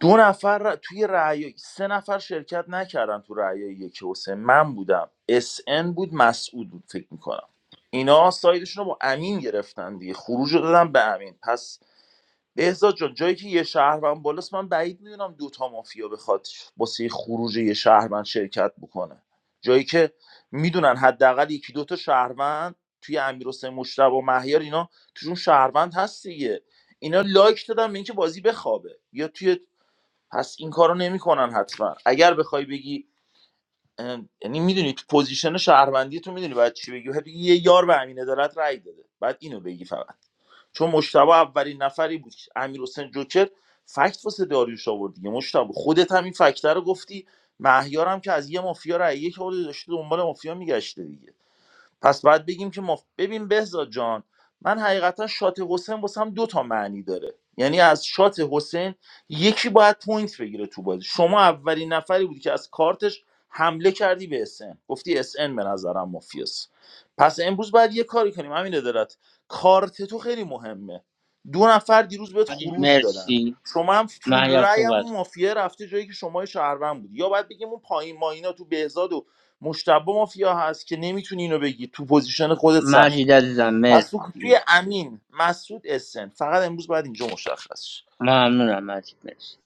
Speaker 8: دو نفر ر- توی رأی سه نفر شرکت نکردن تو رأی یک حسین من بودم اس ان بود مسعود بود فکر میکنم اینا سایدشون رو با امین گرفتن دیگه خروج رو دادن به امین پس بهزاد جان جایی که یه شهروند بالاست من بعید میدونم دوتا مافیا بخواد واسه خروج یه شهروند شرکت بکنه جایی که میدونن حداقل یکی دوتا شهروند توی امیرحسین مشتبه و مهیار اینا توشون شهروند هست دیگه اینا لایک دادن به اینکه بازی بخوابه یا توی پس این کارو نمیکنن حتما اگر بخوای بگی اه، یعنی میدونی تو پوزیشن شهروندی تو میدونی بعد چی بگی باید بگی یه یار به امین عدالت رأی داده بعد اینو بگی فقط چون مشتبه اولین نفری بود امیر حسین جوکر فکت واسه داریوش آورد دیگه مشتبه خودت هم این فکت رو گفتی مهیارم که از یه مافیا رأی یک آورده داشته دنبال مافیا میگشته دیگه پس باید بگیم که ما ببین بهزاد جان من حقیقتا شات حسین واسم دو تا معنی داره یعنی از شات حسین یکی باید پوینت بگیره تو بازی شما اولین نفری بودی که از کارتش حمله کردی به اسن گفتی اسن به نظرم مافیاس پس امروز باید یه کاری کنیم همین دارد کارت تو خیلی مهمه دو نفر دیروز بهت
Speaker 4: مجید
Speaker 8: خروج دادن
Speaker 4: مرسی
Speaker 8: شما هم فول
Speaker 4: مهیار
Speaker 8: رای
Speaker 4: صحبت کن.
Speaker 8: هم مافیا رفته جایی که شما یه شهروند بودی یا باید بگیم اون پایین ماینا تو بهزاد و مشتبه مافیا هست که نمیتونی اینو بگی تو پوزیشن خودت سخته
Speaker 4: مجید عزیزم
Speaker 8: پس تو
Speaker 4: مرسی
Speaker 8: توی امین مسعود اسن فقط امروز باید اینجا مشخص شه
Speaker 4: ممنونم مجید مرسی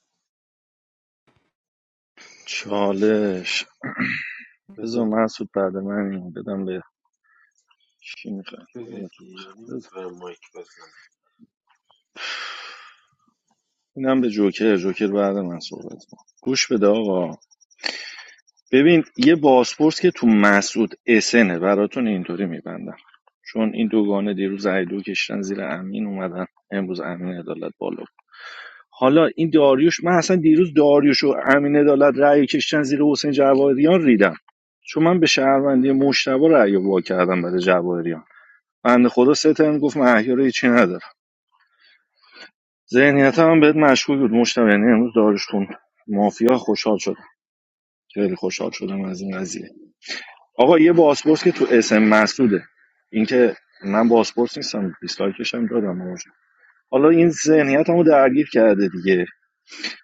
Speaker 17: چالش بذار
Speaker 15: بده
Speaker 17: مسعود بعد من اینو بدم به کی میخوام
Speaker 15: بده
Speaker 17: خودتون
Speaker 15: دیگه.
Speaker 17: بذار.
Speaker 15: نمیتونم مایک بزنم
Speaker 17: اینم به جوکر جوکر بعد من صحبت کن گوش بده آقا ببین یه بازپرس که تو مسعود اسنه براتون اینطوری میبندم چون این دوگانه دیروز ایدو کشتن زیر امین اومدن امروز امین عدالت بالا حالا این داریوش من اصلا دیروز داریوش و امین عدالت رأی کشتن زیر حسین جواهریان ریدم چون من به شهروندی مشتبه رأی وا کردم برای جواهریان بنده خدا سه ترم گفت من احیا رو هیچی ندارم ذهنیت هم بهت مشغول بود مشتبه یعنی امروز داریوش خون مافیا خوشحال شد خیلی خوشحال شدم از این قضیه آقا یه باسپورس که تو اسم مسعوده اینکه من باسپورس نیستم دیسلایکش هم دادم آقا. حالا این ذهنیتمو درگیر کرده دیگه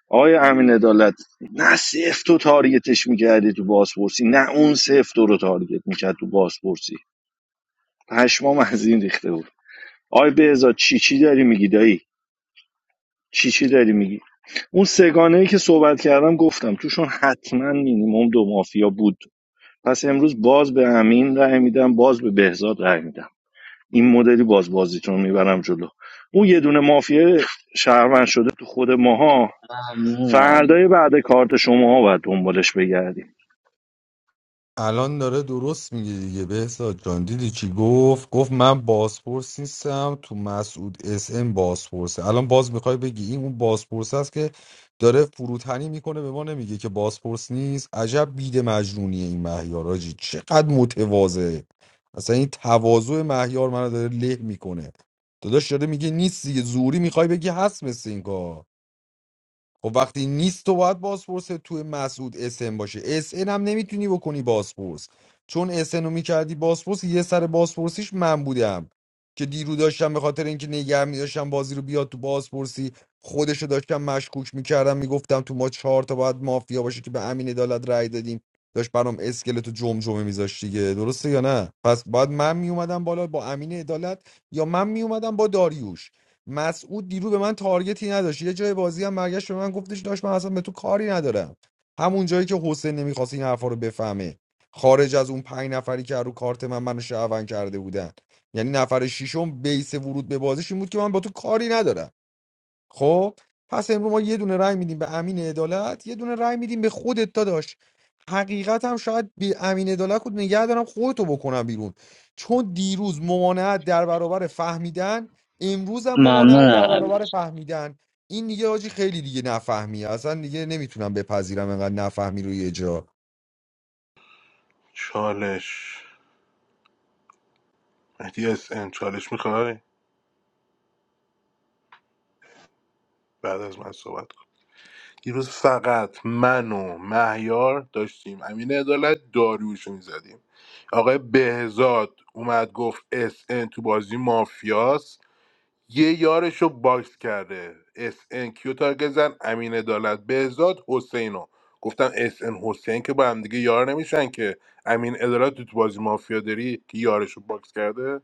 Speaker 17: آقای امین عدالت نه صفر تو تارگتش میکردی تو بازپرسی نه اون صفر تو رو تارگت میکرد تو بازپرسی پشمام از این ریخته بود آقای بهزاد چی چی داری میگی دایی چی چی داری میگی اون سگانه ای که صحبت کردم گفتم توشون حتما مینیمم دو مافیا بود پس امروز باز به امین رأی میدم باز به بهزاد رأی میدم این مدلی باز بازیتون میبرم جلو اون یه دونه مافیا شهروند شده تو خود ماها
Speaker 4: ممنونم
Speaker 17: فردای بعد کارت شماها باید دنبالش بگردیم
Speaker 6: الان داره درست میگه دیگه بهزاد جان دیدی چی گفت گفت من بازپرس نیستم تو مسعود اس ام بازپرسه الان باز میخوای بگی این اون بازپرس است که داره فروتنی میکنه به ما نمیگه که بازپرس نیست عجب بید مجنونیه این مهیار آجی چقدر متواضعه اصلا این تواضع مهیار منو داره له میکنه داداش داره میگه نیست دیگه زوری میخوای بگی هست مثل این کار خب وقتی نیست تو باید بازپرس توی مسعود اس اسن باشه اس ان هم نمیتونی بکنی بازپرس چون اسن رو میکردی بازپرس یه سر بازپرسیش من بودم که دیرو داشتم به خاطر اینکه نگه میداشتم بازی رو بیاد تو بازپرسی خودش رو داشتم مشکوک میکردم میگفتم تو ما چهار تا باید مافیا باشه که به امین عدالت رأی دادیم داشت برام اسکلت و جمجمه میذاشت دیگه درسته یا نه پس باید من میومدم بالا با امین عدالت یا من میومدم با داریوش مسعود دیرو به من تارگتی نداشت یه جای بازی هم برگشت به من گفتش داشت من اصلا به تو کاری ندارم همون جایی که حسین نمیخواست این حرفا رو بفهمه خارج از اون پنج نفری که رو کارت من منو شعون کرده بودن یعنی نفر ششم بیس ورود به بازیش این بود که من با تو کاری ندارم خب پس امروز ما یه دونه رای میدیم به امین عدالت یه دونه رای میدیم به خودت داداش حقیقت هم شاید به امین عدالت خود نگه دارم خودتو بکنم بیرون چون دیروز ممانعت در برابر فهمیدن امروز هم ممانعت در
Speaker 4: ممنونم
Speaker 6: برابر
Speaker 4: امیرس
Speaker 6: فهمیدن این دیگه آجی خیلی دیگه نفهمی اصلا دیگه نمیتونم بپذیرم انقدر نفهمی روی یه جا
Speaker 13: چالش مهدی اس ام چالش میخوای بعد از من صحبت کن دیروز فقط من و مهیار داشتیم امین عدالت داریوشو میزدیم آقای بهزاد اومد گفت اس ان تو بازی مافیاس یه یارشو رو باکس کرده اس ان کیو تارگت زن امین عدالت بهزاد حسینو گفتم اس ان حسین که با هم دیگه یار نمیشن که امین عدالت تو بازی مافیا داری که یارش باکس کرده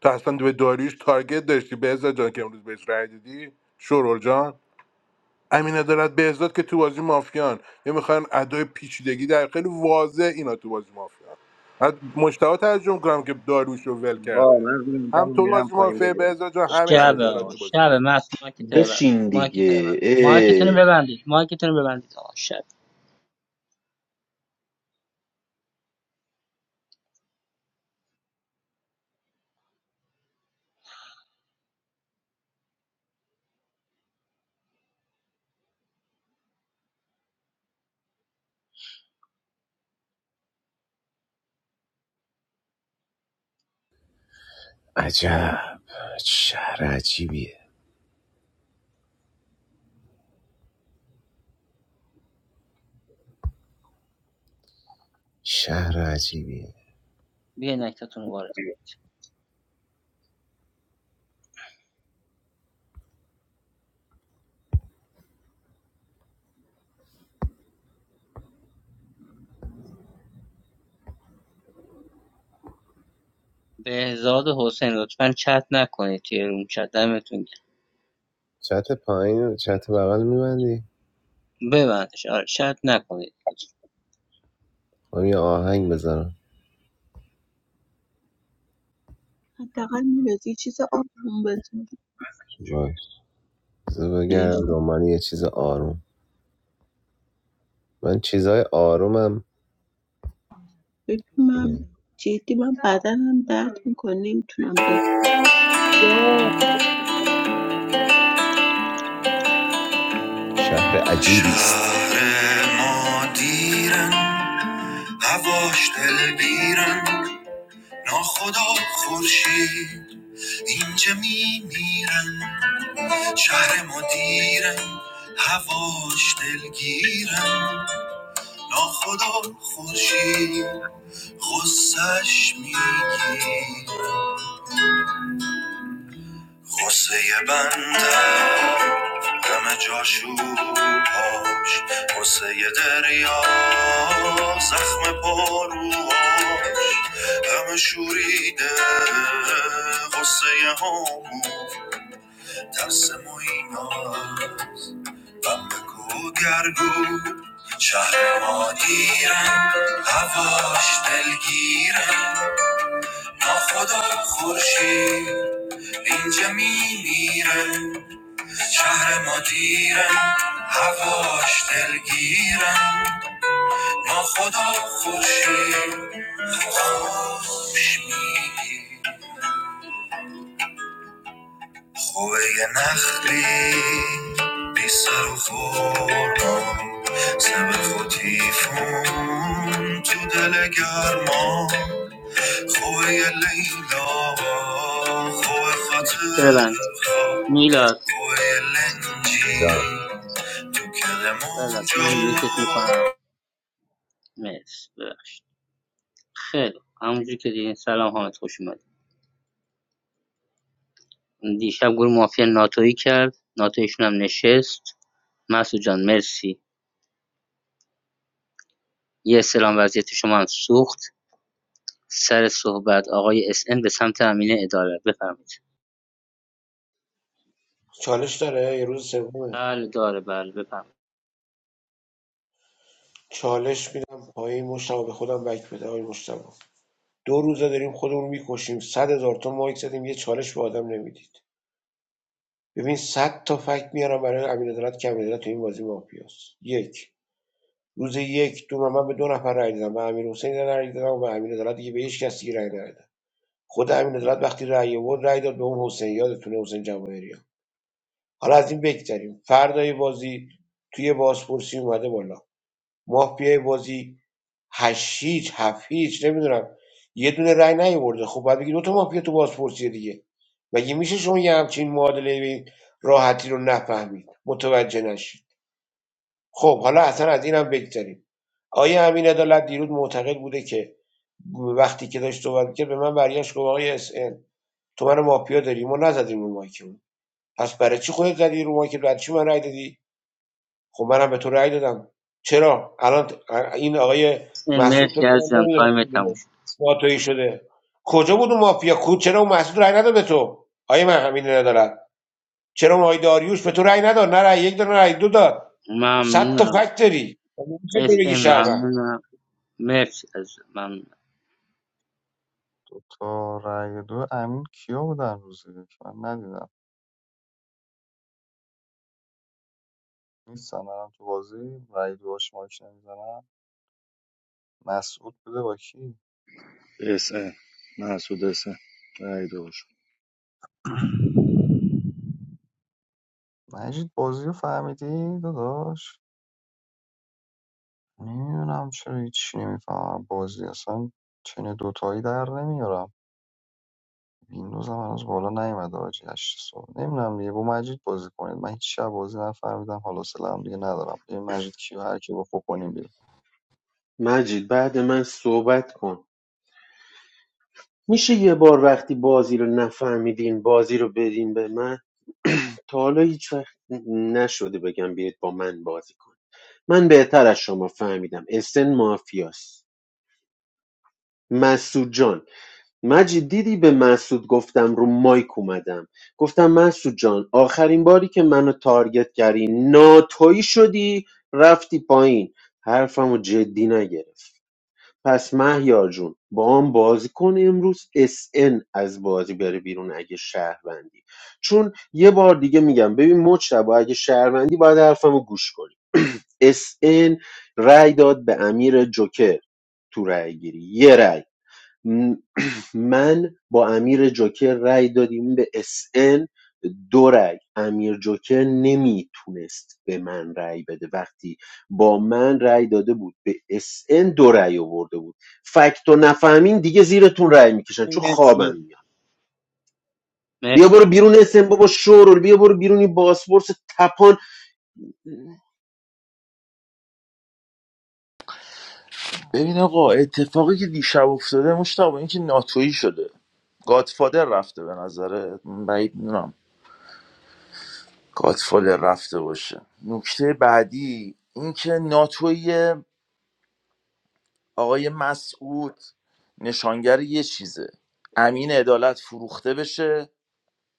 Speaker 13: تو اصلا به داریوش تارگت داشتی بهزاد جان که امروز بهش رای دادی شورول جان امین عدالت بهزاد که تو بازی مافیان یه میخوان ادای پیچیدگی در خیلی واضح اینا تو بازی مافیان بعد مشتاق ترجمه کنم که داریوش رو ول کرده
Speaker 18: وا من رو این
Speaker 13: هم
Speaker 18: تمام
Speaker 13: تو
Speaker 18: میرم
Speaker 13: بازی
Speaker 18: پایین
Speaker 13: مافیا
Speaker 18: بده
Speaker 13: بهزاد جان همین امین
Speaker 4: شب
Speaker 13: عدالت
Speaker 4: آقا
Speaker 13: تو بازی
Speaker 4: شب
Speaker 13: مافیا
Speaker 4: مست مایکتون رو ببند
Speaker 15: بشین
Speaker 4: مایکتون رو ببند
Speaker 15: دیگه اه.
Speaker 4: مایکتون رو ببندید مایکتون رو ببندید آقا شب
Speaker 9: عجب شهر عجیبیه شهر عجیبیه
Speaker 4: بیا نکتتون رو وارد کن. بهزاد و حسین لطفا چت نکنید توی روم چت دمتون
Speaker 9: چت پایین و چت بغل میبندی؟
Speaker 4: گرم. ببندش آره چت نکنید لطفا
Speaker 9: من یه آهنگ بذارم
Speaker 7: حداقل میرسی یه چیز آروم بزن
Speaker 9: باش بذار
Speaker 7: بهش
Speaker 9: بگردم دنبال یه چیز آروم من چیزای آرومم
Speaker 7: ببین من
Speaker 9: اینه
Speaker 7: جدی من بدنم درد میکنه نمیتونم بخوام
Speaker 9: شهر عجیبی است ما دیرن هواش دل بیرن ناخدا خورشید اینجا میمیرن شهر ما دیرن هواش دلگیرن ناخدا خورشید غصش میگی غصه بنده غم جاشو پاش غصه دریا زخم پاروهاش غم شوریده غصه همون ترس ما ایناست غم بگو گرگو شهر ما دیرم هواش دلگیرم ناخدا خورشید اینجا میمیرم شهر ما دیرم هواش دلگیرم ما خدا خوشیم خوش میگیم خوبه یه نخلی بی سر و خوردم سبخ و تیفون تو دل گرما خوبه یه لیلا خوبه
Speaker 4: مایکتون رو
Speaker 9: خاطر
Speaker 4: ببند
Speaker 9: خوبه
Speaker 4: میلاد
Speaker 9: یه لنجی تو
Speaker 4: ببند
Speaker 9: کلمانجا
Speaker 4: من میوتت میکنم مرسی ببخشید خیلی خوب. همونجوری که دیدین سلام حامد خوش اومدید دیشب گروه مافیا ناتویی کرد ناتویشون هم نشست مسعود جان مرسی یه سلام وضعیت شما هم سوخت سر صحبت آقای اس ان به سمت امینه اداره بفرمایید
Speaker 16: چالش داره یه روز سومه
Speaker 4: بله داره بله بفرمایید
Speaker 16: چالش میدم پایین مشتبه به خودم بک بده آقای مشتبه دو روزه داریم خودمون میکشیم صد هزار تا مایک زدیم یه چالش به آدم نمیدید ببین صد تا فکت میارم برای امین عدالت که امین عدالت تو این بازی مافیاست یک روز یک دو من به دو نفر رای دادم به امیر رای دادم و به امین عدالت دیگه به هیچ کسی رای ندادم خود امین عدالت وقتی رای آورد رای داد به اون حسین یادتونه حسین جواهریان حالا از این بگذریم فردای بازی توی بازپرسی اومده بالا مافیای بازی 8 هیچ 7 هیچ نمیدونم یه دونه رای نیورده خب باید بگی دو تا مافیا تو بازپرسی دیگه مگه میشه شما یه همچین معادله به این راحتی رو نفهمید متوجه نشید خب حالا اصلا از اینم بگذریم آیا امین عدالت دیروز معتقد بوده که وقتی که داشت صحبت میکرد به من برگشت گفت آقای اس تو من مافیا داری ما نزدیم رو مایکمون پس برای چی خودت زدی رو مایکت برای چی من رای دادی خب منم به تو رأی دادم چرا الان این آقای
Speaker 4: اس
Speaker 16: مسعود فکر
Speaker 4: مرسی
Speaker 16: کنم
Speaker 4: عزیزم
Speaker 16: نمیدونم
Speaker 4: تایم
Speaker 16: کی
Speaker 4: تموم
Speaker 16: بوده
Speaker 4: شد
Speaker 16: ناتویی شده کجا بود اون مافیا کود چرا اون مسعود رأی نداد به تو آیه من همین ندارد چرا اون آقای داریوش به تو رأی نداد نه رأی یک داد نه رأی دو داد صد تا
Speaker 4: ممنونم
Speaker 16: فکت داری مگه میشه تو
Speaker 4: اس
Speaker 16: بگی
Speaker 4: ان،
Speaker 16: شهروند
Speaker 4: ممنونم مرسی عزیزم ممنونم
Speaker 3: دو تا رای دو امین کیا بودن روزی من ندیدم نیستن الان تو بازی رای دوهاش مایک نمیزنم مسعود بوده با کی
Speaker 17: اس ان محسود اس ان رای دوش
Speaker 3: مجید بازی رو فهمیدی داداش نمیدونم چرا هیچی نمیفهمم بازی اصلا چنه دوتایی در نمیارم ویندوز هم هنوز بالا نیومده آجی هشت صبح نمیدونم دیگه با مجید بازی کنید من هیچ شب بازی نفهمیدم حالا سلام دیگه ندارم دیگه مجید کیو هر کی بخو کنیم بیرون
Speaker 15: مجید بعد من صحبت کن میشه یه بار وقتی بازی رو نفهمیدین بازی رو بدین به من تا حالا هیچ وقت نشده بگم بیاید با من بازی کن من بهتر از شما فهمیدم اسن مافیاست مسعود جان مجید دیدی به مسعود گفتم رو مایک اومدم گفتم مسعود جان آخرین باری که منو تارگت کردی ناتویی شدی رفتی پایین حرفمو جدی نگرفت پس مهیار جون باهام بازی کن امروز اس ان از بازی بره بیرون اگه شهروندی چون یه بار دیگه میگم ببین مجتبا اگه شهروندی باید حرفمو گوش کنی (clears throat) اس ان رأی داد به امیر جوکر تو رأی گیری یه رأی من با امیر جوکر رای دادیم به اس ان، دو رأی امیر جوکر نمیتونست به من رای بده وقتی با من رای داده بود به اس ان دو رأی آورده بود فکت و نفهمین دیگه زیرتون رای میکشن چون خوابم
Speaker 4: مرسی
Speaker 15: میاد بیا
Speaker 4: مرسی
Speaker 15: برو
Speaker 4: امین
Speaker 15: بیرون
Speaker 4: جان.
Speaker 15: اس ان بابا شورول بیا برو بیرون این باسپورس تپان
Speaker 8: ببین آقا اتفاقی که دیشب افتاده مشتبه اینکه ناتویی شده گادفادر رفته به نظره بعید میدونم گادفادر رفته باشه نکته بعدی اینکه ناتویی آقای مسعود نشانگر یه چیزه امین عدالت فروخته بشه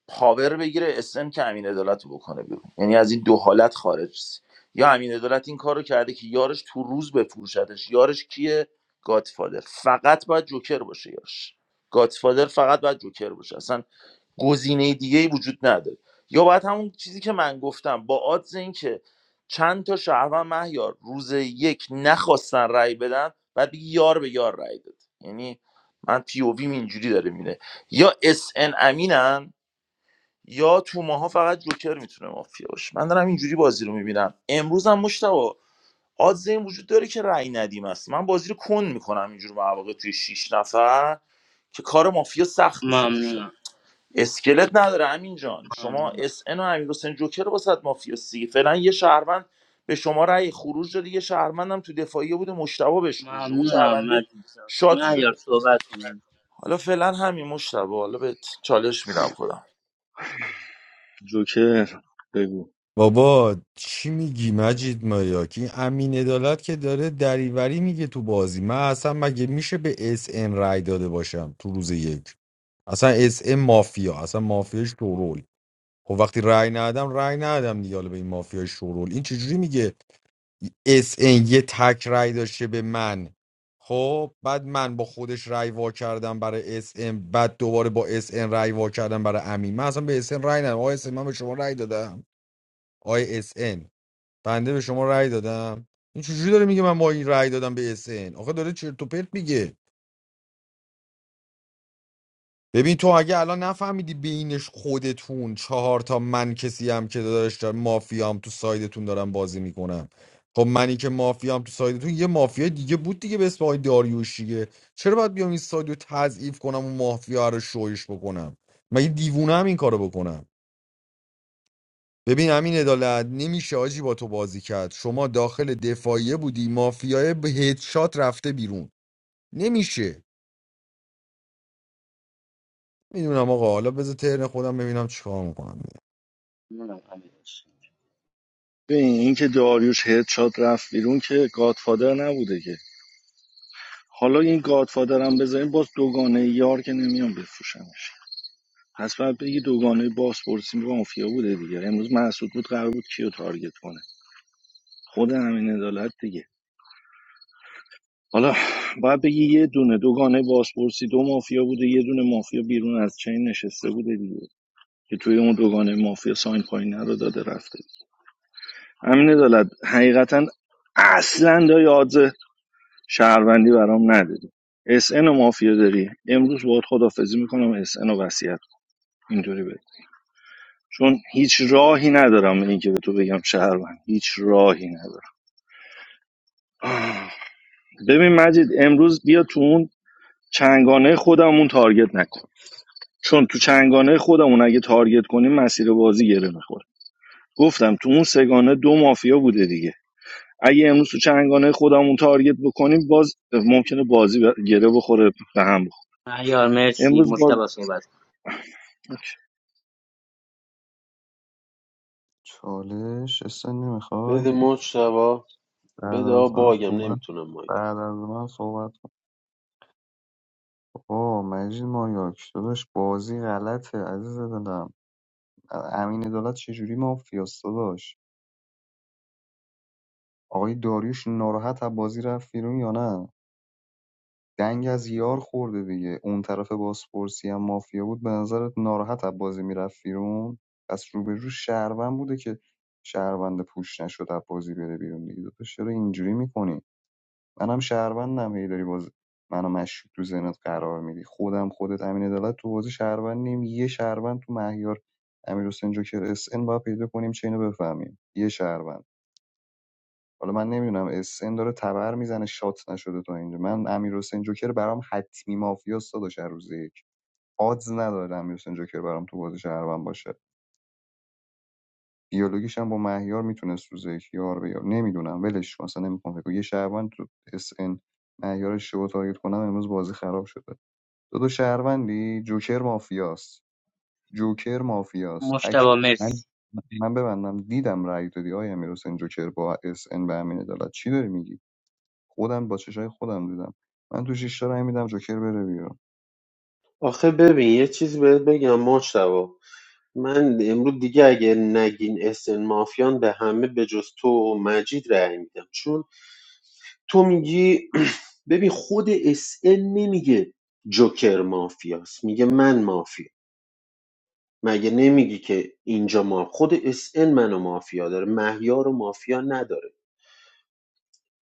Speaker 8: پاور بگیره اسن که امین عدالت رو بکنه بیرون یعنی از این دو حالت خارج س- یا امین عدالت این کار رو کرده که یارش تو روز بفروشتش یارش کیه گادفادر فقط باید جوکر باشه یارش گادفادر فقط باید جوکر باشه اصلا گزینه دیگه ای وجود نداره یا باید همون چیزی که من گفتم با آدز این که چند تا شهروند مهیار روز یک نخواستن رأی بدن بعد بگی یار به یار رأی داد یعنی من پی او ویم اینجوری داره میره یا اس ان امینن یا تو ماها فقط جوکر میتونه مافیا باشه من دارم اینجوری بازی رو میبینم امروز هم مشتبه آدز این وجود داره که رأی ندیم است من بازی رو کن میکنم اینجور مواقع توی شیش نفر که کار مافیا سخت بشه توش
Speaker 4: ممنونم
Speaker 8: اسکلت نداره همین جان شما
Speaker 4: ممنونم
Speaker 8: اس ان و امیر حسین جوکر رو مافیا سی فعلا یه شهروند به شما رأی خروج داده یه شهروندم تو دفاعیه بوده مشتبه بهش خروج داده. اون
Speaker 4: ممنونم
Speaker 8: شهرونده
Speaker 4: مجید جان
Speaker 8: شاد
Speaker 4: مهیار
Speaker 8: شده
Speaker 4: صحبت کن عزیزم.
Speaker 8: حالا فعلا همین مشتبه حالا به چالش میدم خودم
Speaker 17: جوکر بگو
Speaker 6: بابا چی میگی مجید مایاکی امین عدالت که داره دریوری میگه تو بازی من اصلا مگه میشه به اس ان رای داده باشم تو روز یک اصلا اس ام مافیا اصلا مافیا شورول خب وقتی رأی ندادم رأی ندادم دیگه حالا به این مافیا شورول این چجوری میگه اس ام یه تک رأی داشته به من خب بعد من با خودش رأی وا کردم برای اس ام بعد دوباره با اس ام رأی وا کردم برای امین من اصلا به اس ام رأی ندادم آقای اس ام من به شما رأی دادم آقای اس ام بنده به شما رأی دادم این چجوری داره میگه من با این رأی دادم به اس ام آخه داره چرت و پرت میگه ببین تو اگه الان نفهمیدی بینش خودتون چهار تا من کسی هم که داداش دارم مافیام تو سایدتون دارم بازی میکنم خب منی که مافیام تو سایدتون یه مافیا دیگه بود دیگه به اسم آقای داریوش دیگه چرا باید بیام این ساید رو تضعیف کنم و مافیا رو شویش بکنم مگه دیوونه هم این کارو بکنم ببین همین عدالت نمیشه آجی با تو بازی کرد شما داخل دفاعیه بودی مافیای به هدشات رفته بیرون نمیشه میدونم آقا حالا بذار ترن خودم ببینم چیکار میکنم
Speaker 4: ممنونم امین
Speaker 17: ببین این که داریوش هدشات رفت بیرون که گادفادر نبوده که حالا این گادفادر هم بذاریم باز دوگانه یار که نمیان بفروشمش پس باید بگی دوگانه بازپرسی مافیا بوده دیگه امروز محسود بود قرار بود کیو تارگت کنه خود همین عدالت دیگه حالا باید بگی یه دونه دوگانه بازپرسی دو مافیا بوده یه دونه مافیا بیرون از چین نشسته بوده دیگه که توی اون دوگانه مافیا ساین پایین رو داده رفته همین دولت حقیقتا اصلا دا یاد شهروندی برام نداری اس و مافیا داری امروز باید خدافزی میکنم اس ان رو وصیت کن. اینطوری بده چون هیچ راهی ندارم اینکه به تو بگم شهروند هیچ راهی ندارم آه. ببین مجید امروز بیا تو اون چنگانه خودمون تارگت نکن چون تو چنگانه خودمون اگه تارگت کنیم مسیر بازی گره میخوره گفتم تو اون سگانه دو مافیا بوده دیگه اگه امروز تو چنگانه خودمون تارگت بکنیم باز ممکنه بازی به- گره بخوره به هم بخوره
Speaker 4: مهیار مرسی
Speaker 17: امروز باز
Speaker 4: مجتبی صحبت
Speaker 3: چالش اصلا نمیخوای
Speaker 15: بده مجتبا
Speaker 3: بعد
Speaker 15: بده آ
Speaker 3: از من
Speaker 15: باگم
Speaker 3: صحبت
Speaker 15: نمیتونم مایک
Speaker 3: بعد از من صحبت کن آه مجید مایاک داداش بازی غلطه عزیز دلم امین دولت چجوری مافیاست داداش آقای داریوش ناراحت از بازی رفت بیرون یا نه دنگ از یار خورده دیگه اون طرف بازپرسی هم مافیا بود به نظرت ناراحت از بازی میرفت بیرون پس رو به رو شهروند بوده که شهروند پوش نشد از بازی بره بیرون دیگه تو چرا اینجوری میکنی منم شهروندم هی داری باز منو مشکوک تو ذهنت قرار میدی خودم خودت امین عدالت تو بازی شهروند نیم یه شهروند تو مهیار امیر حسین جوکر اس ان باید پیدا کنیم چه اینو بفهمیم یه شهروند حالا من نمیدونم اسن داره تبر میزنه شات نشده تا اینجا من امیر حسین جوکر برام حتمی مافیاست داداش هر روز یک آدز نداره امیر حسین جوکر برام تو بازی شهروند باشه دیالوگیش هم با مهیار میتونست روز یک یار به یار نمیدونم ولش کن اصلا نمیخوام فکر یه شهروند تو اسن مهیار شو تارگت کنم امروز بازی خراب شده دو دو شهروندی جوکر مافیاست جوکر مافیاست تک
Speaker 4: مجتبی
Speaker 3: من
Speaker 4: مرسی
Speaker 3: من ببندم دیدم رأی دادی آیا امیر حسین جوکر با اس ان به امین عدالت چی داری میگی خودم با چشای خودم دیدم من تو شیشتا رای میدم جوکر بره بیرون
Speaker 15: آخه ببین یه چیز بهت بگم مجتبا من امروز دیگه اگه نگین اسن مافیان به همه به جز تو و مجید رأی میدم چون تو میگی (clears throat) ببین خود اس ان نمیگه جوکر مافیاست میگه من مافیا مگه نمیگی که اینجا ما خود اس ان منو مافیا داره مهیار و مافیا نداره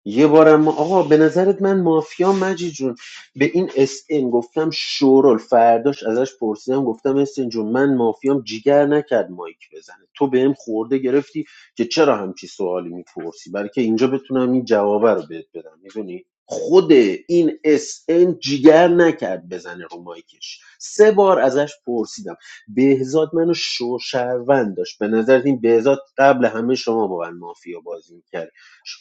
Speaker 15: یه بارم ما آقا به نظرت من مافیا مجید جون به این اس ام گفتم شورل فرداش ازش پرسیدم گفتم اس ام جون من مافیام جیگر نکرد مایک بزنه تو بهم خورده گرفتی که چرا همچی سوالی میپرسی برای که اینجا بتونم این جوابه رو بهت بدم میدونی خود این اس ام جیگر نکرد بزنه رو مایکش سه بار ازش پرسیدم بهزاد منو شوشروند داشت به نظر این بهزاد قبل همه شما با من مافیا بازی میکرد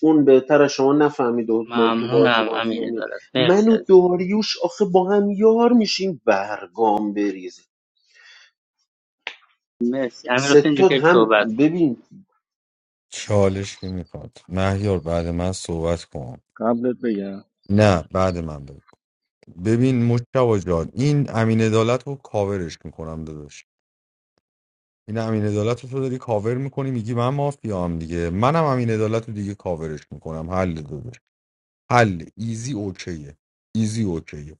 Speaker 15: اون بهتر شما نفهمیده بود من تو بازی
Speaker 4: ممنونم امین
Speaker 15: مافیا میم
Speaker 4: عدالت
Speaker 15: من
Speaker 4: مرسی
Speaker 15: و
Speaker 4: از
Speaker 15: داریوش آخه با هم یار میشیم برگام بریزه
Speaker 4: مرسی امیر حسین جو
Speaker 15: ستاد
Speaker 4: که
Speaker 15: هم
Speaker 4: صحبت کن
Speaker 15: ببین
Speaker 6: چالش که میخواد مهیار بعد من صحبت کن
Speaker 17: قبلت بگم
Speaker 6: نه بعد من بگو ببین مشتبه جان این امین عدالت رو کاورش میکنم داداش این امین عدالت رو تو داری کاور میکنی میگی من مافیام دیگه منم امین عدالت رو دیگه کاورش میکنم حل داداش حل ایزی اوکیه ایزی اوکیه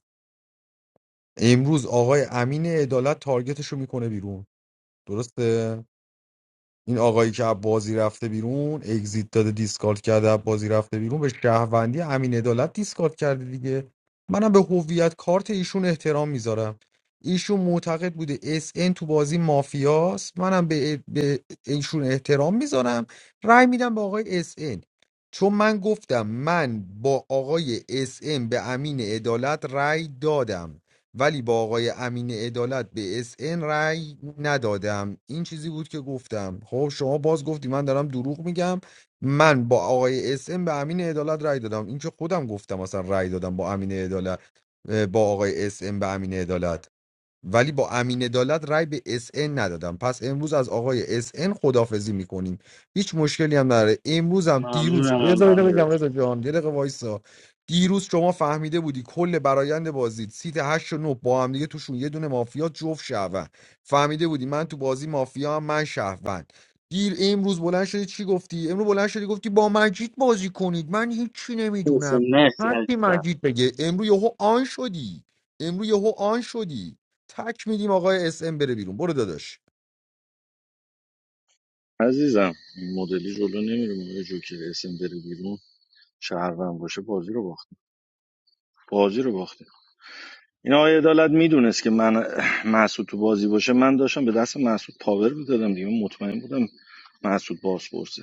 Speaker 6: امروز آقای امین عدالت تارگتش رو میکنه بیرون درسته این آقایی که از بازی رفته بیرون اگزیت داده دیسکارد کرده از بازی رفته بیرون به شهروندی امین عدالت دیسکارد کرده دیگه منم به هویت کارت ایشون احترام میذارم ایشون معتقد بوده اس ان تو بازی مافیاست منم به, به ایشون احترام میذارم رأی میدم به آقای اس ان. چون من گفتم من با آقای اس ان به امین عدالت رأی دادم ولی با آقای امین عدالت به اس ان رأی ندادم این چیزی بود که گفتم خب شما باز گفتی من دارم دروغ میگم من با آقای اس ان به امین عدالت رأی دادم این که خودم گفتم اصلا رأی دادم با امین عدالت با آقای اس ان به امین عدالت ولی با امین عدالت رای به اس ان ندادم پس امروز از آقای اس ان خدافظی میکنیم هیچ مشکلی هم نداره امروز هم دیروز
Speaker 4: ممنونم
Speaker 6: رضا اینو
Speaker 4: امیر
Speaker 6: بگم رضا جان یه دقیقه وایسا دیروز شما فهمیده بودی کل برایند بازی سیت 8 و 9 با هم دیگه توشون یه دونه مافیا جفت شهروند فهمیده بودی من تو بازی مافیا هم من شهروند دیر امروز بلند شدی چی گفتی امروز بلند شدی گفتی با مجید بازی کنید من هیچی نمیدونم
Speaker 4: حسین مرسی مرسی
Speaker 6: هر کی
Speaker 4: عزیزم
Speaker 6: مجید بگه امروز یهو آن شدی امروز یهو آن شدی تک میدیم آقای اس ام بره بیرون برو داداش
Speaker 17: عزیزم این مدلی جلو نمیره مدل جوکر اسم بره بیرون شهروند باشه بازی رو باخت بازی رو باخته این آقای عدالت میدونست که من محسود تو بازی باشه من داشتم به دست محسود پاور میدادم دیگه مطمئن بودم محسود باز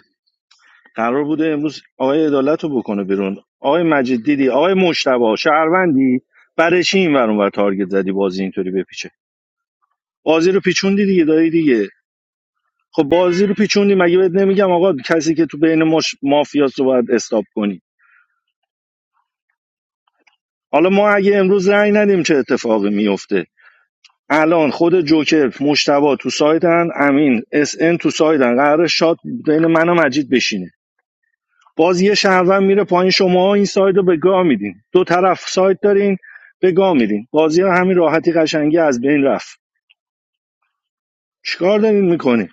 Speaker 17: قرار بوده امروز آقای عدالت رو بکنه بیرون آقای مجید دیدی آقای مشتبه شهروندی برای چی این ور اون ور تارگت زدی بازی اینطوری بپیچه بازی رو پیچوندی دیگه دایی دیگه خب بازی رو پیچوندی مگه بهت نمیگم آقا کسی که تو بین مش... مافیاست رو باید استاب کنی حالا ما اگه امروز رأی ندیم چه اتفاقی میفته الان خود جوکر مشتبه تو سایدن امین اس ان تو سایدن قرار شات بین من و مجید بشینه باز یه شهروند میره پایین شما این ساید رو به گاه میدین دو طرف ساید دارین به گاه میدین بازی رو همین راحتی قشنگی از بین رفت چیکار دارین میکنین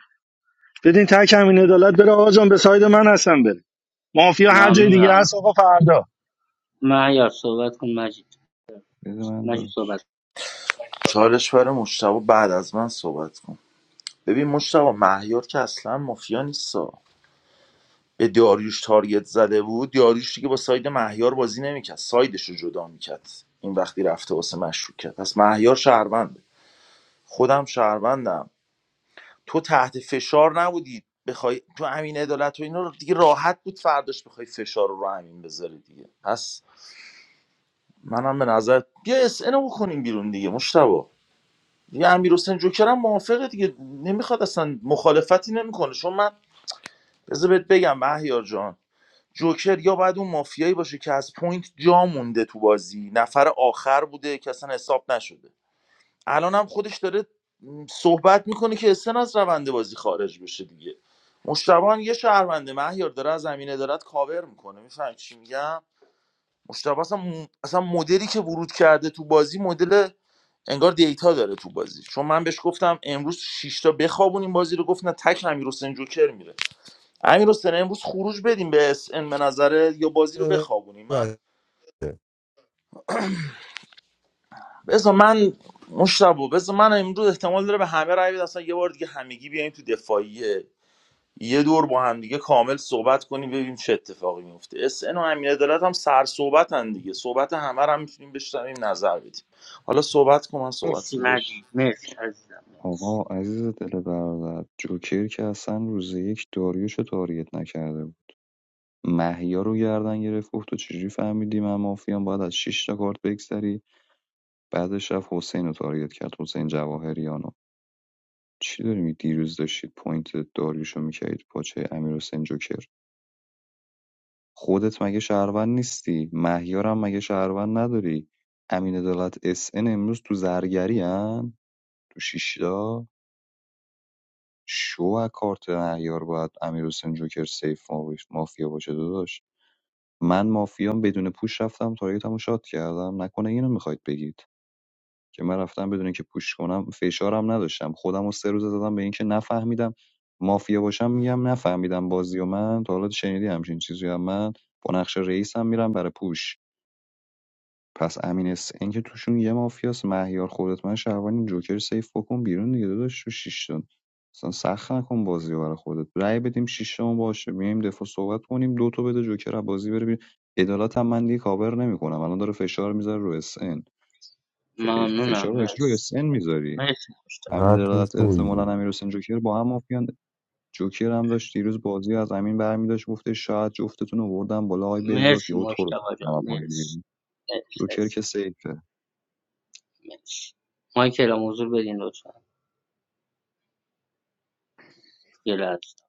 Speaker 17: بدین تک همین عدالت بره آقا جان به ساید من هستم بره مافیا هر جای دیگه
Speaker 4: ممنونم
Speaker 17: هست آقا فردا
Speaker 4: معیار صحبت کن مجید
Speaker 3: بده من
Speaker 4: مجید
Speaker 3: داشت
Speaker 4: صحبت کن.
Speaker 8: چالش برای مشتبه بعد از من صحبت کن ببین مشتبه مهیار که اصلا مافیا نیستا به داریوش تارگت زده بود داریوش دیگه با ساید مهیار بازی نمیکرد سایدش رو جدا میکرد این وقتی رفته واسه مشروع پس مهیار شهرونده خودم شهروندم تو تحت فشار نبودی بخوای تو امین عدالت و اینا رو دیگه راحت بود فرداش بخوای فشار رو رو امین بذاری دیگه پس منم به نظر بیا اس اینو بکنیم بیرون دیگه مشتبه دیگه امیر حسین جوکر هم موافقه دیگه نمیخواد اصلا مخالفتی نمیکنه چون من بذار بهت بگم مهیار جان جوکر یا باید اون مافیایی باشه که از پوینت جا مونده تو بازی نفر آخر بوده که اصلا حساب نشده الان هم خودش داره صحبت میکنه که اسن از روند بازی خارج بشه دیگه مشتبه هم یه شهرونده مهیار داره از زمینه دارد کاور میکنه میفهم چی میگم مشتبه اصلا, اصلا مدلی که ورود کرده تو بازی مدل انگار دیتا داره تو بازی چون من بهش گفتم امروز شش تا بخوابونیم بازی رو گفت نه تک امیر حسین جوکر میره امیر حسین امروز خروج بدیم به اس ان به نظره یا بازی رو بخوابونیم من بذار من مشتبه بذار من امروز احتمال داره به همه رای بده اصلا یه بار دیگه همگی بیایم تو دفاعیه یه دور با هم دیگه کامل صحبت کنیم ببینیم چه اتفاقی میفته اس ان و امین عدالت هم سر صحبتن دیگه صحبت همه رو هم میتونیم بشنویم نظر بدیم حالا صحبت کن من صحبت
Speaker 4: مرسی
Speaker 8: رو بشنوم.
Speaker 4: مجید مرسی عزیزم
Speaker 3: آقا
Speaker 4: مرسی
Speaker 3: عزیز دل برادر جوکر که اصلا روز یک داریوشو تاریت نکرده بود محیا رو گردن گرفت گفت تو چجوری فهمیدی من مافیام باید از 6 تا کارت بگذری بعدش رفت حسین رو تاریت کرد حسین جواهریانو چی داری می دیروز داشتید پوینت داریوشو میکردید پاچه امیر حسین جوکر خودت مگه شهروند نیستی مهیارم مگه شهروند نداری امین عدالت اس ان امروز تو زرگری ان تو شیشتا شو از کارت مهیار باید امیر حسین جوکر سیف مافیا باشه داداش من مافیام بدون پوش رفتم تارگتمو شات کردم نکنه اینو میخواید بگید که من رفتم بدون اینکه پوش کنم فشارم نداشتم خودم رو سه روز دادم به اینکه نفهمیدم مافیا باشم میگم نفهمیدم بازی و من تا حالا شنیدی همچین چیزی هم من با نقش رئیسم میرم برای پوش پس امین حسین که توشون یه مافیاست مهیار خودت من شهروانیم جوکر سیف بکن بیرون دیگه داداش تو شیش تا اصلا سخت نکن بازی برای خودت رأی بدیم شیش تا باشه میایم دفاع صحبت کنیم دو تا بده جوکر از بازی بره بیرون عدالت هم من دیگه کاور نمیکنم الان داره فشار میذاره رو اس ان
Speaker 4: ممنونم
Speaker 3: فشار رو رو
Speaker 4: مرسی
Speaker 3: اس ان میذاری
Speaker 4: مرسی مجتبی
Speaker 3: امین
Speaker 6: چقدر تو
Speaker 3: عدالت احتمالاً
Speaker 6: شویی
Speaker 3: امیر حسین جوکر با هم مافیان جوکر هم داشت دیروز بازی از امین برمی داشت گفته شاید جفتتون رو بردم بالا آی بهزاد
Speaker 4: مرسی
Speaker 3: یهو تو رو
Speaker 4: مجتبی جان
Speaker 3: کردم بازی
Speaker 4: مرسی
Speaker 3: بیرون.
Speaker 4: مرسی
Speaker 3: جوکر که
Speaker 4: عزیزم.
Speaker 3: سیفه
Speaker 4: مرسی مایکل هم حضور بدین لطفا یه لحظه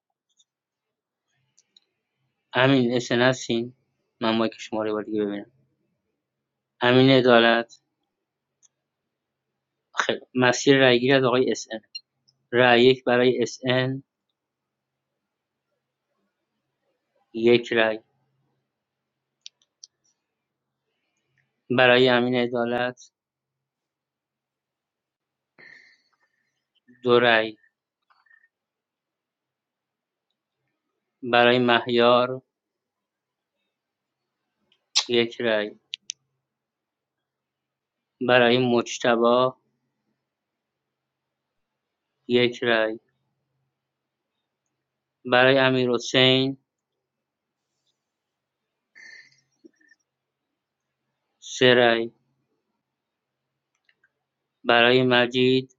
Speaker 4: امین اسن هستین من مایک شماره بار دیگه ببینم امین عدالت مسیر رأیگیری از آقای اس ان. رأی یک برای اس ان، یک رای برای امین عدالت دو رای برای مهیار یک رای برای مجتبا یک رای برای امیر حسین سه رأی برای مجید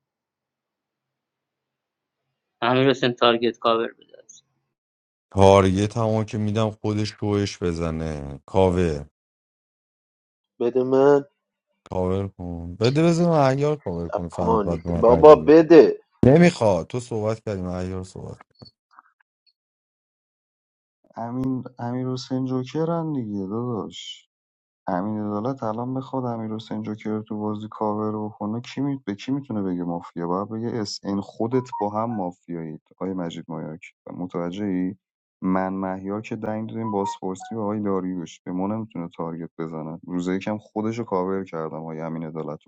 Speaker 4: امیر حسین تارگت کاور بده
Speaker 6: تارگت همون که میدم خودش روش بزنه کاور
Speaker 15: بده من
Speaker 6: کاور کن بده بزن معیار کاور کن فهمید باید
Speaker 15: اپانیت
Speaker 6: به من رای
Speaker 15: بابا
Speaker 6: بده
Speaker 15: بده
Speaker 6: نمیخواد تو صحبت کردیم معیار صحبت کرد.
Speaker 3: امین امیر حسین جوکرن دیگه داداش امین عدالت الان بخواد امیر حسین جوکر رو تو بازی کاور بکنه کی می... به کی میتونه بگه مافیا باید بگه اس این خودت با هم مافیایید آقای مجید مایاک متوجه ای من مهیار که دنگ دادیم بازپرسی به آقای داریوش به ما نمیتونه تارگت بزنه روزه یکم خودش رو کاور کردم آقای امین عدالت رو.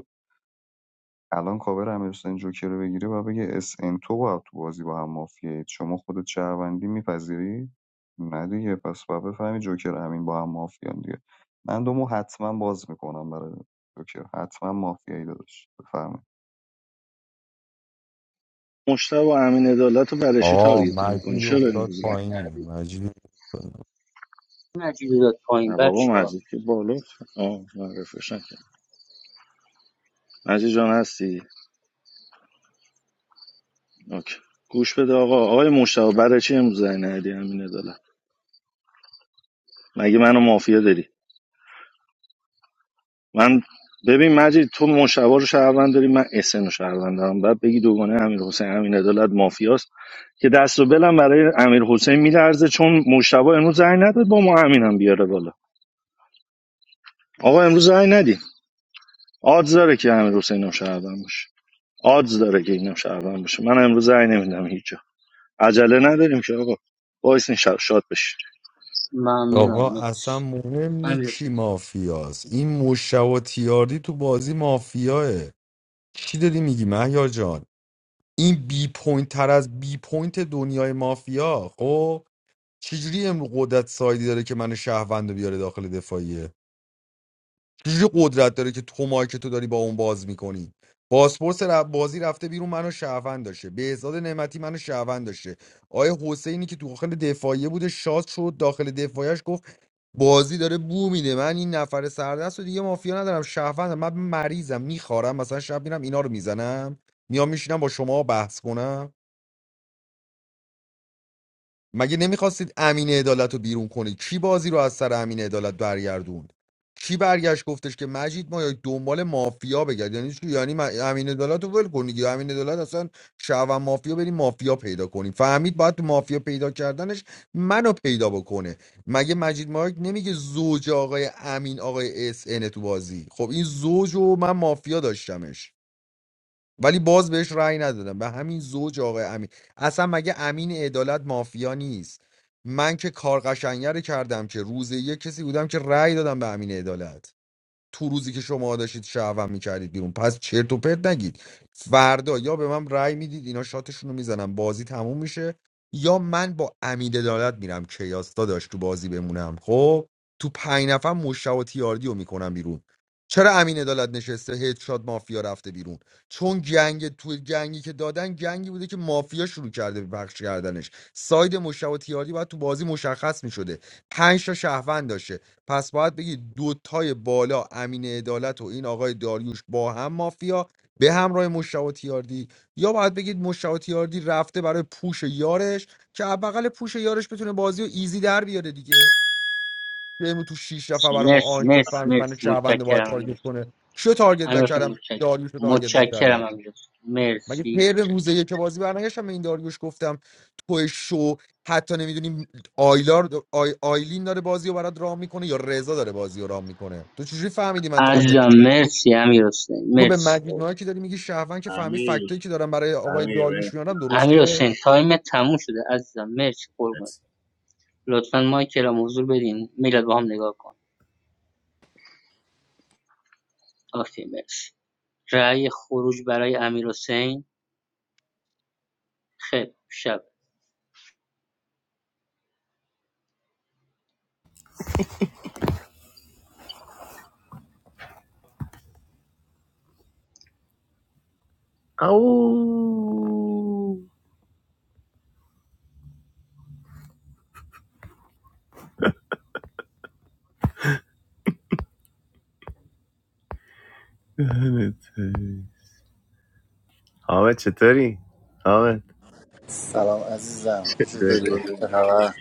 Speaker 3: الان کاور امیرحسین جوکر رو بگیره و بگه اس ان تو باید تو بازی با هم مافیایید شما خودت شهروندی میپذیری نه دیگه پس باید بفهمی جوکر همین با هم مافیان دیگه من دومو حتما باز میکنم برای جوکر حتما مافیایی داداش بفهمی
Speaker 17: مشتبه و امین عدالت رو برشی
Speaker 6: آقا
Speaker 17: تارگت میکنی
Speaker 6: مجید
Speaker 17: چرا
Speaker 6: افتاد
Speaker 17: امروز رنگ
Speaker 6: پایین
Speaker 17: ندی
Speaker 6: مجید
Speaker 4: مجید رو داد پایین
Speaker 17: نه بابا
Speaker 4: بچه ها
Speaker 17: مجید که بالا آه معرفش نکرد مجید جان هستی اوکی گوش بده آقا آقای مشتبه برای چی امروز رنگ ندی امین عدالت مگه منو مافیا داری من ببین مجید تو مشتبه رو شهروند داری من اسن رو شهروند دارم بعد بگی دوگانه امیر حسین امین عدالت مافیاست که دست و بلم برای امیر حسین میلرزه چون مشتبه امروز زنگ نداد با ما امین هم بیاره بالا آقا امروز زنگ ندی آدز داره که امیر حسین هم شهروند باشه آدز داره که اینم شهروند باشه من امروز زنگ نمیدم هیچ جا عجله نداریم که آقا وایس نشاد شاد بشی
Speaker 4: ممنونم
Speaker 6: آقا اصلا
Speaker 4: مرسی
Speaker 6: مهم نی
Speaker 4: امیر
Speaker 6: کی
Speaker 4: حسین
Speaker 6: مافیاست این مشتبه تیاردی تو بازی مافیاه چی داری میگی مهیار جان این بی پوینت تر از بی پوینت دنیای مافیا خب چجوری امرو قدرت سایدی داره که من شهروند رو بیاره داخل دفاعیه چجوری قدرت داره که تو مایی که تو داری با اون باز میکنی پاسپورت ر- بازی رفته بیرون منو شهروند داشته بهزاد نعمتی منو شهروند داشته آیا حسینی که تو داخل دفاعیه بوده شاد شد داخل دفاعیش گفت بازی داره بو میده من این نفر سردست و دیگه مافیا ندارم شهروندم من مریضم میخوارم مثلا شب میرم اینا رو میزنم میام میشینم با شما بحث کنم مگه نمیخواستید امین عدالت رو بیرون کنید کی بازی رو از سر امین عدالت برگردوند کی برگشت گفتش که مجید ما دنبال مافیا بگرد یعنی چی یعنی من- امین عدالت رو ول کنید یا امین عدالت اصلا شعب مافیا بریم مافیا پیدا کنیم فهمید باید تو مافیا پیدا کردنش منو پیدا بکنه مگه مجید مایک نمیگه زوج آقای امین آقای اس تو بازی خب این زوج و من مافیا داشتمش ولی باز بهش رأی ندادم به همین زوج آقای امین اصلا مگه امین عدالت مافیا نیست من که کار قشنگه رو کردم که روز یک کسی بودم که رأی دادم به امین عدالت تو روزی که شما داشتید شهوم میکردید بیرون پس چرت و پرت نگید فردا یا به من رأی میدید اینا شاتشون رو میزنم بازی تموم میشه یا من با امید عدالت میرم کیاس داداش تو بازی بمونم خب تو پنج نفر مشتاق و تیاردی رو میکنم بیرون چرا امین عدالت نشسته هدشات مافیا رفته بیرون چون جنگ تو جنگی که دادن جنگی بوده که مافیا شروع کرده به پخش کردنش ساید مشتاق و تیاردی باید تو بازی مشخص میشده پنج تا شهروند داشته پس باید بگی دوتای بالا امین عدالت و این آقای داریوش با هم مافیا به همراه مشتاق تیاردی یا باید بگید مشتاق تیاردی رفته برای پوش یارش که از بغل پوش یارش بتونه بازی رو ایزی در بیاره دیگه که امروز تو شیش نفر برای ما
Speaker 4: مرسی
Speaker 6: آن شد
Speaker 4: مرسی
Speaker 6: فهمید من
Speaker 4: مرسی
Speaker 6: شهروند رو باید
Speaker 4: متشکرم امیر
Speaker 6: تارگت
Speaker 4: حسین
Speaker 6: کنه شو تارگت
Speaker 4: امیر حسین
Speaker 6: نکردم
Speaker 4: متشکرم
Speaker 6: داریوش رو تارگت نکردم
Speaker 4: متشکرم امیر حسین
Speaker 6: مگه
Speaker 4: مرسی
Speaker 6: پیر
Speaker 4: متشکرم
Speaker 6: روز یک بازی برنگشتم به این داریوش گفتم تو شو حتی نمیدونی آیلار آی آیلین داره بازی رو برات رام میکنه یا رضا داره بازی رو رام میکنه تو چجوری فهمیدی من تارگت
Speaker 4: عزیزم مرسی امیر حسین
Speaker 6: تو به
Speaker 4: مرسی
Speaker 6: مجید ماهی که داری میگی شهروند که فهمی
Speaker 9: امیر
Speaker 6: فکتایی که دارم برای آقای
Speaker 9: امیر
Speaker 6: داریوش میانم
Speaker 4: امیر
Speaker 6: درسته
Speaker 4: حسین تایم تموم شده عزیزم مرسی قربونت
Speaker 9: مرسی.
Speaker 4: لطفا مایکل هم حضور بدین میلاد با هم نگاه کن اوکی مرسی رأی خروج برای امیر حسین خیلی خوب. شب
Speaker 9: او دهنت حامد چطوری؟ حامد
Speaker 20: سلام عزیزم خوش داری چه خبر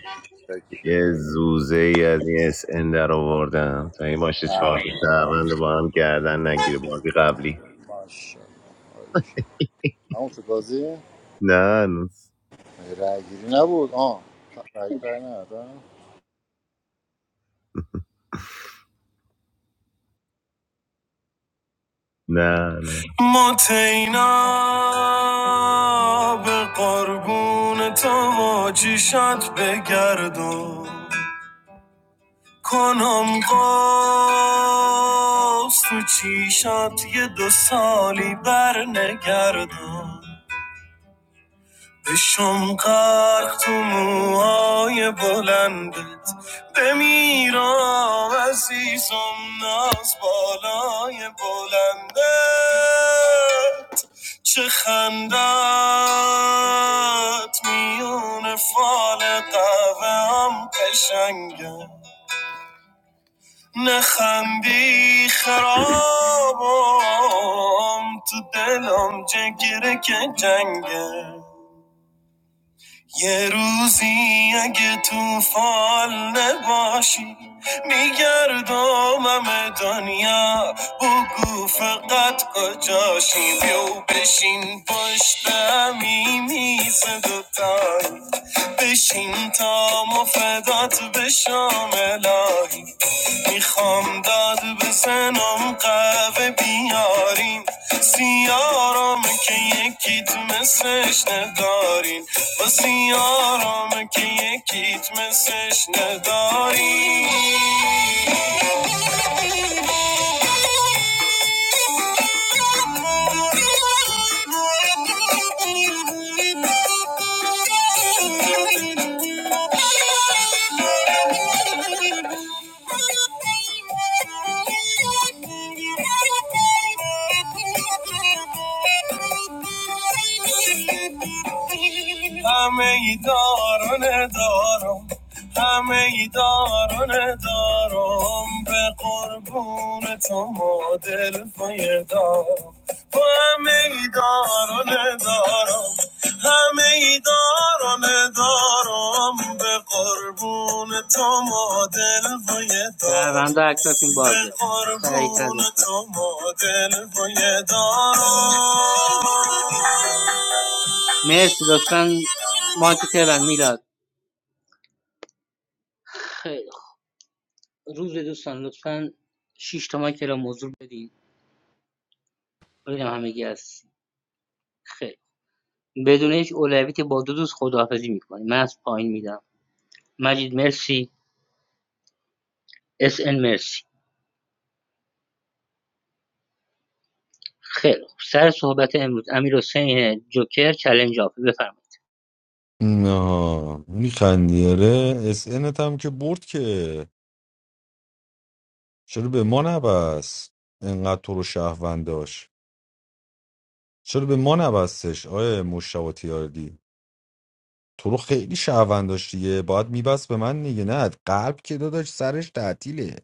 Speaker 9: یه
Speaker 20: شکری
Speaker 9: زوزه ای از این اس ان در آوردم تا این باشه چهار
Speaker 20: نه
Speaker 9: تا شهروند با هم گردن نگیره بازی قبلی
Speaker 20: ماشاءالله همون تو بازی
Speaker 9: نه نه
Speaker 20: رای گیری نبود آه رای رای ندادم
Speaker 9: نه نه ما تینا به قربون تو ما بگردم کنم باز تو چیشات یه دو سالی بر نگردم بشم غرق تو موهای بلندت بمیرم عزیزم ناز بالای بلندت چه خندت میون فال قهوه هم قشنگه، نخندی خرابم تو دلم جگره که جنگه یه روزی اگه تو فال نباشی میگردم همه دنیا بگو فقط کجاشی بیو بشین پشت همی میز دوتایی بشین تا مفدات بشم الهی میخوام داد بزنم قهوه بیارین سیارامه که یکیت مثلش ندارین و سیارامه که یکیت مثلش ندارین Thank you. همه ای داران دارم همه ای داران دارم به قربون تو ما دل دارم با همه ای داران دارم همه ای داران دارم به قربون تو ما دل دارم
Speaker 4: شهرونده اکتاشون
Speaker 9: به
Speaker 4: بازه سریعتر
Speaker 9: قربون
Speaker 4: لطفا
Speaker 9: تو ما دل دارم
Speaker 4: مرسی لطفا مایک تهران میلاد خیلی خوب. روز دوستان لطفا شش تا مایک را حضور بدین ببینم همگی هست خیلی خوب. بدون هیچ اولویتی با دو دوست خداحافظی میکنیم من از پایین میدم مجید مرسی اس ان مرسی خیلی خوب سر صحبت امروز امیر حسین جوکر چلنج آف بفرمایید
Speaker 6: نه میخندی آره اس انت هم که برد که چرا به ما نبست انقدر تو رو شهروند داشت چرا به ما نبستش آیه مشتاق تیاردی تو رو خیلی شهروند داشت دیگه باید میبست به من دیگه نه قلب که داداش سرش تعطیله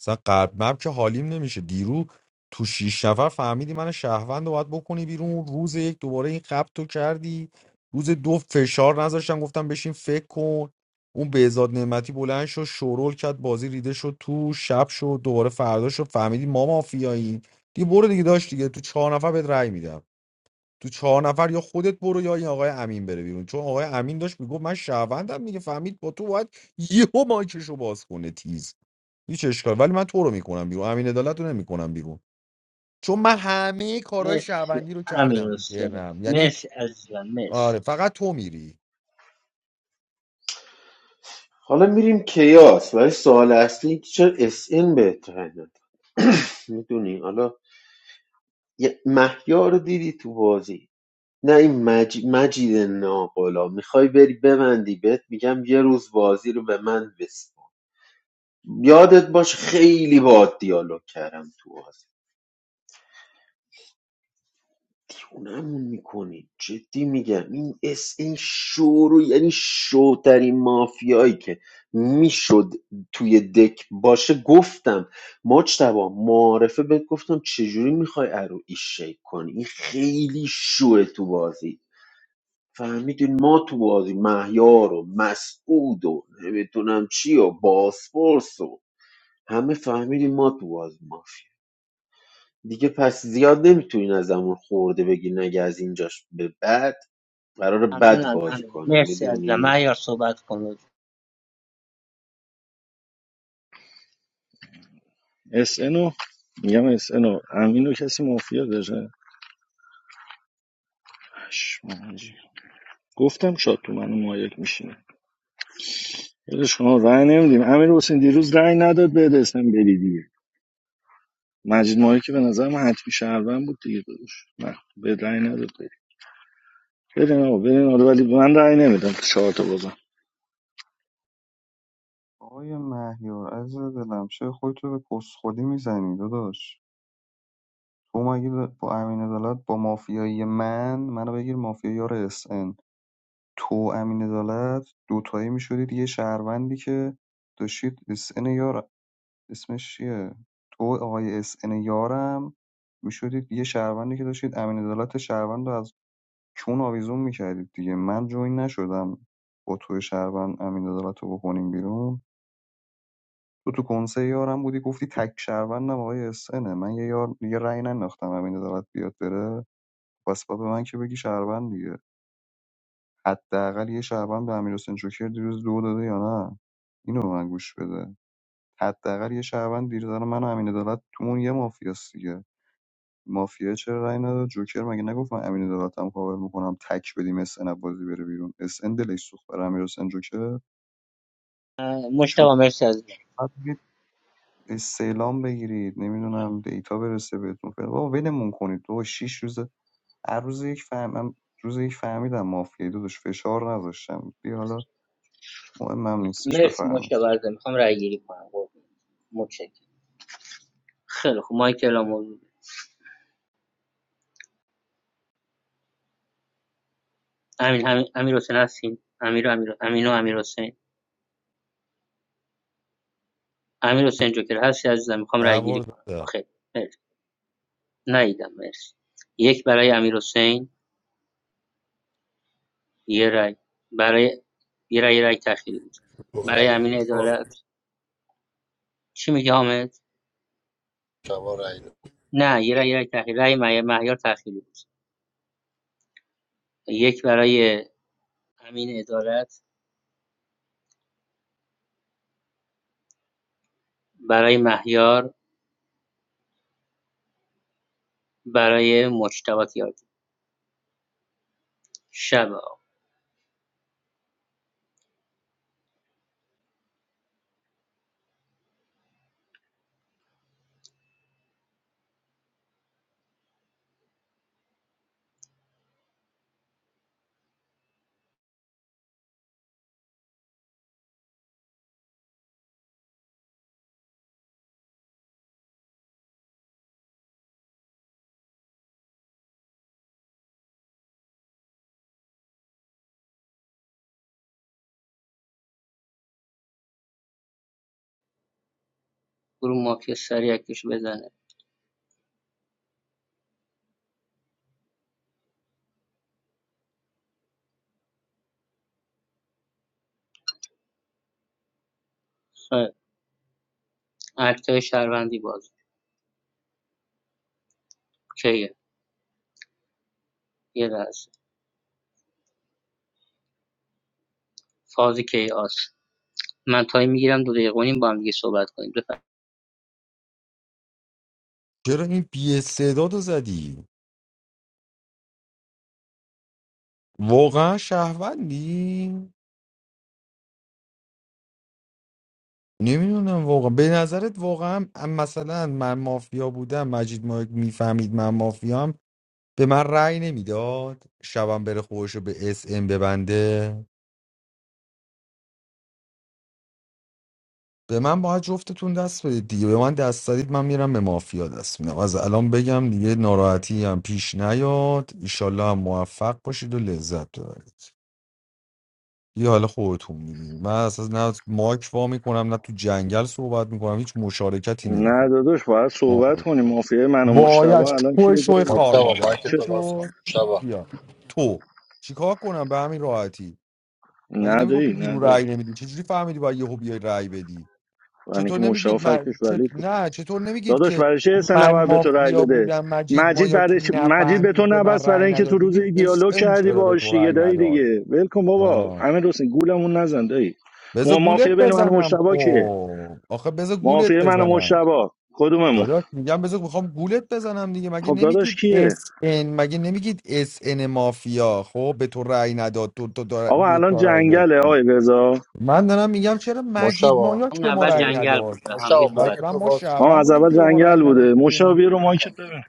Speaker 6: مثلا قلب مب که حالیم نمیشه دیرو تو شیش نفر فهمیدی من شهروند رو باید بکنی بیرون روز یک دوباره این قبط تو کردی روز دو فشار نذاشتم گفتم بشین فکر کن اون بهزاد نعمتی بلند شد شورول کرد بازی ریده شد تو شب شد دوباره فردا شد فهمیدی ما مافیاییم دیگه برو دیگه داشت دیگه تو چهار نفر بهت رأی میدم تو چهار نفر یا خودت برو یا این آقای امین بره بیرون چون آقای امین داشت میگفت من شهروندم دیگه فهمید با تو باید یهو مایکشو باز کنه تیز هیچ اشکال ولی من تو رو میکنم بیرون امین عدالت رو نمیکنم بیرون چون من همه کارهای
Speaker 4: مرسی
Speaker 6: شهروندی رو
Speaker 4: امیر
Speaker 6: کردم تو
Speaker 4: حسین
Speaker 6: ترنم یعنی
Speaker 4: مرسی عزیزم مرسی
Speaker 6: آره فقط تو میری
Speaker 15: حالا میریم کیاس ولی سوال اصلی اینه که چرا اس این بهتره نداره. (clears throat) میدونی حالا یه مهیار رو دیدی تو بازی نه این مج... مجید ناقلا میخوای بری ببندی بهت میگم یه روز بازی رو به من بسپار یادت باش خیلی باهات دیالوگ کردم تو بازی اونمون میکنی جدی میگم این اس این شو رو یعنی شوترین مافیایی که میشد توی دک باشه گفتم مجتبا معارفه بهت گفتم چجوری میخوای ارو ایش شیک کنی این خیلی شوه تو بازی فهمیدین ما تو بازی مهیار و مسعود و نمیدونم چی و باسپورس و همه فهمیدیم ما تو بازی مافیاییم. دیگه پس زیاد نمیتونین ازمون خورده بگیرین اگه از اینجاش به بعد قرار بد
Speaker 4: ممنونم
Speaker 15: بازی
Speaker 4: امیر
Speaker 15: کنیم
Speaker 4: مرسی عزیزم
Speaker 15: میدونی
Speaker 4: معیار صحبت کن
Speaker 17: اس رو میگم اس رو امین رو کسی مافیا داره پشمام حاجی. گفتم شاد تو منو مایک میشی یادش شما رأی نمیدیم امیر حسین دیروز رأی نداد به اسم بری دیگه مجید ماهی که به نظر من حتمی شهروند بود دیگه داداش نه به رأی نداد بری برین آقا برین آره ولی من رأی نمیدم تو چهار تا بازم
Speaker 3: آقای مهیار از دلم چه خودتو به کسخودی میزنی داداش تو مگه با امین عدالت با مافیایی من منو بگیر مافیایی یار اس ان تو و امین عدالت دوتایی میشدید یه شهروندی که داشتید اس ان یار اسمش چیه تو و آقای اس ان یارم میشدید یه شهروندی که داشتید امین عدالت شهروند رو از چون آویزون میکردید دیگه من جوین نشدم با تو شهروند امین عدالت رو بکنیم بیرون تو تو کنسه یارم بودی گفتی تک شهروندم آقای اس انه. من یه یار یه رأی ننداختم امین عدالت بیاد بره پس با به من که بگی شهروند دیگه حداقل یه شهروند به امیرحسین جوکر دیروز دو داده یا نه اینو به من گوش بده حداقل یه شهروند دیروز الان من و امین عدالت تومون یه مافیاست دیگه مافیا چرا رای نداد جوکر مگه نگفت من امین عدالتم کاور میکنم تک بدیم اس ان بازی بره بیرون اس ان دلش سوخت برای امیرحسین جوکر شما
Speaker 4: مشتاق مرسی از
Speaker 3: باید برید استعلام بگیرید نمیدونم دیتا برسه بهتون فعلا بابا ولمون کنید تو شش روز هر روز یک فهمم روز یک فهمیدم مافیا داداش فشار نذاشتم بیا حالا مهمم نیستش
Speaker 4: مرسی
Speaker 3: بفرمایید
Speaker 4: مشتاق عزیزم میخوام رای گیری کنم قربون. متشکرم خیلی خوب مایکل امیر امیر امیر حسین هستین امیر امیر امینو و امیر حسین امیر جوکر هستی عزیزم میخوام رای گیری
Speaker 6: دربار
Speaker 4: کنم
Speaker 6: دادم
Speaker 4: خیلی مرسی نیدم مرسی یک برای امیر یه رای برای یه رای یه رای تأخیری بود
Speaker 20: خب،
Speaker 4: برای
Speaker 20: رای
Speaker 4: امین
Speaker 20: آره.
Speaker 4: عدالت چی میگه حامد
Speaker 20: مشتبا رای داد
Speaker 4: نه یه رای یه رای تأخیری رای مه- مهیار تأخیری بود یک برای امین عدالت برای مهیار برای مجتبی تیاردی شب آقا. گروه مافیا سریع اکتش بزنه خیر. اکتای شهروندی باز کیه یه لحظه فاز کیاس من تایم میگیرم دو دقیقه و نیم با هم دیگه صحبت کنیم بفرمایید
Speaker 6: چرا این بی استعداد رو زدی واقعا شهروندی نمیدونم واقعا به نظرت واقعا مثلا من مافیا بودم مجید ما میفهمید من مافیام به من رأی نمیداد شبم بره خودشو به اس ام ببنده به من باید جفتتون دست بدید دیگه به من دست دادید من میرم به مافیا دست میدم از الان بگم دیگه ناراحتی هم پیش نیاد ایشالله هم موفق باشید و لذت ببرید یه حال خودتون میدید من اساس نه ماک وا میکنم نه تو جنگل صحبت میکنم هیچ مشارکتی
Speaker 17: نه
Speaker 6: نمیکنم
Speaker 17: داداش باید صحبت کنیم مافیای من و مشتبه
Speaker 6: باید
Speaker 17: الان
Speaker 6: تو
Speaker 17: کیه
Speaker 6: شوی
Speaker 17: دایی
Speaker 6: خار
Speaker 20: مشتبا
Speaker 6: مادر
Speaker 20: مایک
Speaker 17: چه
Speaker 6: خوب
Speaker 20: تو باز
Speaker 6: شد
Speaker 20: کن مشتبا
Speaker 6: بیا تو چیکار کنم به همین راحتی مگه نمیگفتی
Speaker 17: ندایی
Speaker 6: دیرو
Speaker 17: ندایی
Speaker 6: رأی نمیدی چجوری فهمیدی باید یهو بیای رأی بدی
Speaker 17: برای
Speaker 6: چطور
Speaker 17: که مشتبه
Speaker 6: نمیگید من
Speaker 17: فکتش ولید
Speaker 6: چط-
Speaker 17: بود.
Speaker 6: نه چطور نمیگید
Speaker 17: داداش
Speaker 6: که
Speaker 17: برای چه سه
Speaker 6: من
Speaker 17: نفر به تو رای
Speaker 6: مافیا
Speaker 17: بده
Speaker 6: بودم مجید ما
Speaker 17: مجید
Speaker 6: یا کی
Speaker 17: برای چ- مجید به تو
Speaker 6: نفهمید به من
Speaker 17: نبست برای
Speaker 6: رأی
Speaker 17: اینکه
Speaker 6: نداد
Speaker 17: تو روز
Speaker 6: میگید اس
Speaker 17: دیالوگ
Speaker 6: ان
Speaker 17: کردی
Speaker 6: چرا به
Speaker 17: باش
Speaker 6: تو
Speaker 17: دیگه
Speaker 6: رأی
Speaker 17: دایی
Speaker 6: نداد
Speaker 17: دیگه ول کن بابا
Speaker 6: آه.
Speaker 17: امیر حسین گولمون نزن دایی
Speaker 6: بذار
Speaker 17: ما
Speaker 6: گولت
Speaker 17: مافیا بین من و
Speaker 6: بزنم
Speaker 17: مشتبا کیه
Speaker 6: خب آخه بذار گولت
Speaker 17: مافیا من و
Speaker 6: بزنم
Speaker 17: مشتبا کدوممون
Speaker 6: داداش میگم بذار میخوام گولت بزنم دیگه مگه
Speaker 17: خب داداش
Speaker 6: نمیگید
Speaker 17: کیه
Speaker 6: اس ان مگه نمیگید اس ان مافیا خب به تو رأی نداد تو, تو
Speaker 17: آقا
Speaker 6: دو
Speaker 17: الان
Speaker 6: تا رأی داشتی
Speaker 17: جنگله آقای رضا
Speaker 6: من دارم میگم چرا مجید
Speaker 20: مشتبا
Speaker 6: مایاک
Speaker 4: اون
Speaker 6: به ما
Speaker 4: اول
Speaker 6: رأی
Speaker 20: بچه
Speaker 4: جنگل بود
Speaker 6: نداد
Speaker 4: به هم
Speaker 20: مشتبا
Speaker 4: دیگه
Speaker 6: خب
Speaker 20: مایک
Speaker 4: صحبت
Speaker 6: حتما
Speaker 20: تو
Speaker 6: ما
Speaker 20: باز کن
Speaker 17: آه
Speaker 6: شهروند
Speaker 17: از
Speaker 6: بودیم
Speaker 17: اول
Speaker 6: که به ما رأی
Speaker 17: جنگل
Speaker 6: نداد
Speaker 17: بوده
Speaker 6: دیگه
Speaker 17: مشاوی رو
Speaker 20: آقا
Speaker 17: مایکت ببین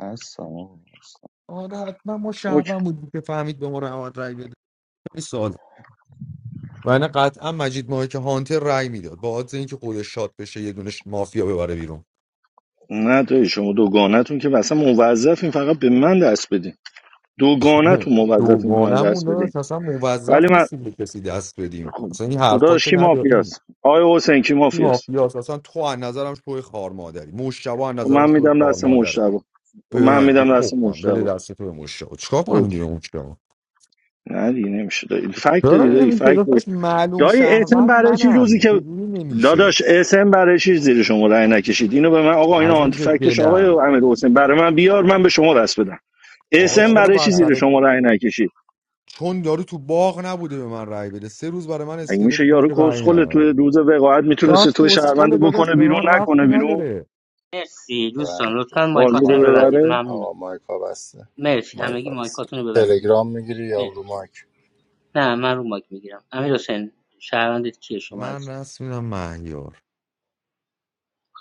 Speaker 3: هستم آقا هستم
Speaker 6: آره حتما ما
Speaker 17: اوکی.
Speaker 6: شهروند بودیم که فهمید به ما رأی رأی بده خیلی سال و نه قطعا مجید مایاک هانتر رأی میداد با عادت اینکه خودش شاد بشه یه دونش مافیا ببره بیرون
Speaker 17: نه دایی شما دوگانتون که اصلا موظفین فقط به من دست بدین
Speaker 6: (laughs)
Speaker 17: دوگانتون موظفین به من
Speaker 6: دوگانمون
Speaker 17: دست بدین
Speaker 6: داشت اصلا
Speaker 17: ولی
Speaker 6: موظف
Speaker 17: من
Speaker 6: نیستیم به کسی دست بدیم
Speaker 17: خب
Speaker 6: اصلا این حرفا
Speaker 17: خداش
Speaker 6: که
Speaker 17: کی
Speaker 6: نداریم
Speaker 17: مافیاست آقای حسین کی
Speaker 6: این
Speaker 17: مافیاست
Speaker 6: مافیاست اصلا تو از نظرم شوی خار مادری مشتبه از
Speaker 17: خب
Speaker 6: نظرم
Speaker 17: من
Speaker 6: شوی
Speaker 17: میدم دست
Speaker 6: خار
Speaker 17: مشتبه خب
Speaker 6: به
Speaker 17: من
Speaker 6: من به
Speaker 17: میدم
Speaker 6: پخ
Speaker 17: دست
Speaker 6: کن بده
Speaker 17: مشتبه
Speaker 6: دست تو به مشتاق چیکار کنم
Speaker 17: اوکی
Speaker 6: دیگه مشتاق
Speaker 17: نه دیگه نمیشه دایی فکت
Speaker 6: چرا
Speaker 17: داری دایی
Speaker 6: نمیشه
Speaker 17: فکت داری
Speaker 6: داداش معلوم
Speaker 17: دایی اسم
Speaker 6: شهروند
Speaker 17: برای چی روزی
Speaker 6: منم
Speaker 17: که
Speaker 6: چجوری نمیشه
Speaker 17: داداش اسم برای چی زیر شما رأی نکشید اینو به من آقا اینو آنتی
Speaker 6: عزیز
Speaker 17: فکتش آقای
Speaker 6: دلم
Speaker 17: امیر حسین برای من بیار من به شما دست بدم
Speaker 6: آقا
Speaker 17: اسم
Speaker 20: سلام
Speaker 6: چرا
Speaker 17: برای چی
Speaker 6: باید
Speaker 20: آقا
Speaker 17: زیر
Speaker 6: برای
Speaker 17: شما رأی نکشید
Speaker 6: چون یارو تو باغ نبوده به من رأی بده سه روز برای من
Speaker 17: اگه
Speaker 6: اسکلت
Speaker 17: میشه یارو
Speaker 6: میذاشه رأی
Speaker 17: کسخل تو
Speaker 6: نده
Speaker 17: روز وقاعت میتونست
Speaker 6: شاید
Speaker 17: تو شهروند
Speaker 6: کسخل
Speaker 17: رو
Speaker 6: داداش
Speaker 17: بکنه
Speaker 6: به
Speaker 17: بیرون
Speaker 6: من
Speaker 17: نکنه
Speaker 6: ربطی
Speaker 17: بیرون
Speaker 6: نداره
Speaker 4: مرسی دوستان
Speaker 20: بله.
Speaker 4: لطفا
Speaker 17: بازی
Speaker 4: مایکاتون
Speaker 17: رو
Speaker 20: مایک
Speaker 4: رو
Speaker 20: ها-
Speaker 4: ببندید
Speaker 17: ببره
Speaker 4: ممنونم
Speaker 20: آقا مایک ها بسته
Speaker 4: مرسی
Speaker 20: مایک
Speaker 4: همگی
Speaker 20: ها بسته
Speaker 4: مایکاتون رو ببندید
Speaker 20: تلگرام میگیری یا رو
Speaker 4: مرسی
Speaker 20: مایک
Speaker 4: نه من رو مایک میگیرم امیر حسین شهروندت کیه شما
Speaker 6: من
Speaker 4: عزیزم
Speaker 6: رسمیدم مهیار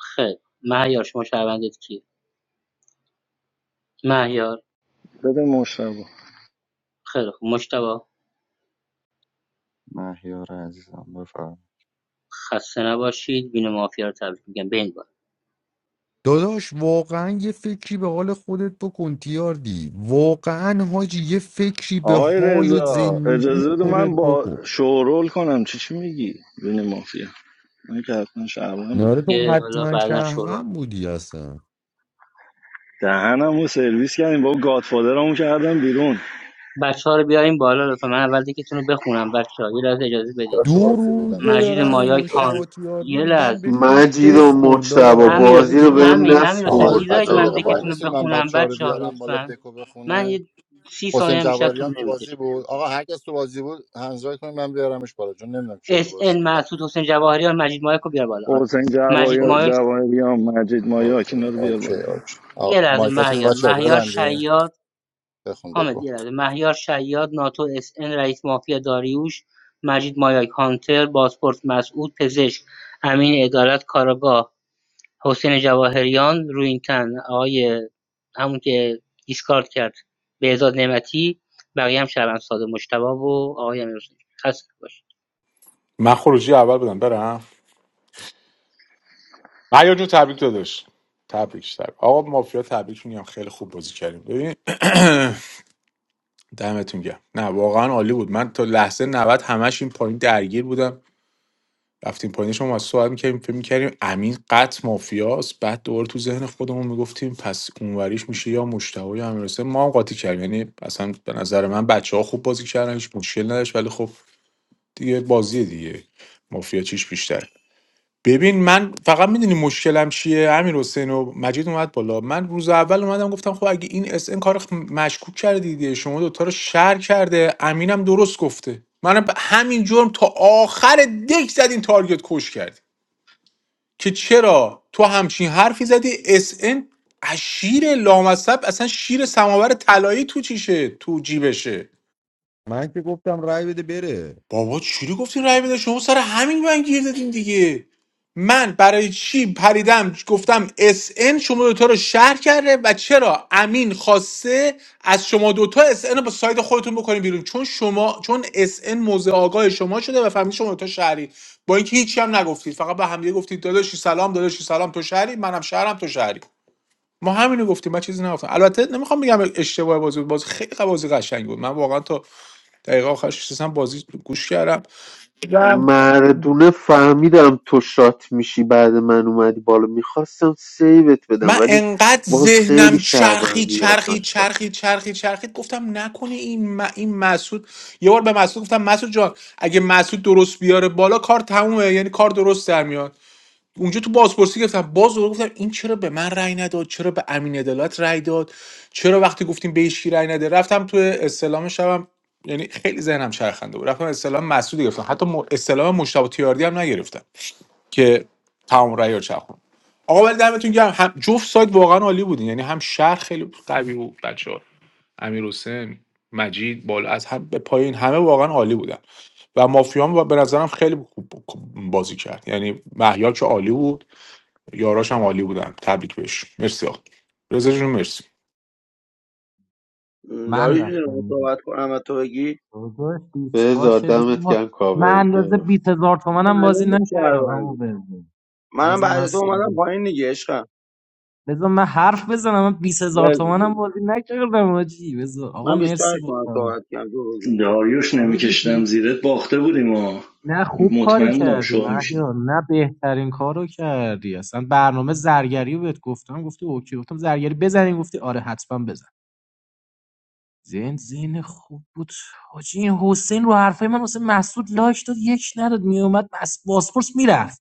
Speaker 4: خیر مهیار شما شهروندت کیه مهیار
Speaker 17: بده مشتبه
Speaker 4: خیلی خوب مشتبه
Speaker 3: مهیار عزیزم بفرم
Speaker 4: خسته نباشید بین مافیا رو تبریک میگم به این بار
Speaker 6: داداش واقعا یه فکری به حال خودت بکن تیاردی واقعا حاجی یه فکری به
Speaker 17: آقای
Speaker 6: حال و
Speaker 17: رضا
Speaker 6: زندگی
Speaker 17: اجازه بده
Speaker 6: خودت
Speaker 17: من با
Speaker 6: بکن
Speaker 17: شورول کنم چی چی میگی بین مافیا من که حتما شعبان بودم
Speaker 6: ناره تو
Speaker 4: دیگه حالا
Speaker 6: حتما
Speaker 4: بعدا شروع
Speaker 6: شهروند بودی اصلا
Speaker 17: دهنمو سرویس کردیم با گادفادرمو کردم بیرون
Speaker 4: بچه ها رو بیاریم بالا لطفا من اول دیگهتون رو بخونم بچه ها یه لحظه اجازه
Speaker 20: چرا
Speaker 4: بدید
Speaker 20: تو
Speaker 6: دو
Speaker 20: بازی بودم
Speaker 6: روزه
Speaker 20: مجید
Speaker 4: مجید
Speaker 6: دارم به
Speaker 4: مایاک
Speaker 20: مایک
Speaker 4: هان
Speaker 6: مشتبه تیاردی
Speaker 4: یه
Speaker 6: میگم
Speaker 4: لحظه
Speaker 6: بشین
Speaker 15: مجید
Speaker 6: فکر
Speaker 15: و
Speaker 6: کن
Speaker 15: مجتبا
Speaker 6: داداش
Speaker 4: امیر
Speaker 15: بازی
Speaker 4: حسین-
Speaker 15: رو
Speaker 6: بشین
Speaker 15: بهم
Speaker 4: امین
Speaker 6: فکر
Speaker 4: امیر
Speaker 20: آقا
Speaker 4: حسین
Speaker 6: کن
Speaker 20: آقا
Speaker 4: میذارید
Speaker 20: بچه های
Speaker 4: من
Speaker 15: نسپردینا
Speaker 20: دقیقه وای وای
Speaker 4: دیگهتون رو
Speaker 20: میسید من
Speaker 4: بخونم
Speaker 20: بچه ها رو
Speaker 4: بچه ها
Speaker 20: بیارم بالا
Speaker 4: لطفا
Speaker 20: دکو
Speaker 4: من
Speaker 20: بخونه
Speaker 4: یه سی ثانیه
Speaker 20: حسین
Speaker 4: هم بیشتر
Speaker 20: جواهری هم
Speaker 4: طول
Speaker 20: تو
Speaker 4: نمیکشه
Speaker 20: بازی بود آقا هر کس تو بازی بود هنزای کنید من بیارمش بالا چون نمیدونم کیا تو
Speaker 4: اس
Speaker 20: بازی
Speaker 4: ان
Speaker 20: بودن
Speaker 4: مسعود حسین جواهریان مجید مایک رو بیار بالا آره
Speaker 17: حسین جوای
Speaker 4: مجید
Speaker 20: اوکی
Speaker 4: مایک
Speaker 17: جوایریان مجید مایا
Speaker 20: اوکی
Speaker 17: اینا رو بیار
Speaker 20: اوکی
Speaker 17: بالا
Speaker 20: اوکی آقا
Speaker 4: یه لحظه
Speaker 20: مایکاتون رو
Speaker 4: مهیار
Speaker 20: بچه ها
Speaker 4: مهیار
Speaker 20: ببندیم
Speaker 4: شیاد
Speaker 20: بخون
Speaker 4: حامد
Speaker 20: دکو
Speaker 4: یه لحظه مهیار شیاد ناتو اس ان رئیس مافیا داریوش مجید مایک هانتر بازپورت مسعود پزشک امین ادارت کاراگاه حسین جواهریان روینتن آقای همون که دیسکارد کرد بهزاد نعمتی بقیه هم شهروند ساده مجتبی و آقای امیر حسین
Speaker 19: من خروجی اول بودم برم معیا جون تبریک داداش تبریک تبریک آقا مافیا تبریک میگم خیلی خوب بازی کردیم ببین دمتون گرم نه واقعا عالی بود من تا لحظه 90 همش این پایین درگیر بودم رفتیم پایین شما از سوال میکردیم فکر میکردیم امین قط مافیاست بعد دوباره تو ذهن خودمون میگفتیم پس اونوریش میشه یا مشتبه یا امیرحسین ما هم قاطی کردیم یعنی اصلا به نظر من بچه ها خوب بازی کردن هیچ مشکل نداشت ولی خب دیگه بازی دیگه مافیا چیش بیشتر ببین من فقط میدونی مشکلم چیه امیر حسین و مجید اومد بالا من روز اول اومدم گفتم خب اگه این اس ان کار خ- مشکوک کرده دیگه شما دوتا رو شر کرده امینم درست گفته منم به همین جرم تا آخر دک زدین تارگت کش کردی که چرا تو همچین حرفی زدی اس ان از شیر لامصب اصلا شیر سماور طلایی تو چیشه تو جیبشه
Speaker 6: من که گفتم رای بده بره
Speaker 19: بابا چوری گفتین رای بده شما سر همین من گیر دادین دیگه من برای چی پریدم گفتم اس ان شما دوتا رو شهر کرده و چرا امین خواسته از شما دوتا اس ان رو با ساید خودتون بکنین بیرون چون شما چون اس ان موضع آگاه شما شده و فهمید شما دوتا شهری با اینکه هیچی هم نگفتید فقط به همدیگه گفتید داداشی سلام داداشی سلام تو شهری منم شهرم تو شهری ما همینو گفتیم من چیزی نگفتم البته نمیخوام بگم اشتباه بازی بود بازی خیلی بازی قشنگ بود من واقعا تا دقیقه آخرش نشستم بازی گوش کردم دیدم.
Speaker 15: مردونه فهمیدم تو شات میشی بعد من اومدی بالا میخواستم سیوت بدم
Speaker 19: من
Speaker 15: ولی
Speaker 19: انقدر
Speaker 15: باز خیلی
Speaker 19: ذهنم
Speaker 15: شهروند
Speaker 19: چرخی
Speaker 15: زیاد
Speaker 19: چرخی
Speaker 15: داشتم
Speaker 19: چرخی چرخی چرخی گفتم نکنه این م... این مسعود یه بار به مسعود گفتم مسعود جان اگه مسعود درست بیاره بالا کار تمومه یعنی کار درست در میاد اونجا تو بازپرسی گفتم باز دوباره گفتم این چرا به من رأی نداد چرا به امین عدالت رأی داد چرا وقتی گفتیم به هیچ کی رأی نده رفتم تو استلام شبم یعنی خیلی ذهنم چرخنده بود رفتم استلام مسعود گرفتم حتی م... استلام مشتاق تیاردی هم نگرفتم که تمام رأی رو چرخون آقا ولی دمتون گرم هم جفت سایت واقعا عالی بودین یعنی هم شهر خیلی قوی بود بچه‌ها امیر حسین مجید بالا از هم به پایین همه واقعا عالی بودن و مافیام و به نظرم خیلی خوب بازی کرد یعنی مهیار که عالی بود یاراش هم عالی بودن تبریک بهش مرسی آقا رضا جون مرسی
Speaker 18: م،
Speaker 11: من
Speaker 18: داری میدونم
Speaker 11: رفتم
Speaker 18: صحبت کنم و تو بگی
Speaker 11: داداش دیسکارد
Speaker 15: بزا
Speaker 11: که بذار
Speaker 15: دمت
Speaker 11: ما
Speaker 15: گم
Speaker 11: من
Speaker 15: کاور
Speaker 11: اندازه
Speaker 15: گرفت
Speaker 11: 20000 هزار تومنم بازی
Speaker 18: معلوم بود
Speaker 11: نکردم اما
Speaker 18: شهروندی
Speaker 11: بزن
Speaker 18: منم
Speaker 11: بذار من
Speaker 18: بعد تو اومدم
Speaker 11: صحبت
Speaker 18: پایین دیگه عشقم
Speaker 11: بذار من حرف بزنم من 20000 هزار
Speaker 18: بگو
Speaker 11: تومنم
Speaker 18: بگو
Speaker 11: بازی نکردم آجی بذار آقا
Speaker 18: من 25
Speaker 11: مرسی
Speaker 18: تومن
Speaker 11: باتم
Speaker 18: صحبت کردم تو بگو
Speaker 17: داریوش
Speaker 11: آره دیگه.
Speaker 17: نمیکشتم زیرت باخته بودیم ها
Speaker 11: نه خوب کاری
Speaker 17: مطمئن بودم
Speaker 11: کردی
Speaker 17: شوق میشیم
Speaker 11: مهیا نه بهترین کارو کردی اصلا برنامه زرگری رو بهت گفتم گفتی اوکی گفتم زرگری بزنین گفتی آره حتما بزن زین زین خوب بود حاجی این حسین رو حرفای من واسه محسود لایک داد یک نداد میومد بس باسپورس میرفت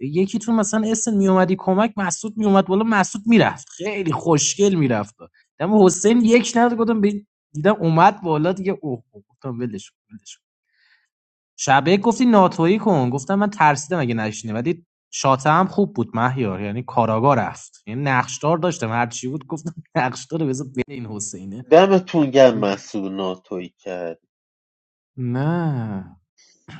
Speaker 11: یکی تو مثلا اسن میومدی کمک مسعود میومد بالا مسعود میرفت خیلی خوشگل میرفت دم حسین یک نداد گفتم به- دیدم اومد بالا دیگه اوه اوه. گفتم ولش ولش شبه گفتی ناتویی کن گفتم من ترسیدم اگه نشینه ولی شاته هم خوب بود مهیار یعنی کاراگا رفت یعنی نقشدار داشتم هر چی بود گفتم (laughs) نقشدار بذار بره این حسینه
Speaker 15: دمتون گم مسئول ناتوی کرد
Speaker 11: نه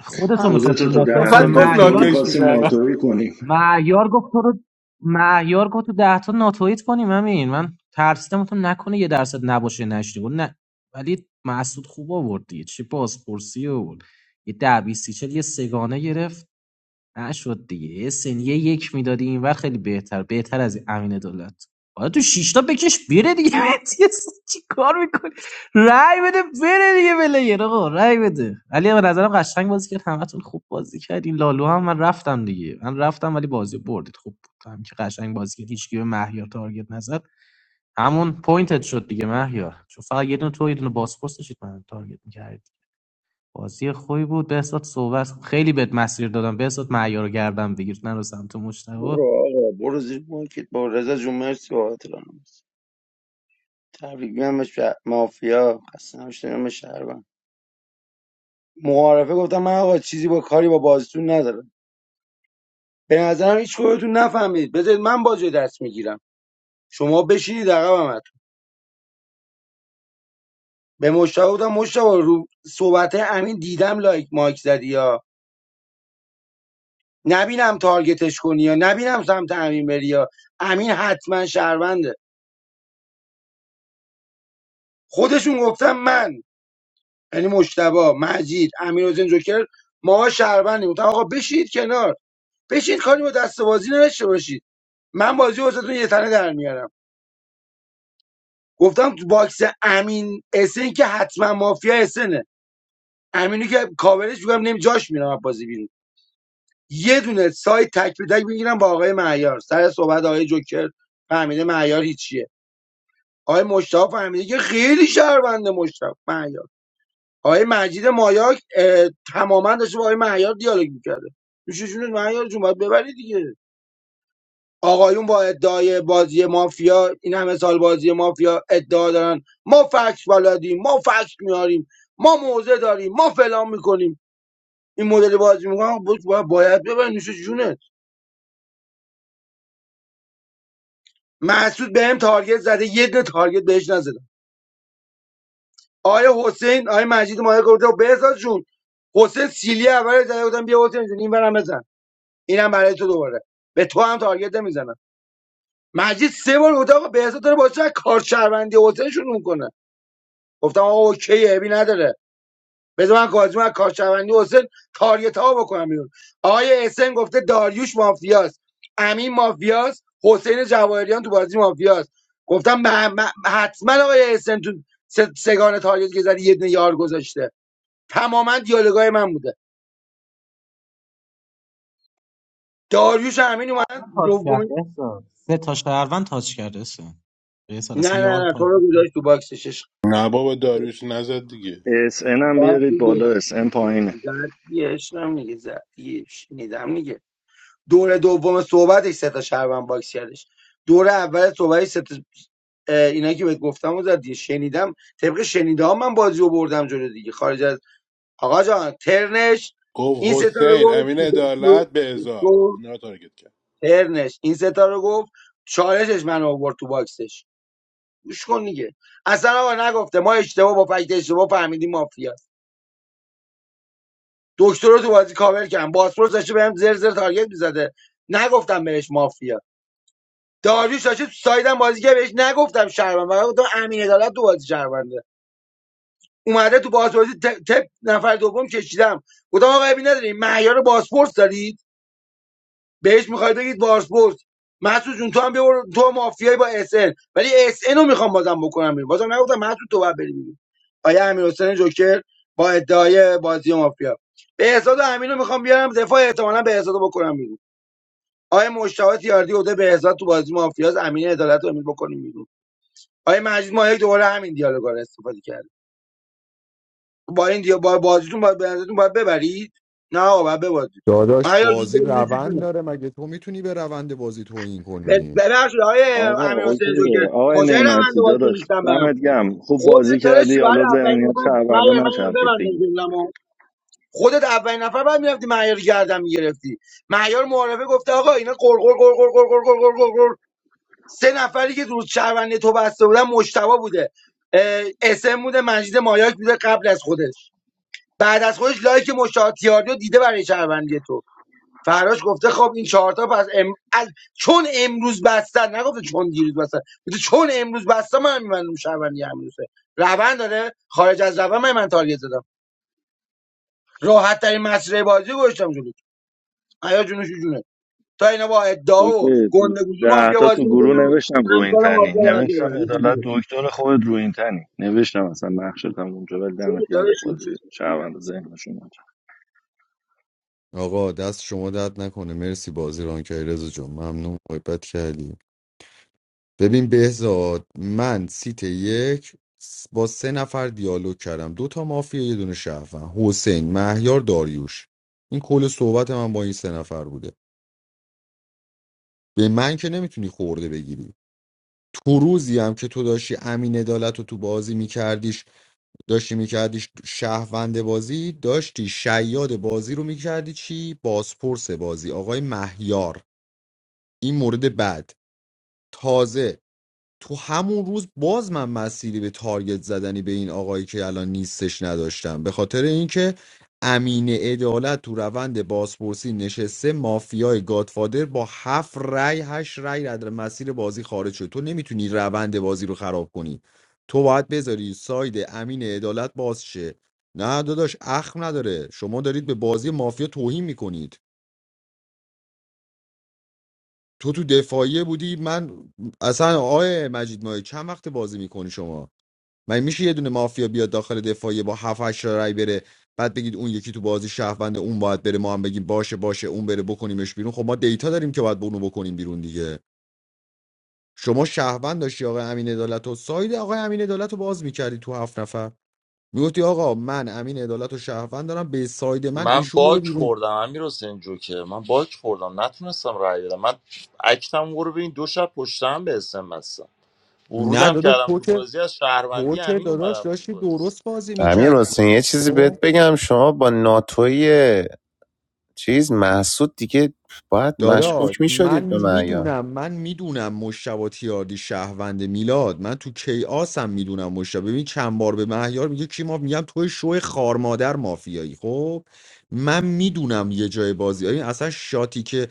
Speaker 11: خودتو میخواستی
Speaker 17: خودتو تو
Speaker 11: ناتویی
Speaker 17: ده
Speaker 11: کنی
Speaker 17: تا
Speaker 19: فقط گفت
Speaker 17: دکتر
Speaker 11: مهیار
Speaker 19: ناتش
Speaker 17: میخواستیم
Speaker 19: میکنم
Speaker 17: ناتوری کنیم
Speaker 11: مهیار گفت تو رو مهیار گفت تو ده تا ناتویت کنیم همین من ترسیدم تو نکنه یه درصد نباشه نشنی گفت نه ولی مسعود خوب آورد دیگه چه بازپرسی آورد یه ده بیست سی چل یه سگانه گرفت نشد دیگه یه سنیه یک میدادی این وقت خیلی بهتر بهتر از این امین دولت حالا تو شیشتا بکش بره دیگه (laughs) مهدی حسن چی کار میکنی رای بده بره دیگه بلیر آقا رای بده علی به نظرم قشنگ بازی کرد همتون خوب بازی کردین لالو هم من رفتم دیگه من رفتم ولی بازی بردید خوب بود هم که قشنگ بازی کرد هیچ کی به مهیار تارگت نزد همون پوینتت شد دیگه مهیار چون فقط یه دونه تو یه دونه باسپورس داشتید من تارگت می‌کردید بازی خوبی بود بهزاد صحبت خیلی بهت مسیر دادم بهزاد معیار گردم بگیر نرو سمت مشتبه
Speaker 18: برو آقا برو زیر مارکت با رضا جون مرسی بابت راهنمایی. تبریک میگم به شه- مافیا خسته نباشید میگم به شهروند معارفه گفتم من آقا چیزی با کاری با بازیتون ندارم به نظرم هیچ کدومتون نفهمید بذارید من بازی رو دست میگیرم شما بشینید عقبم به مشتاق گفتم مشتاق رو صحبت امین دیدم لایک مایک زدی یا نبینم تارگتش کنی یا نبینم سمت امین بری یا امین حتما شهرونده خودشون گفتم من یعنی مشتبه مجید امین حسین جوکر ما شهروندیم گفتم آقا بشید کنار بشید کاری با دست بازی نداشته باشید من بازی واسهتون یه تنه در میارم گفتم تو باکس امین اسن که حتما مافیا اسنه امینی که کاورش میگم نمی جاش میرم از بازی بیرون یه دونه سایت تک به تک میگیرم با آقای معیار سر صحبت آقای جوکر فهمیده معیار هیچیه آقای مشتاق فهمیده که خیلی شهرونده مشتاق معیار آقای مجید مایاک تماما داشته با آقای معیار دیالوگ میکرده میشه جون معیار جون باید ببری دیگه آقایون با ادعای بازی مافیا این همه سال بازی مافیا ادعا دارن ما فکس بلدیم ما فکس میاریم ما موزه داریم ما فلان میکنیم این مدل بازی میکنن باید, باید ببرین نوش جونه محسود بهم تارگت زده یه دونه تارگت بهش نزدم آیا حسین آیا مجید مایه گفته بهزاد جون حسین سیلی اول زده بودم بیا حسین جون این برم بزن اینم برای تو دوباره به تو هم تارگت نمیزنم مجید سه بار گفته آقا بهزاد داره با کار شهروندی حسین شروع میکنه گفتم آقا اوکی ابی نداره بذار من کاظم از کارشوندی حسین تاریت ها بکنم بیرون آقای اسن گفته داریوش مافیاست امین مافیاست حسین جواهریان تو بازی مافیاست گفتم به- به- حتما آقای اسن تو س- سگان تاریت که زدی یه دونه یار گذاشته تماما دیالوگای من بوده داریوش و امین اومدن
Speaker 11: کرد
Speaker 18: دومی
Speaker 11: احسان سه تا شهروند تاچ کرده اصلا بهزاد اصلا
Speaker 18: نه
Speaker 11: یار
Speaker 18: نه نه تو رو
Speaker 11: تارگت
Speaker 18: گذاشت تو باکسش عشق.
Speaker 13: نه بابا داریوش نزد دیگه
Speaker 17: اس هم
Speaker 18: زد
Speaker 17: بیارید
Speaker 18: دیگه
Speaker 17: بالا اس ام پایینه
Speaker 18: زد دیگه عشقم دیگه زد دیگه شنیدم دور دوم صحبتش سه تا شهروند باکس کردش دور اول صحبتش سه تا اه، اینایی که بهت گفتم و زدی شنیدم طبق شنیده ها من بازی رو بردم جلو دیگه خارج از آقا جان ترنش
Speaker 13: گفت
Speaker 18: این سه تا رو
Speaker 13: حسین
Speaker 18: گفت
Speaker 13: امین عدالت بهزاد
Speaker 18: تو
Speaker 13: اینا رو تارگت کرد
Speaker 18: ترنش این سه تا رو گفت چالشش من آورد تو باکسش گوش کن دیگه اصلا آقا نگفته ما اشتباه با فکت اشتباه فهمیدیم مافیا دکتر رو تو بازی کاور کردم باسپورس داشته بهم زر زر تارگت میزده نگفتم بهش مافیا داریوش داشته تو سایدم بازی که بهش نگفتم شهروند و گفتم امین عدالت تو بازی شهرونده اومده تو بازپرسی ت- تپ نفر دوم کشیدم گفتم آقا ابی نداری معیار بازپرس دارید بهش میخواید بگید بازپرس محسوس جون تو هم ببر تو مافیای با اس ان ولی اس ان رو میخوام بازم بکنم بیرون بازم نگفتم محسوس تو باید بری بیرون آیا امیر حسین جوکر با ادعای بازی مافیا به احساد و امین رو میخوام بیارم دفاع احتمالاً به احساد بکنم بیرون آیا مشتاق یاردی بوده به تو بازی مافیاس امین عدالت رو امین بکنیم بیرون آقای مجید ماهی دوباره همین دیالوگا رو استفاده کرد با این دیا با بازیتون باید بازیتون باید ببرید نه آقا باید ببازید
Speaker 6: داداش
Speaker 18: مهیار جون
Speaker 6: بازی
Speaker 18: بریم نوش
Speaker 6: روند
Speaker 18: جونه
Speaker 6: داره مگه تو میتونی به روند بازی توهین
Speaker 18: ب-
Speaker 6: کنی
Speaker 18: ببخشید آقای
Speaker 17: آقا
Speaker 18: امیر حسین
Speaker 17: اوکیه
Speaker 18: جوکر
Speaker 17: آقای
Speaker 18: کجای روند
Speaker 17: نعمتی
Speaker 18: بازیتون
Speaker 17: داداش
Speaker 18: نیستم برم
Speaker 17: دمت گم خوب بازی
Speaker 18: خودت داره چی
Speaker 17: کردی
Speaker 18: باید
Speaker 17: حالا
Speaker 18: اولین
Speaker 17: ذهنیت
Speaker 18: نفر
Speaker 17: شهروندا
Speaker 18: مهیار من اینو
Speaker 17: نچرخید دیگه
Speaker 18: ببندم جمله‌مو خودت اولین نفر بعد میرفتی مهیار گردم گردن میگرفتی مهیار معارفه گفته آقا اینا قرقر قرقر قرقر قرقر قرقر سه نفری که روز شهرونده تو بسته بودن مشتبه بوده اه، اسم بوده مجید مایاک بوده قبل از خودش بعد از خودش لایک مشاتیاری رو دیده برای شهروندی تو فراش گفته خب این چهارتا پس ام... از... چون امروز بستن نگفته چون دیروز بستن گفته چون امروز بستن من میبندم شهروندی امروزه روند داره خارج از روند من, من تارگت زدم راحت ترین مسیر بازی رو گذاشتم جلو آیا جونش جونه تا اینا با ادعا و
Speaker 17: اوکی تو
Speaker 18: گندگوزی
Speaker 17: ده
Speaker 18: مافیا
Speaker 17: تا تو
Speaker 18: بازی
Speaker 17: گروه
Speaker 18: میکنن
Speaker 17: نوشتم رو این
Speaker 18: همسر
Speaker 17: تنی
Speaker 18: مافیا باید
Speaker 17: نوشتم
Speaker 18: ببرن این
Speaker 17: عدالت دکتر خودت رو این تنی نوشتم اصلا نقشتم اونجا ولی
Speaker 18: چون
Speaker 17: دمت
Speaker 18: داره
Speaker 17: گم
Speaker 18: چی-
Speaker 17: بازی شهروندا ذهنشون نچرخید
Speaker 6: آقا دست شما درد نکنه مرسی بازی ران کردی رضا جون ممنون محبت کردی ببین بهزاد من سیت یک س- با سه نفر دیالوگ کردم دو تا مافیا یه دونه شهروند حسین مهیار داریوش این کل صحبت من با این سه نفر بوده به من که نمیتونی خورده بگیری تو روزی هم که تو داشتی امین عدالت رو تو بازی میکردیش داشتی میکردیش شهروند بازی داشتی شیاد بازی رو میکردی چی؟ بازپرس بازی آقای مهیار این مورد بعد تازه تو همون روز باز من مسیری به تارگت زدنی به این آقایی که الان نیستش نداشتم به خاطر اینکه امین عدالت تو روند بازپرسی نشسته مافیای گادفادر با هفت رای هشت رای از مسیر بازی خارج شد تو نمیتونی روند بازی رو خراب کنی تو باید بذاری ساید امین عدالت باز شه نه داداش اخم نداره شما دارید به بازی مافیا توهین میکنید تو تو دفاعیه بودی من اصلا آقای مجید مایه چند وقت بازی میکنی شما مگه میشه یه دونه مافیا بیاد داخل دفاعیه با 7 8 رای بره بعد بگید اون یکی تو بازی شهروند اون باید بره ما هم بگیم باشه باشه اون بره بکنیمش بیرون خب ما دیتا داریم که باید اونو بکنیم بیرون دیگه شما شهروند داشتی آقای امین عدالت و ساید آقای امین عدالت رو باز میکردی تو هفت نفر میگفتی آقا من امین عدالت و شهروند دارم به ساید من
Speaker 8: من
Speaker 6: ایشون بره
Speaker 8: باک
Speaker 6: بیرون
Speaker 8: خوردم امیر حسین جوکر من باک خوردم نتونستم رای بدم من اکتم رو به این دو شب پشتم به اسم بستم
Speaker 6: نه
Speaker 8: ورودم
Speaker 6: داداش
Speaker 8: کردم
Speaker 6: تو
Speaker 8: تو
Speaker 6: که
Speaker 8: بازی از
Speaker 6: تو
Speaker 8: شهروندی
Speaker 6: که
Speaker 8: امین
Speaker 6: داداش
Speaker 8: اومدم تو
Speaker 6: داشتی
Speaker 8: بازی
Speaker 6: درست بازی
Speaker 9: امیر
Speaker 6: میکردی
Speaker 9: حسین یه چیزی بهت بگم شما با ناتوی چیز محسود دیگه باید
Speaker 6: داداش
Speaker 9: مشکوک
Speaker 6: من
Speaker 9: میشدید به معیار
Speaker 6: میدونم من میدونم مشتبه تیاردی شهروند میلاد من تو کیاس هم میدونم مشتبه ببین چند بار به مهیار میگه کی ما میگم توی شو خارمادر مافیایی خب من میدونم یه جای بازی این اصلا شاتی که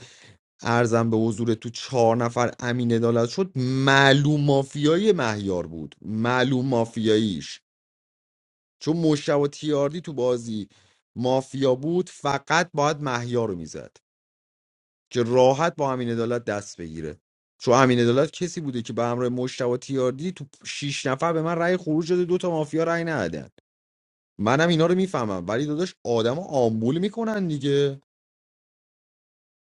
Speaker 6: ارزم به حضور تو چهار نفر امین عدالت شد معلوم مافیایی مهیار بود معلوم مافیاییش چون مشتبه تیاردی تو بازی مافیا بود فقط باید مهیار رو میزد که راحت با همین عدالت دست بگیره چون همین عدالت کسی بوده که به همراه مشتبه تیاردی تو شیش نفر به من رأی خروج داده دو تا مافیا رأی ندادن منم اینا رو میفهمم ولی داداش آدم آمبول میکنن دیگه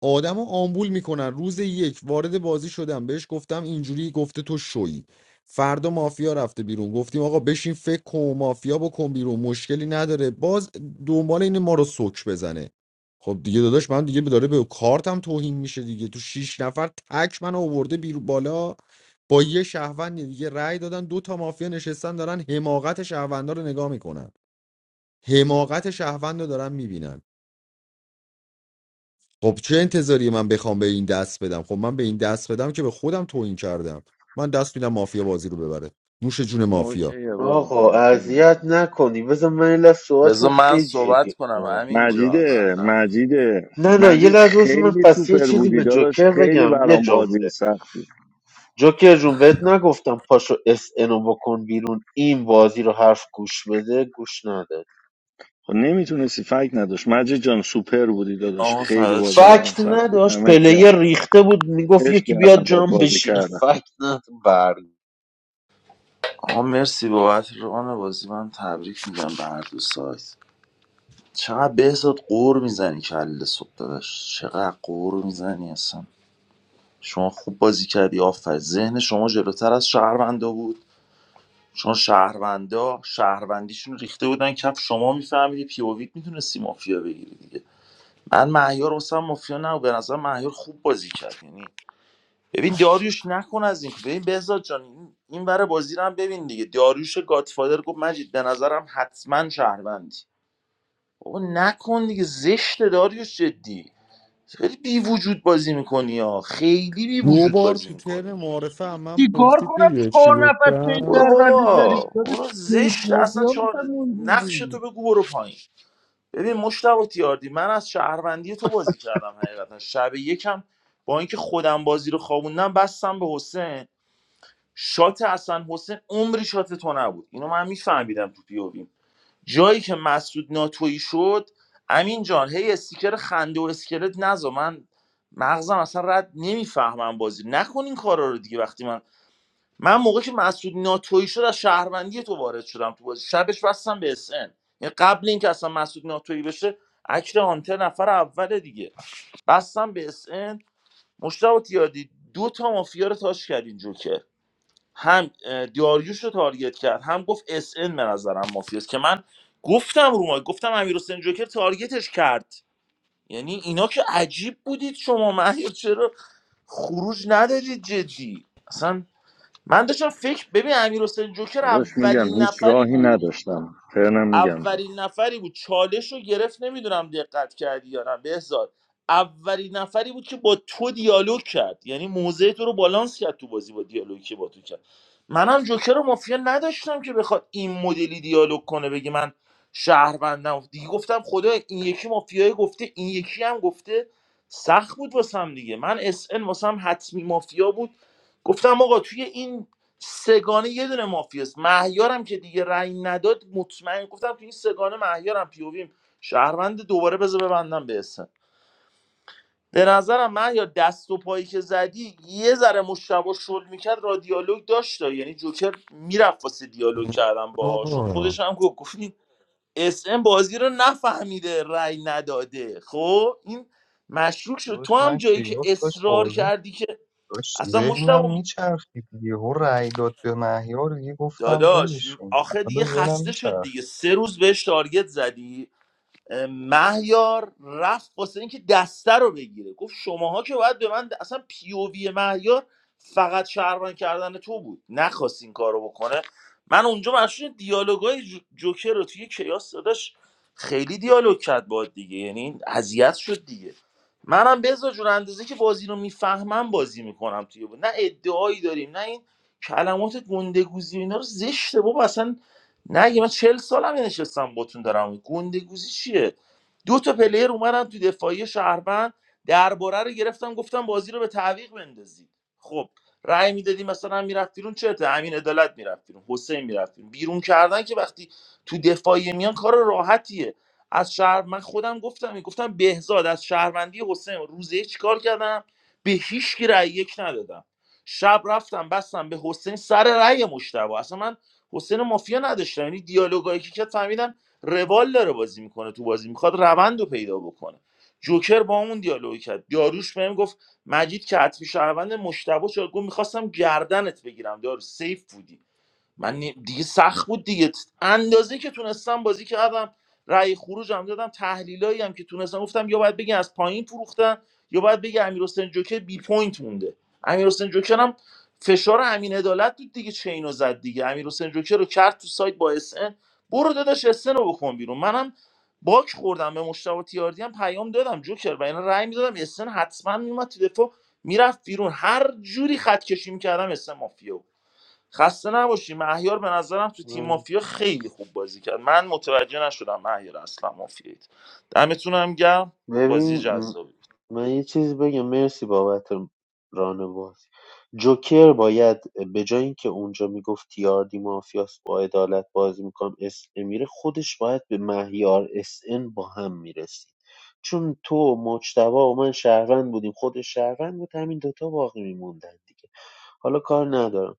Speaker 6: آدمو رو آمبول میکنن روز یک وارد بازی شدم بهش گفتم اینجوری گفته تو شویی فردا مافیا رفته بیرون گفتیم آقا بشین فکر کن مافیا بکن بیرون مشکلی نداره باز دنبال این ما رو سوک بزنه خب دیگه داداش من دیگه داره به کارتم توهین میشه دیگه تو شیش نفر تک من آورده بیرون بالا با یه شهروند دیگه رأی دادن دو تا مافیا نشستن دارن حماقت شهروندا رو نگاه میکنن حماقت شهروند رو دارن میبینن خب چه انتظاری من بخوام به این دست بدم خب من به این دست بدم که به خودم توهین کردم من دست میدم مافیا بازی رو ببره نوش جون مافیا
Speaker 17: اوکیه بابا
Speaker 15: آقا
Speaker 17: اوکی
Speaker 15: اذیت نکنی بذار من یه لحظه صحبت کنم
Speaker 8: بذار من
Speaker 15: خیلی
Speaker 8: صحبت
Speaker 15: جدی
Speaker 8: کنم امین جان
Speaker 15: آمبولم
Speaker 8: من
Speaker 17: مجیده
Speaker 8: رفت
Speaker 17: مجیده
Speaker 15: نه نه یه
Speaker 17: مجید
Speaker 15: لحظه بس من
Speaker 17: خیلی
Speaker 15: پس یه
Speaker 17: سوپر
Speaker 15: چیزی
Speaker 17: بودی
Speaker 15: به
Speaker 17: داداش
Speaker 15: جوکر
Speaker 17: خیلی
Speaker 15: بگم یه
Speaker 17: برام بازی
Speaker 15: جمله
Speaker 17: سخت بود.
Speaker 15: جوکر جون بهت نگفتم پاشو اس انو بکن بیرون این بازی رو حرف گوش بده گوش نداد
Speaker 17: خب نمیتونستی فکر نداشت مجید جان سوپر بودی داداش
Speaker 8: آقا
Speaker 17: خیلی بازی
Speaker 8: فراد.
Speaker 17: برام
Speaker 15: فکت
Speaker 17: سخت بود
Speaker 15: نداشت
Speaker 17: دمت گرم
Speaker 15: پلیر ریخته بود میگفت
Speaker 17: عشق
Speaker 15: یکی
Speaker 17: کردم
Speaker 15: بیاد
Speaker 17: باد
Speaker 15: جام
Speaker 17: بازی
Speaker 15: بشینه (laughs)
Speaker 17: کردم
Speaker 15: فکت نداشت برگ
Speaker 8: آقا مرسی بابت ران بازی من تبریک میگم به هر دو سایت چقدر بهزاد قور میزنی کل صبح داداش چقدر قور میزنی اصلا شما خوب بازی کردی آفر ذهن شما جلوتر از شهروندا بود چون شهروندا شهروندیشون ریخته بودن کف شما میفهمیدی پیوویت میتونستی مافیا بگیری دیگه من مهیار واسم مافیا نه به نظر مهیار خوب بازی کرد یعنی ببین داریوش نکن از این ببین بهزاد جان این این ور بازی رو هم ببین دیگه داریوش گادفادر گفت مجید به نظرم حتما شهروندی بابا نکن دیگه زشت داریوش جدی خیلی بی وجود بازی میکنی ها خیلی بی
Speaker 6: دو
Speaker 8: وجود
Speaker 6: بار
Speaker 8: بازی
Speaker 6: تو ترم
Speaker 8: میکنی
Speaker 6: معارفه هم من
Speaker 11: چیکار
Speaker 6: پرسید
Speaker 11: کنم
Speaker 6: دیدی چی
Speaker 11: چهار نفر چه این
Speaker 8: برو
Speaker 6: گفتم
Speaker 11: سروردی
Speaker 8: بابا
Speaker 11: زدید داده
Speaker 8: برو
Speaker 11: سیف
Speaker 8: زشت اصلا
Speaker 11: مافیا
Speaker 8: چهار
Speaker 11: میشم
Speaker 8: نقش تو
Speaker 11: اونجوری
Speaker 8: بگو برو پایین ببین مشتبه تیاردی من از شهروندی تو بازی کردم حقیقتا شب یکم با اینکه خودم بازی رو خوابوندم بستم به حسین شات حسن حسین عمری شات تو نبود اینو من میفهمیدم تو پیوویم جایی که مسعود ناتویی شد امین جان هی استیکر خنده و اسکلت نزا من مغزم اصلا رد نمیفهمم بازی نکن این کارا رو دیگه وقتی من من موقع که مسعود ناتویی شد از شهروندی تو وارد شدم تو بازی شبش بستم به اسن یعنی قبل اینکه اصلا مسعود ناتویی بشه اکر هانتر نفر اول دیگه بستم به اسن مشتاق تیاردی دو تا مافیا رو تاش کردین جوکر هم اه، داریوش رو تارگت کرد هم گفت اس ان به نظرم مافیاست که من گفتم رو ما گفتم امیر حسین جوکر تارگتش کرد یعنی اینا که عجیب بودید شما مهیر (laughs) چرا خروج ندارید جدی اصلا من داشتم فکر ببین امیر حسین جوکر
Speaker 17: داداش میگم
Speaker 8: اولین
Speaker 17: هیچ
Speaker 8: نفری
Speaker 17: راهی
Speaker 8: بود
Speaker 17: نداشتم فرنم میگم
Speaker 8: اولین نفری بود چالش رو گرفت نمیدونم دقت کردی یا نه بهزاد اولین نفری بود که با تو دیالوگ کرد یعنی موضع تو رو بالانس کرد تو بازی با دیالوگی که با تو کرد منم جوکر و مافیا نداشتم که بخواد این مدلی دیالوگ کنه بگه من شهروندم دیگه گفتم خدا این یکی مافیای گفته این یکی هم گفته سخت بود واسم دیگه من اس ان واسم حتمی مافیا بود گفتم آقا توی این سگانه یه دونه مافیاست مهیارم که دیگه رأی نداد مطمئن گفتم تو این سگانه مهیارم پیوویم شهروند دوباره بذار ببندم به اسم به نظرم مهیار دست و پایی که زدی یه ذره مشتبه شل میکرد را دیالوگ داشت یعنی جوکر میرفت واسه دیالوگ کردم باهاشون
Speaker 6: بابا.
Speaker 8: خودش هم گفت گفت این اس ام بازی رو نفهمیده رأی نداده خب این مشکوک شد تو
Speaker 3: داشت
Speaker 8: هم
Speaker 3: من
Speaker 8: جایی که
Speaker 3: کیاس داشت
Speaker 8: اصرار
Speaker 3: بازی
Speaker 8: کردی که
Speaker 3: داشت
Speaker 8: اصلا
Speaker 3: ذهنم
Speaker 8: مشتبه
Speaker 3: میچرخید یهو رأی داد به مهیار دیگه گفتم
Speaker 8: داداش
Speaker 3: ولشون
Speaker 8: آخه
Speaker 3: اصلا
Speaker 8: دیگه
Speaker 3: داشت ذهنم
Speaker 8: خسته شد
Speaker 3: میچرخید
Speaker 8: دیگه سه روز بهش تارگت زدی مهیار رفت واسه اینکه دسته رو بگیره گفت شماها که باید به من د- اصلا پیووی مهیار فقط شهروند کردن تو بود نخواست این کارو بکنه من اونجا مشهور دیالوگای جو- جوکر رو توی کیاس داداش خیلی دیالوگ کرد باد دیگه یعنی اذیت شد دیگه منم بزا جون اندازه که بازی رو میفهمم بازی میکنم توی بود نه ادعایی داریم نه این کلمات گندگوزی و اینا رو زشته بابا اصلا نه اگه من چهل سالم نشستم باتون دارم گنده گوزی چیه دو تا پلیر اومدن تو دفاعی شهروند درباره رو گرفتم گفتم بازی رو به تعویق بندازید خب رأی میدادی مثلا میرفت بیرون چته امین عدالت میرفت بیرون حسین میرفت بیرون بیرون کردن که وقتی تو دفاعی میان کار راحتیه از شهر من خودم گفتم گفتم بهزاد از شهروندی حسین روزه چیکار کردم به هیچ کی رأی یک ندادم شب رفتم بستم به حسین سر رأی مشتبه اصلا من حسین مافیا نداشتم یعنی دیالوگایی که کرد فهمیدم روال داره بازی میکنه تو بازی میخواد روند رو پیدا بکنه جوکر با اون دیالوگ کرد داروش بهم گفت مجید که حتمی شهروند مشتبه شد گفت میخواستم گردنت بگیرم دارو سیف بودی من نی- دیگه سخت بود دیگه اندازه که تونستم بازی کردم رأی خروج هم دادم تحلیلایی هم که تونستم گفتم یا باید بگی از پایین فروختن یا باید بگی امیر حسین جوکر بی پوینت مونده امیر حسین جوکر هم فشار امین عدالت بود دیگه چه اینو زد دیگه امیر حسین جوکر رو کرد تو سایت با اس ان، برو داداش اس ان رو بکن بیرون منم باک خوردم به مشتاق تیاردی هم پیام دادم جوکر و اینا رأی میدادم اس ان حتما میومد تو دفاع میرفت بیرون هر جوری خط کشی میکردم اس ان مافیا بود. خسته نباشی مهیار به نظرم تو تیم
Speaker 15: من
Speaker 8: مافیا خیلی خوب بازی کرد من متوجه نشدم مهیار اصلا مافیایید دمتون هم گرم بازی
Speaker 15: ببین
Speaker 8: جذابی بود.
Speaker 15: من یه چیز بگم مرسی بابت رانوازی جوکر باید به جای اینکه اونجا میگفت تیاردی مافیاس با عدالت بازی میکنم اس میره خودش باید به مهیار اس ان با هم میرسید چون تو مجتبا و من شهروند بودیم خودش شهروند بود همین دوتا باقی میموندن دیگه حالا کار ندارم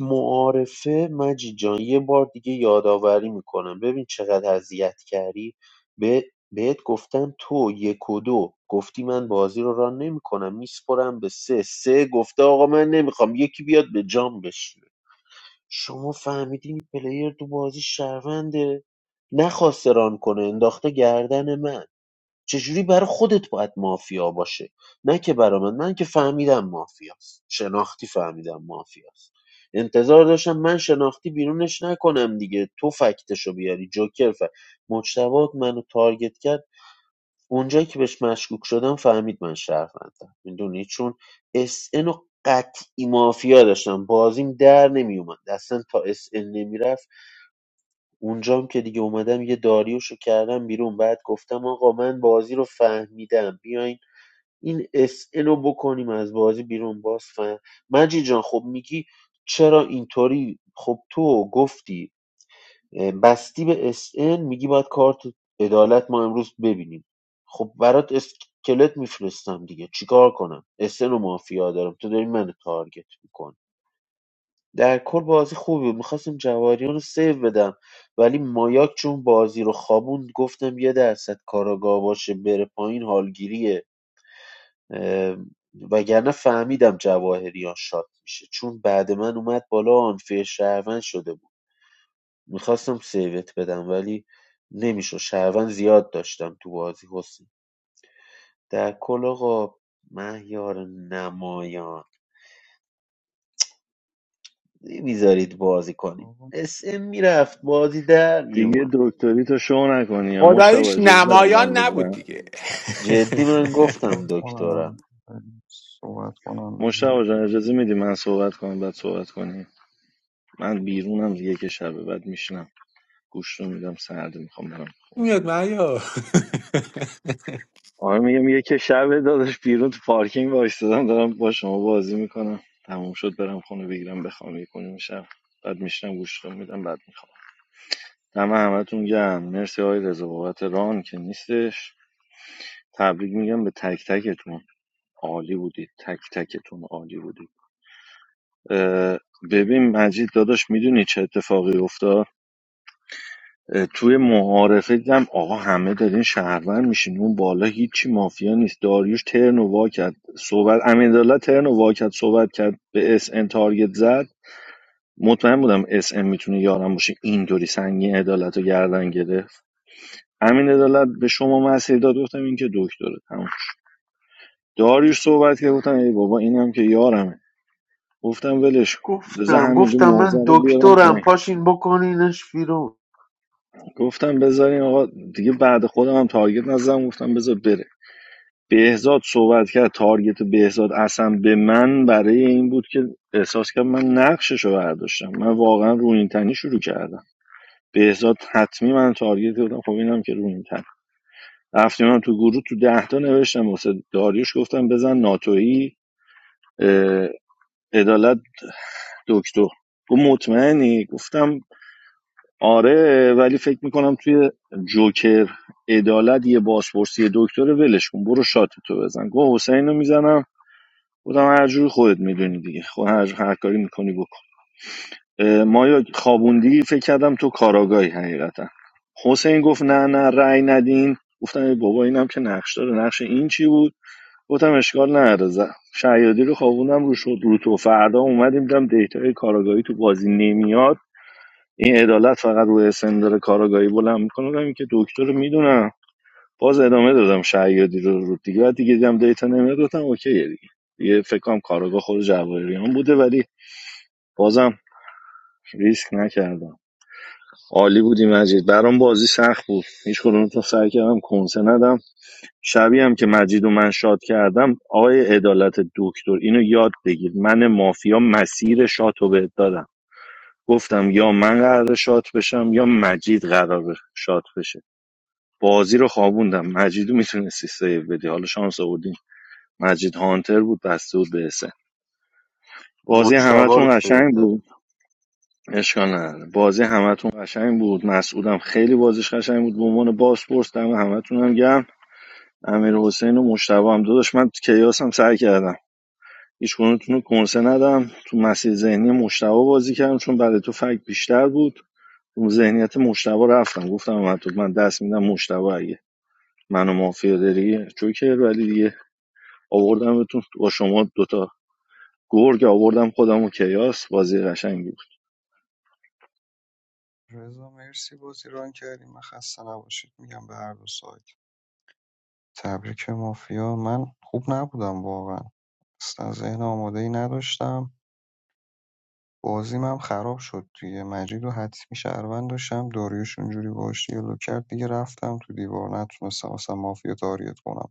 Speaker 15: معارفه مجید جان یه بار دیگه یادآوری میکنم ببین چقدر اذیت کردی به بهت گفتم تو یک و دو گفتی من بازی رو ران نمیکنم میسپرم به سه سه گفته آقا من نمیخوام یکی بیاد به جام بشینه شما فهمیدین این پلیر تو بازی شرونده نخواسته ران کنه انداخته گردن من چجوری برای خودت باید مافیا باشه نه که برا من من که فهمیدم مافیاست شناختی فهمیدم مافیاست انتظار داشتم من شناختی بیرونش نکنم دیگه تو فکتشو بیاری جوکر فکت مجتبات منو تارگت کرد اونجایی که بهش مشکوک شدم فهمید من شهروندم میدونی چون اس ان و قطعی مافیا داشتم بازیم در نمیومد اصلا تا اس ان نمیرفت اونجام که دیگه اومدم یه داریوشو کردم بیرون بعد گفتم آقا من بازی رو فهمیدم بیاین این اس ان رو بکنیم از بازی بیرون باز فهم مجید جان خب میگی چرا اینطوری خب تو گفتی اه، بستی به اس ان، میگی باید کارت عدالت ما امروز ببینیم خب برات اسکلت میفرستم دیگه چیکار کنم اس ان و مافیا دارم تو داری منو تارگت میکنی در کل بازی خوبی بود میخواستم جواهریان رو سیو بدم ولی مایاک چون بازی رو خوابوند گفتم یه درصد کاراگاه باشه بره پایین حالگیریه اه، وگرنه فهمیدم جواهریان شاد میشه چون بعد من اومد بالا آنفیر شهروند شده بود میخواستم سیوت بدم ولی نمیشه شهروند زیاد داشتم تو بازی حسین در کل آقا مهیار نمایان نمیذارید بازی کنیم
Speaker 3: آقا
Speaker 15: اسم میرفت بازی در میومد
Speaker 17: دیگه دکتری تو شو نکنی یا مشتبه
Speaker 19: خداییش
Speaker 17: اجازه دارم من
Speaker 19: نمایان نبود
Speaker 17: بگم
Speaker 19: دیگه (laughs)
Speaker 3: من
Speaker 15: جدی من
Speaker 3: بخور
Speaker 15: گفتم
Speaker 3: کنم
Speaker 15: دکترم
Speaker 3: بریم صحبت کنم بگیم
Speaker 17: مشتبه جان اجازه میدی من صحبت کنم بعد صحبت کنی من بیرونم یک شبه بعد میشنم گوش رو میدم سرده میخوام برم خونه.
Speaker 19: میاد مهیار
Speaker 17: آره میگه میگه که شب داداش بیرون تو پارکینگ وایستادم دارم با شما بازی میکنم تموم شد برم خونه بگیرم بخوام کنیم میشم بعد میشنم گوش کنم میدم بعد میخوام دم همتون گرم مرسی آقای رضا بابت ران که نیستش تبریک میگم به تک تکتون عالی بودید تک تکتون عالی بودید اه، ببین مجید داداش میدونی چه اتفاقی افتاد اه، توی معارفه هم آقا همه دارین شهرور میشین اون بالا هیچی مافیا نیست داریوش ترن و وا کرد صحبت امیرالله ترن و وا کرد صحبت کرد به اس ان تارگت زد مطمئن بودم اس ان میتونه یارم باشه اینطوری سنگین عدالت رو گردن گرفت امین عدالت به شما مسیر داد گفتم این که دکتره تموم شد. داریوش صحبت کرد گفتم ای بابا اینم که یارمه گفتم ولش کن. بذار
Speaker 15: گفتم
Speaker 17: همینجا
Speaker 15: گفتم
Speaker 17: موزه
Speaker 15: من
Speaker 17: رو بیارم
Speaker 15: دکترم
Speaker 17: پایین
Speaker 15: پاشین بکنینش بیرون
Speaker 17: گفتم بذارین آقا دیگه بعد خودم هم تارگت نزدم گفتم بذار بره بهزاد صحبت کرد تارگت بهزاد اصلا به من برای این بود که احساس کردم من نقششو رو برداشتم من واقعا رو این تنی شروع کردم بهزاد حتمی من تارگت بودم خب اینم که رو این تن رفتیم من تو گروه تو ده تا نوشتم واسه داریوش گفتم بزن ناتویی اه، عدالت دکتر گفت مطمئنی گفتم آره ولی فکر میکنم توی جوکر عدالت یه بازپرسی دکتر ولش کن برو شات تو بزن گفت حسین رو میزنم بودم هر جور خودت میدونی دیگه خود هر, هر کاری میکنی بکن اه، مایا خوابوندی فکر کردم تو کاراگاهی حقیقتا حسین گفت نه نه رأی ندین گفتم ای بابا اینم که نقش داره نقش این چی بود گفتم اشکال نداره ز- شیادی رو خوابوندم رو شد رو تو فردا اومدیم دیدم دیتای کاراگاهی تو بازی نمیاد این عدالت فقط رو اسن داره کاراگاهی بلند میکنه که دکتر رو میدونم باز ادامه دادم شهیادی رو رو دیگه بعد دیگه دیدم دیتا نمیاد گفتم اوکیه دیگه دیگه فکر کنم کاراگاه خود جواهریان بوده ولی بازم ریسک نکردم عالی بودی مجید برام بازی سخت بود هیچ کدومتون سعی کردم کنسه ندم شبیه هم که مجید و من شاد کردم آقای عدالت دکتر اینو یاد بگیر من مافیا مسیر شات رو بهت دادم گفتم یا من قرار شات بشم یا مجید قرار شات بشه بازی رو خوابوندم مجیدو میتونستی سیو بدی حالا شانس آوردی مجید هانتر بود بسته بود به حسین بازی
Speaker 15: مجتبا رو
Speaker 17: همتون
Speaker 15: سیو
Speaker 17: قشنگ
Speaker 15: دادم
Speaker 17: بود اشکال نداره بازی همتون قشنگ بود مسعودم خیلی بازیش قشنگ بود به عنوان باسپورس دم همتون هم گرم امیر حسین و مشتبه هم داداش من تو کیاس هم سعی کردم هیچ کدومتون رو کنسه ندم تو مسیر ذهنی مشتبه بازی کردم چون برای تو فکت بیشتر بود تو ذهنیت مشتبه رفتم گفتم من من دست میدم مشتبه اگه منو مافیا داری جوکر ولی دیگه آوردمتون با شما دوتا گرگ آوردم خودم و کیاس بازی قشنگی بود
Speaker 3: رضا مرسی بازی ران کردیم من خسته نباشید میگم به هر دو سایت تبریک مافیا من خوب نبودم واقعا اصلا ذهن آماده ای نداشتم بازیم هم خراب شد دیگه مجیدو حتمی شهروند داشتم داریوش اونجوری باهاش دیالوگ کرد دیگه رفتم تو دیوار نتونستم اصلا مافیا تاریت کنم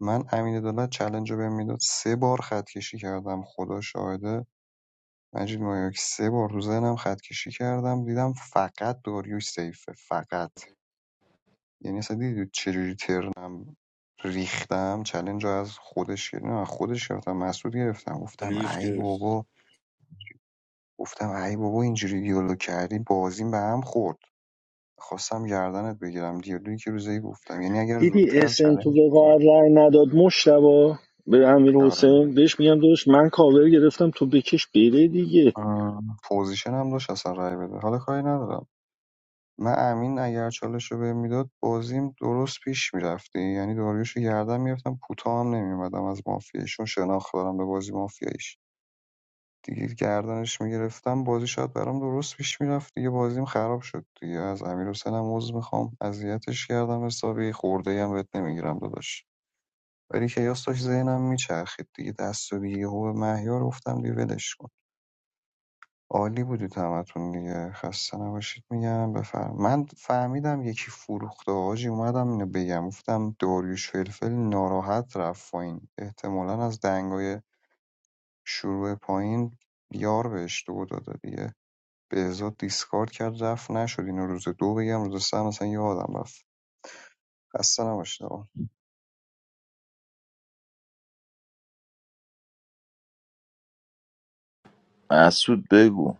Speaker 3: من امین عدالت چلنج رو بهم میداد سه بار خط کشی کردم خدا شاهده مجید مایاک سه بار تو ذهنم خط کشی کردم دیدم فقط داریوش سیفه فقط یعنی اصلا دیدید چجوری ترنم ریختم چلنج رو از خودش گرفتم نه خودش گرفتم مسعود گرفتم گفتم
Speaker 13: داریوش
Speaker 3: ای
Speaker 13: گرفت
Speaker 3: بابا گفتم ای بابا اینجوری دیالوگ کردی بازیم به هم خورد خواستم گردنت بگیرم دیالوگی که روزی گفتم یعنی اگر
Speaker 17: دیدی
Speaker 3: زودتر
Speaker 17: اسن
Speaker 3: چنه
Speaker 17: تو وقاعت رأی نداد مشتبا به امیر
Speaker 3: آره
Speaker 17: حسین بهش میگم داداش من کاور گرفتم تو بکش بره دیگه
Speaker 3: آه، پوزیشنم داشت اصلا رای بده حالا کاری ندارم من امین اگر چالش رو بهم میداد بازیم درست پیش میرفتی یعنی داریوش رو گردن میرفتم کوتاه هم نمیومدم از مافیایشون شناخت دارم به بازی مافیاییش دیگه گردنش میگرفتم بازی شاید برام درست پیش میرفت دیگه بازیم خراب شد دیگه از امیر حسین هم عذر میخوام اذیتش کردم حسابی خورده هم بهت نمیگیرم داداش ولی که یاستاش ذهنم میچرخید دیگه دست و دیگه هو به مهیار گفتم دیگه ولش کن عالی بودید همتون دیگه خسته نباشید میگم بفرم من فهمیدم یکی فروخته آجی اومدم اینو بگم گفتم داریوش فلفل ناراحت رفت پایین احتمالا از دنگای شروع پایین یار بهش دو داده دیگه بهزاد دیسکارد کرد رفت نشد اینو روز دو بگم روز سه هم اصلا یادم رفت خسته نباشید آقا
Speaker 8: مسعود بگو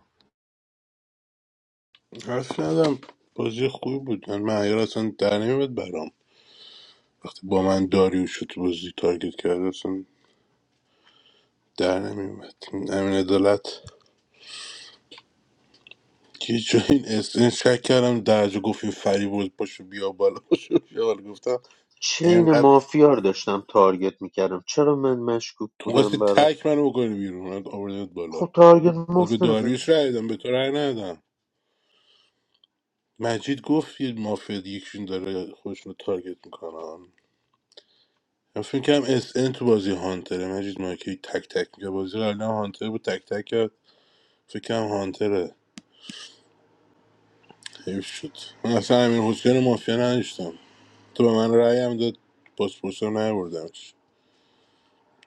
Speaker 13: حرف ندم بازی خوبی بود من معیار اصلا در نمیاد برام وقتی با من داریوش رو تو بازی تارگت کرده اصلا در نمیومد این امین عدالت یه جایی این اس این شک کردم درجا گفت این فری برد پاشو بیا بالا پاشو بیا بالا گفتم
Speaker 15: چین
Speaker 13: اینقدر
Speaker 15: مافیار داشتم تارگت میکردم چرا من مشکوک
Speaker 13: تو خواستی
Speaker 15: بودم برا
Speaker 13: تک منو بکنی بیرون من آوردمت بالا
Speaker 15: خب تارگت
Speaker 13: باز به
Speaker 15: مفت نزد
Speaker 13: داریوش رای دادم به تو رای ندادم مجید گفت یه مافیا یکشون داره خودشون رو تارگت میکنن من فکر کنم اس ان تو بازی هانتره مجید مایکی تک تک میگه بازی قبلا هانتر بود تک تک کرد فکر کنم هانتره حیف شد من اصلا امیر حسین رو مافیا نداشتم تو به من رأی هم داد پاسپورت رو نیاوردمش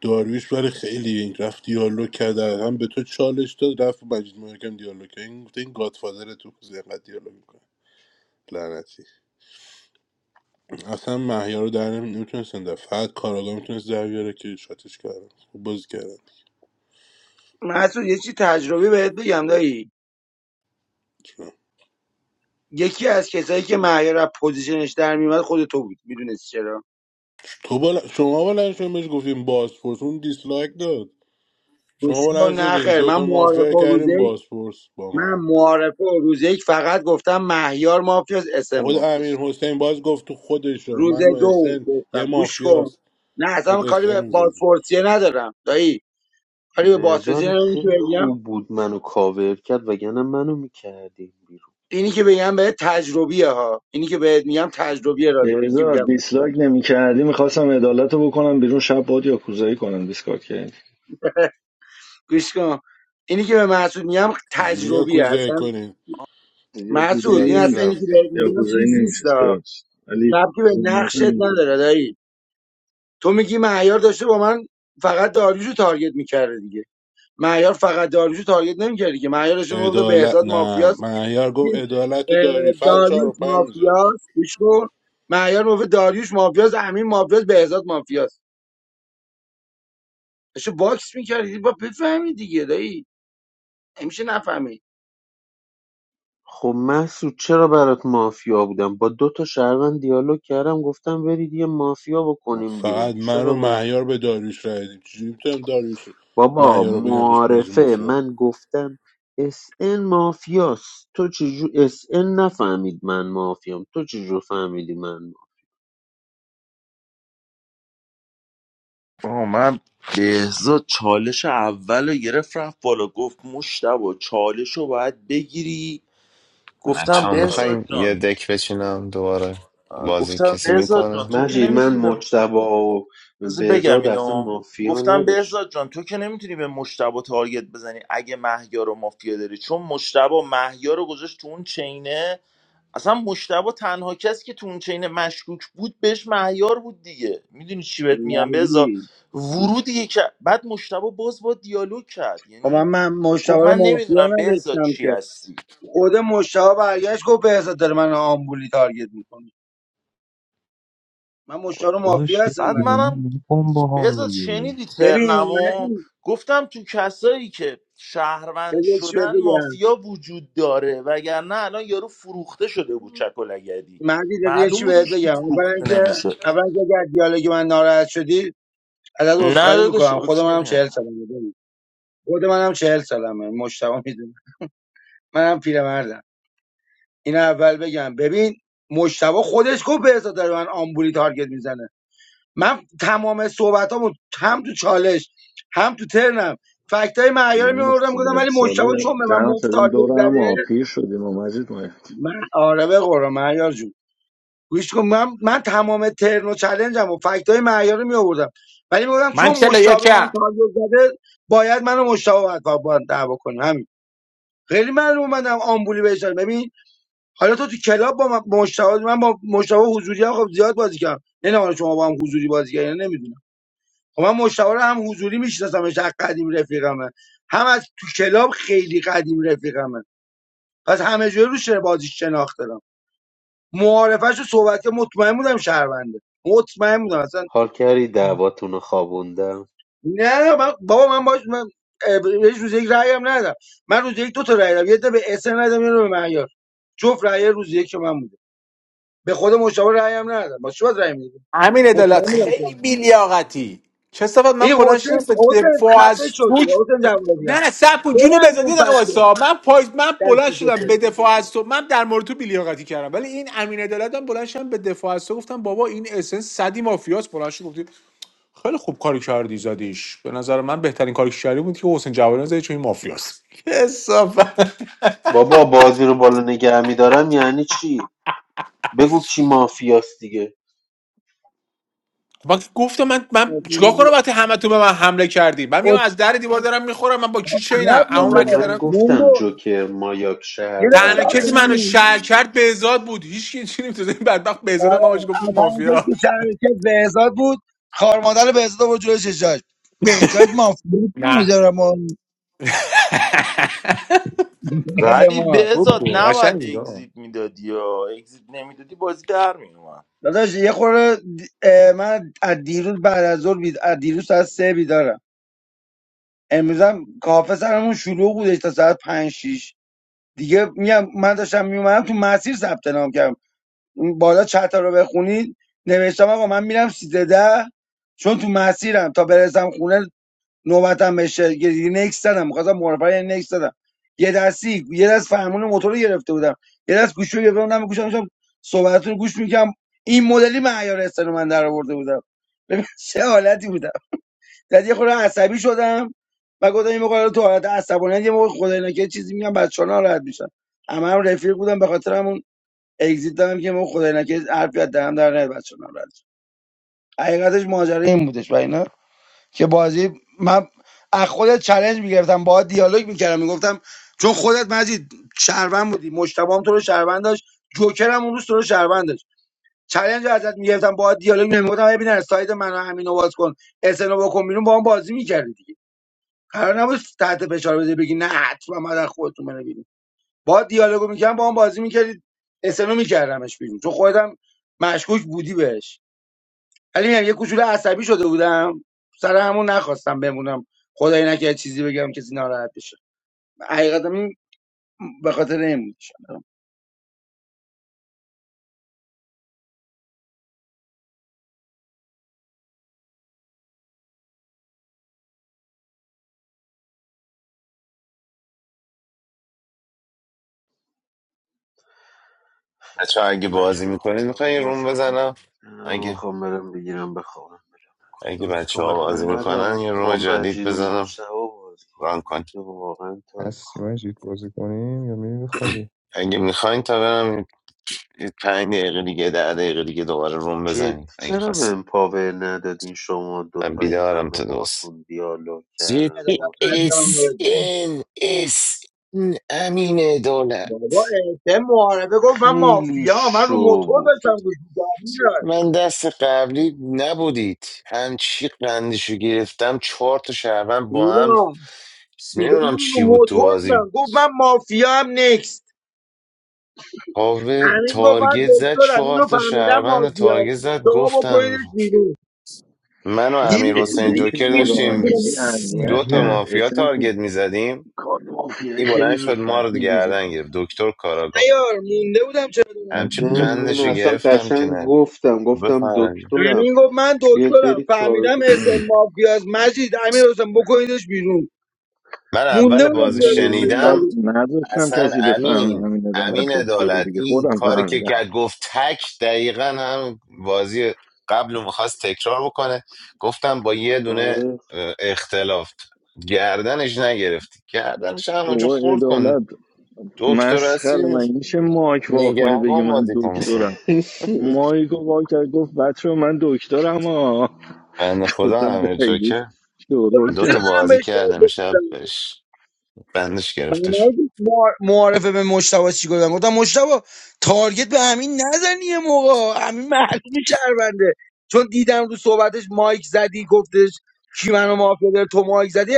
Speaker 13: داریوش برای خیلی این رفت دیالوگ کرد هم به تو چالش داد رفت با مجید مایاکم دیالوگ کرد این گفته این گادفادر تو زیقت دیالوگ میکنه لعنتی اصلا محیا رو در نمیتونستن در فقط کاراگاه میتونست در بیاره که شاتش کردن خوب بازی کردن
Speaker 18: مسعود یه چی تجربی بهت بگم دایی یکی از کسایی که مهیار از پوزیشنش در میومد خود تو بود میدونستی چرا
Speaker 13: تو بل... شما بلند شدین بهش گفتیم بازپرس اون دیسلایک داد شما
Speaker 18: بسیار
Speaker 13: بلند
Speaker 18: نه
Speaker 13: شدین
Speaker 18: خیر من
Speaker 13: دوتا مافیا
Speaker 18: معارفه و روزه
Speaker 13: کردیم
Speaker 18: یک-
Speaker 13: بازپرس با
Speaker 18: من
Speaker 13: من
Speaker 18: معارفه و روزه یک فقط گفتم مهیار مافیاس اسم
Speaker 13: خود امیر
Speaker 18: مافیاس
Speaker 13: حسین باز گفت تو خودش و
Speaker 18: روز
Speaker 13: من و اس
Speaker 18: دو
Speaker 13: ان یه
Speaker 18: گفتم گوش کن
Speaker 13: مافیاست
Speaker 18: نه
Speaker 13: باز
Speaker 18: اصلا
Speaker 13: اس
Speaker 18: کاری به
Speaker 13: ان زد
Speaker 18: بازپرسیه ندارم دایی کاری به بازپرسیه
Speaker 15: بهزاد
Speaker 18: ندارم اینی که
Speaker 15: خیلی
Speaker 18: بگم
Speaker 15: خوب بود منو کاور کرد وگرنه منو میکردیم بیرون
Speaker 18: اینی که بگم به تجربیه ها اینی که بهت میگم تجربیه راجع به اینکه
Speaker 17: بهزار
Speaker 18: میگم
Speaker 17: دیسلایک نمی کردی میخواستم عدالت رو بکنم بیرون شب باد یا کوزایی کنم دیسکارد کردی
Speaker 18: گوش کن اینی که به محسود میگم
Speaker 13: چجوری یا
Speaker 18: تجربیه
Speaker 13: کوزه
Speaker 18: اصلا
Speaker 13: کنین
Speaker 17: یا
Speaker 18: محسود
Speaker 17: کوزایی
Speaker 18: این
Speaker 13: داریوش
Speaker 18: اصلا اینی که
Speaker 17: نمیشست
Speaker 13: رفته
Speaker 18: بهت
Speaker 17: یا
Speaker 18: میگم
Speaker 17: کوزایی
Speaker 18: چیز نیست
Speaker 17: نمیشست ببخشید ولی
Speaker 18: ربطی به
Speaker 17: ذهنیت
Speaker 18: نقشت
Speaker 17: هم این خوب بود.
Speaker 18: نداره دایی تو میگی معیار داشته با من فقط داریوشو تارگت میکرده دیگه معیار فقط داریوشو تارگت نمیکرده دیگه معیار داشته میگفت
Speaker 13: عدالت
Speaker 18: بهزاد
Speaker 13: نه
Speaker 18: مافیاست
Speaker 13: مهیار گفت عدالت
Speaker 18: اه،
Speaker 13: و داریوش فقط چهار و
Speaker 18: داریوش
Speaker 13: پنج میذاش
Speaker 18: مافیاست گوش کن معیار میگفت داریوش مافیاست امین مافیاست بهزاد مافیاست داشته باکس میکردی با بفهمی دیگه دایی نمیشه نفهمی
Speaker 15: خب محسود چرا برات مافیا بودم با دو تا شهروند دیالوگ کردم گفتم برید یه مافیا بکنیم بیرون
Speaker 13: فقط من و
Speaker 15: چرا من
Speaker 13: مهیار به داریوش رای دادیم چجوری میتونم داریوش رو-
Speaker 15: بابا
Speaker 13: مهیار رو بگم توش بازی
Speaker 15: معارفه
Speaker 13: مافیا
Speaker 15: من گفتم اس ان مافیاست تو چجور اس ان نفهمید من مافیام تو چجور فهمیدی من مافیام
Speaker 8: آه من بهزاد چالش اول رو گرفت رفت بالا گفت مشتبا چالش رو باید بگیری
Speaker 9: بچه
Speaker 8: گفتم
Speaker 9: ها
Speaker 8: بهزاد
Speaker 9: میخواییم یه
Speaker 8: جان
Speaker 9: دک بچینم دوباره
Speaker 8: آه،
Speaker 9: بازی
Speaker 8: گفتم
Speaker 9: کسی
Speaker 8: بهزاد جان تو
Speaker 9: میکنه
Speaker 8: که
Speaker 15: مجید من
Speaker 8: نمیتونی
Speaker 15: مجتبی و
Speaker 8: بذار بگم
Speaker 15: بهزاد اصلا
Speaker 8: اینو
Speaker 15: مافیا
Speaker 8: گفتم
Speaker 15: نداشت
Speaker 8: بهزاد جان تو که نمیتونی به مشتبه تارگت بزنی اگه مهیار و مافیا داری چون مشتبه مهیار رو گذاشت تو اون چینه اصلا مشتبه تنها کسی که تو اون چینه مشکوک بود بهش مهیار بود دیگه میدونی چی بهت میگم بهزاد
Speaker 18: ندی.
Speaker 8: ورودی که بعد مشتبه باز با دیالوگ کرد
Speaker 18: خب من
Speaker 8: یعنی
Speaker 18: من
Speaker 8: گفت
Speaker 18: مشتبه رو
Speaker 8: من
Speaker 18: مافیا
Speaker 8: نمیدونم بهزاد
Speaker 18: نداشتم
Speaker 8: چی
Speaker 18: که
Speaker 8: هستی
Speaker 18: خود مشتبه برگشت گفت بهزاد داره من آمبولی تارگت میکنه من مشتاق مافیا
Speaker 3: داداش یه
Speaker 8: بعد
Speaker 18: هستم نگفتم
Speaker 8: منم
Speaker 3: دیوونه با هم
Speaker 8: بذار
Speaker 3: دیگه
Speaker 8: شنیدی
Speaker 18: ببین
Speaker 8: ترنمو
Speaker 18: مردی
Speaker 8: گفتم تو کسایی که شهروند
Speaker 18: بذار چی بهت
Speaker 8: شدن
Speaker 18: بگم
Speaker 8: مافیا وجود داره وگرنه الان یارو فروخته شده بود چکلگدی
Speaker 18: مردی بذار
Speaker 8: معلوم
Speaker 18: چی
Speaker 8: بود
Speaker 18: بهت
Speaker 8: هیچ کی
Speaker 18: بگم اولا
Speaker 8: فروخته
Speaker 18: که
Speaker 8: نمیشه
Speaker 18: اولا که اگر از دیالوگ من ناراحت شدی ازت
Speaker 8: نه
Speaker 18: عذرخواهی
Speaker 8: داداش
Speaker 18: میکنم خود منم
Speaker 8: اوکیه
Speaker 18: 40 سالمه ببین خود منم 40 سالمه مشتاق میدونم منم پیرمردم این اول بگم ببین مشتبه خودش گفت به داره من آمبولی تارگت میزنه من تمام صحبتامو هم تو چالش هم تو ترنم فکتای معیار
Speaker 17: یه مشت
Speaker 18: میآوردم گفتم
Speaker 17: چهل
Speaker 18: ولی مشتبه
Speaker 17: ساله
Speaker 18: چون به من
Speaker 17: جمع
Speaker 18: مفت
Speaker 17: شدیم
Speaker 18: تارگت
Speaker 17: دور هم
Speaker 18: زده
Speaker 17: آ، پیر شدیم و مجید ما
Speaker 18: من آره به قرآن مهیار جون گوش کن من من تمام ترن و چلنجم و فکت های معیار رو می آوردم ولی میگم
Speaker 19: (laughs) من
Speaker 18: چون
Speaker 19: چلو
Speaker 18: مشتاق
Speaker 19: یکم
Speaker 18: من تارگت زده باید منو مشتاق باید با با دعوا کنیم همین خیلی معلوم اومدم آمبولی بهش دادم. ببین حالا تو تو کلاب با من- مشتاق من با مشتاق حضوری هم خب زیاد بازی کردم نه حالا شما با هم حضوری بازی کردین نمیدونم خب من مشتاق رو هم حضوری میشناسمش از قدیم رفیقمه هم از تو کلاب خیلی قدیم رفیقمه پس همه جوره روش بازیش شناخت دارم معارفش و صحبت که مطمئن بودم شهرونده مطمئن بودم اصلا
Speaker 15: حال کردی دعواتون رو خوابوندم
Speaker 18: نه من بابا من باش من اه، بهش روز یک رأی هم ندادم من روز یک دو تا رأی دادم یه تا به اسن ندادم یه رو به معیار جفت رأی روز یک که من بوده به خود مشاور رأی هم ندادم واسه چی رأی میدادم
Speaker 19: همین عدالت
Speaker 18: مطمئن بودم که من
Speaker 19: خیلی
Speaker 18: بوده.
Speaker 19: بیلیاقتی چه صفت من
Speaker 18: این
Speaker 19: بلند
Speaker 18: حسین
Speaker 19: شدم به
Speaker 18: حسین
Speaker 19: دفاع از
Speaker 18: خفه شد
Speaker 19: سوک
Speaker 18: حسین جوادی ها
Speaker 19: نه سب کن جون
Speaker 18: ببن
Speaker 19: بزادی
Speaker 18: اون
Speaker 19: دقیقه
Speaker 18: بچه
Speaker 19: واسا من پایز من بلند
Speaker 18: دستی
Speaker 19: شدم
Speaker 18: تو
Speaker 19: به دفاع از تو من در مورد تو بیلیاقتی کردم ولی این امین عدالت هم بلند شدم به دفاع از تو گفتم بابا این اسنس صدی مافیاس بلند شد گفتی خیلی خوب کاری کردی زدیش به نظر من بهترین کاری که کردی بود که حسین جوانی زدی چون این مافیاس کثافت
Speaker 15: بابا بازی رو بالا نگه میدارم یعنی چی بگو کی مافیاست دیگه
Speaker 19: من (laughs) گفتم من من چیکار کنم وقتی همتون به من حمله کردی من میام از در دیوار دارم میخورم من با کی چینم
Speaker 18: عقب
Speaker 19: اون
Speaker 18: مونده
Speaker 15: بابا
Speaker 19: وقت که دارم
Speaker 15: من گفتم
Speaker 18: مونگول
Speaker 15: جوکر مایاک
Speaker 18: یه دقیقه
Speaker 19: تنها
Speaker 18: صبر
Speaker 19: کسی
Speaker 18: کن
Speaker 15: شهروندن
Speaker 19: منو
Speaker 15: اس
Speaker 18: همین.
Speaker 19: شهر
Speaker 15: ان
Speaker 19: کرد بهزاد بود هیچ کی چی نمی‌تونه. این بدبخت بهزاد ما بهش
Speaker 18: آره
Speaker 19: گفتیم
Speaker 18: تنها کسی
Speaker 19: مافیا
Speaker 18: که شرکت بهزاد بود خار مادر بهزاد بود جلوی چشاش بهزاد مافیا
Speaker 19: نه
Speaker 18: نمیذاره ما
Speaker 19: (laughs)
Speaker 8: ولی
Speaker 18: ما
Speaker 19: خوب
Speaker 8: بهزاد
Speaker 19: بود
Speaker 8: نباید
Speaker 19: قشنگ بود
Speaker 8: اگزیت میدادی یا اگزیت نمیدادی بازی در میومد
Speaker 18: داداش یه خورده دی- اه، من از دیروز بعد از ظهر بید... از دیروز ساعت سه بیدارم امروزم کافه سرمون شلوغ بودش تا ساعت پنج شیش دیگه میگم من داشتم میومدم تو مسیر ثبت نام کردم اون بالا چت رو بخونید نوشتم آقا من میرم سیزده چون تو مسیرم تا برسم خونه نوبتم بشه یه یه نکس زدم می‌خواستم معرفه یه نکس زدم یه دستی یه دست فرمون موتور رو گرفته بودم یه دست گوشی رو گرفته بودم گوشم داشتم صحبتتون رو گوش میکردم این مدلی معیار استن من در آورده بودم ببین (laughs) چه حالتی بودم بعد یه خورده عصبی شدم و گفتم این موقع تو حالت عصبانیت یه موقع خدای نکرد چیزی میگم بچه‌ها ناراحت میشن همه هم رفیق بودم به خاطر همون اگزییت دادم که موقع خدای نکرد حرفی از دهنم در نیاد بچه‌ها ناراحت شن. حقیقتش ماجرا این بودش و اینا که بازی من از خودت چلنج میگرفتم باهات دیالوگ میکردم میگفتم چون خودت مزید شهروند بودی مجتبی هم تو رو شهروند داشت جوکر هم اون روز تو رو شهروند داشت چلنج رو ازت میگرفتم باهات دیالوگ نمیگفتم ببین از سایت من و همین رو باز کن اسنو بکن بیرون با هم بازی میکردی دیگه قرار نبود تحت فشار بده بگی نه حتما من از خودتون منو بیرون با دیالوگو میکردم با هم بازی میکردی اسنو میکردمش بیرون چون خودت هم مشکوک بودی بهش ولی میگم یه کوچولو عصبی شده بودم سر همون نخواستم بمونم خدای نکرد چیزی بگم کسی ناراحت بشه حقیقتا این به خاطر این بود
Speaker 9: بچه ها اگه
Speaker 15: بچه
Speaker 9: بازی
Speaker 15: ها
Speaker 9: میکنید
Speaker 15: خوره ها
Speaker 9: میخوایی یه روم
Speaker 15: بازی خوبی
Speaker 9: بزنم
Speaker 15: بود نه
Speaker 9: اگه
Speaker 15: میخوام برم بگیرم بخوابم برم
Speaker 9: اگه بچه
Speaker 13: روزتون
Speaker 9: ها
Speaker 15: من
Speaker 13: بخیر
Speaker 9: بازی
Speaker 13: خدا
Speaker 9: میکنن
Speaker 15: اومدم
Speaker 9: یه روم
Speaker 15: با
Speaker 9: جدید
Speaker 15: مجید و
Speaker 9: بزنم
Speaker 15: مجتبا بازی
Speaker 9: ران
Speaker 15: کنم
Speaker 9: کن
Speaker 15: دیگه واقعا تا
Speaker 3: هستی
Speaker 15: میخوام
Speaker 3: مجید بازی کنیم یا میری بخوابی
Speaker 9: اگه میخواین تا برم یه پنج دقیقه دیگه ده دقیقه دیگه دوباره روم
Speaker 15: جدی
Speaker 9: بزنیم اگه
Speaker 15: چرا به
Speaker 9: خواستید
Speaker 15: این پاور ندادین شما
Speaker 9: من
Speaker 15: دوتا این
Speaker 9: بیدارم
Speaker 15: همه
Speaker 9: تا دوست
Speaker 15: باتون دیالوگ کردم
Speaker 9: جدی
Speaker 15: ما
Speaker 9: اس
Speaker 18: عدالتمند
Speaker 9: این اس این امین دولت
Speaker 18: بابا به معارفه گفت من
Speaker 15: خیلی
Speaker 18: مافیا من رو
Speaker 15: شو
Speaker 18: موتور
Speaker 15: بود
Speaker 18: داشتم گوش می‌دادم
Speaker 9: من دست قبلی نبودید همچی قندشو گرفتم چهار تا شهروند با هم
Speaker 18: میگم میگم
Speaker 9: نمیدونم
Speaker 18: من رو
Speaker 9: چی بود تو
Speaker 18: موتور
Speaker 9: بازی
Speaker 18: بودم گفت من مافیا هم نکست
Speaker 9: پاور
Speaker 18: همین گفت من
Speaker 9: تارگت زد
Speaker 18: دکترم
Speaker 9: چهار
Speaker 18: اینو
Speaker 9: تا
Speaker 18: فهمیدم
Speaker 9: شهروند رو
Speaker 18: مافیا
Speaker 9: تارگت زد
Speaker 18: شما
Speaker 9: گفتم
Speaker 18: بکنیدش بیرون
Speaker 9: من و امیر حسین
Speaker 17: اسن که
Speaker 9: جوکر
Speaker 18: نمی‌تونی
Speaker 17: خدا
Speaker 18: بگی
Speaker 9: داشتیم
Speaker 17: وکیلی
Speaker 9: س-
Speaker 18: بیرون.
Speaker 17: اذیت
Speaker 9: دو تا
Speaker 17: کرد
Speaker 3: مجید
Speaker 9: مافیا
Speaker 17: اسن
Speaker 9: تارگت میزدیم
Speaker 17: کار مافیایی
Speaker 9: این
Speaker 17: خیلی
Speaker 9: بلند
Speaker 17: زود
Speaker 9: شد ما
Speaker 17: بد
Speaker 9: رو
Speaker 17: میریزه
Speaker 9: گردن گرفت دکتر کاراگاه
Speaker 18: ایار مونده بودم
Speaker 9: همچی
Speaker 18: چرا
Speaker 3: مجید
Speaker 15: نه من
Speaker 9: قندشو
Speaker 15: اصلا
Speaker 9: گرفتم که
Speaker 15: قشنگ
Speaker 9: نه
Speaker 15: گفتم گفتم
Speaker 9: بفهمید
Speaker 15: دکترم
Speaker 18: امین گفت من
Speaker 15: بیاد
Speaker 18: دکترم
Speaker 15: برید تا
Speaker 18: فهمیدم اسم مافیاز مجید امیر حسین بکنیدش بیرون
Speaker 9: من
Speaker 18: مونده
Speaker 9: اول
Speaker 17: من
Speaker 18: بودم
Speaker 9: بازی
Speaker 18: که
Speaker 17: من یه
Speaker 18: دارم
Speaker 17: جوری
Speaker 18: بهش
Speaker 9: شنیدم
Speaker 17: نز-
Speaker 18: تارگت می‌زنم.
Speaker 17: نذاشتم
Speaker 9: اصلا
Speaker 17: کسی بفهمه
Speaker 9: امین
Speaker 17: همین عدالت
Speaker 9: امین
Speaker 17: دکتر
Speaker 9: عدالت
Speaker 17: دیگه
Speaker 9: این
Speaker 17: خودم
Speaker 9: کاری که
Speaker 17: فهمیدم
Speaker 9: که گفت تک دقیقا هم بازی قبل رو میخواست تکرار بکنه گفتم با یه دونه
Speaker 15: آره
Speaker 9: اه، اختلاف گردنش نگرفتی گردنش همونجا
Speaker 17: بابا
Speaker 9: خورد کن
Speaker 17: عدالت
Speaker 9: دکتر
Speaker 17: مسخره
Speaker 9: هستی
Speaker 17: من میشه مایک وا کنی بگی
Speaker 9: نگهبان
Speaker 17: من
Speaker 9: بازی کن مثلا
Speaker 17: دکترم
Speaker 15: (laughs)
Speaker 17: مایکو وا کرد گفت بچه من دکترم ها
Speaker 9: بند
Speaker 17: (laughs)
Speaker 9: خدا
Speaker 17: گفتم دیگه
Speaker 9: امیر جوکر
Speaker 17: شروع
Speaker 9: دو
Speaker 17: کرد
Speaker 18: چرا
Speaker 9: تا
Speaker 18: دارم
Speaker 9: بازی
Speaker 18: بهش
Speaker 9: کرد
Speaker 18: تارگت
Speaker 9: امشب
Speaker 18: میزنم
Speaker 9: بهش بندش
Speaker 18: من
Speaker 9: گرفته شد
Speaker 18: نبود معارفه به مشتبه چی گفتم گفتم مشتبه تارگت به امین نزنی یه موقع امین معلومی شهرونده چون دیدم رو صحبتش مایک زدی گفتش کی منو مافیا داره تو مایک زدی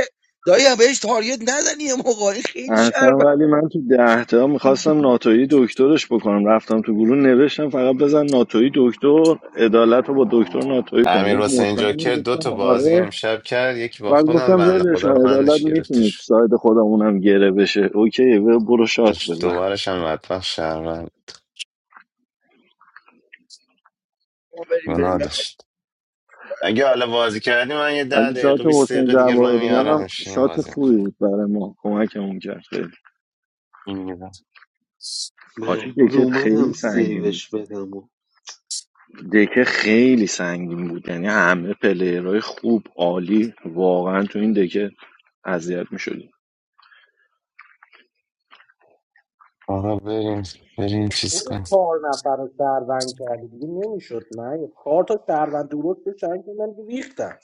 Speaker 18: دایی بهش تارگت نزنی یه موقع این خیلی
Speaker 17: اصلا
Speaker 18: شهرونده
Speaker 17: ولی من تو ده تا میخواستم ناتویی دکترش بکنم رفتم تو گروه نوشتم فقط بزن ناتویی دکتر عدالت رو با دکتر ناتویی کن
Speaker 9: امیر
Speaker 17: گفت
Speaker 9: حسین
Speaker 17: مطمئنی
Speaker 9: جوکر دو تا
Speaker 17: گفتم
Speaker 9: بازی
Speaker 17: آره
Speaker 9: امشب کرد یکی با
Speaker 17: بعد
Speaker 9: خودم
Speaker 17: گفتم
Speaker 9: بند
Speaker 17: ولش
Speaker 9: خدا رو
Speaker 17: کن عدالت
Speaker 9: بندش گرفته
Speaker 17: میتونه تو
Speaker 9: شد
Speaker 17: ساید خودمونم گره بشه اوکی و برو شات
Speaker 9: داشت
Speaker 17: بزن
Speaker 9: دوبارش هم بدبخت شهروند
Speaker 18: ما بریم
Speaker 9: گناه
Speaker 18: بریم
Speaker 9: داشت اگه حالا بازی کردی من یه ده
Speaker 17: ولی شات
Speaker 9: دقیقه بیست
Speaker 17: حسین
Speaker 9: دقیقه دیگه رو
Speaker 17: جواهریان
Speaker 9: میارم
Speaker 17: هم
Speaker 9: میشینیم
Speaker 17: شات
Speaker 9: بازی
Speaker 17: خوبی
Speaker 9: میکنیم
Speaker 17: بود برای ما کمکمون کرد خیلی
Speaker 9: این میدم
Speaker 17: حاجی
Speaker 15: مردون
Speaker 17: دکت خیلی
Speaker 15: اومدم
Speaker 17: سنگین بود
Speaker 15: سیوش بدم
Speaker 17: دکه خیلی سنگین بود یعنی همه پلیرهای خوب عالی واقعا تو این دکه اذیت میشدیم
Speaker 9: آقا بریم بریم چیز
Speaker 11: خود
Speaker 9: کنیم
Speaker 11: چهار نفر رو سروند کردی دیگه نمیشد من یه چهار تا سروند درست رو شنگ من دیگه ریختم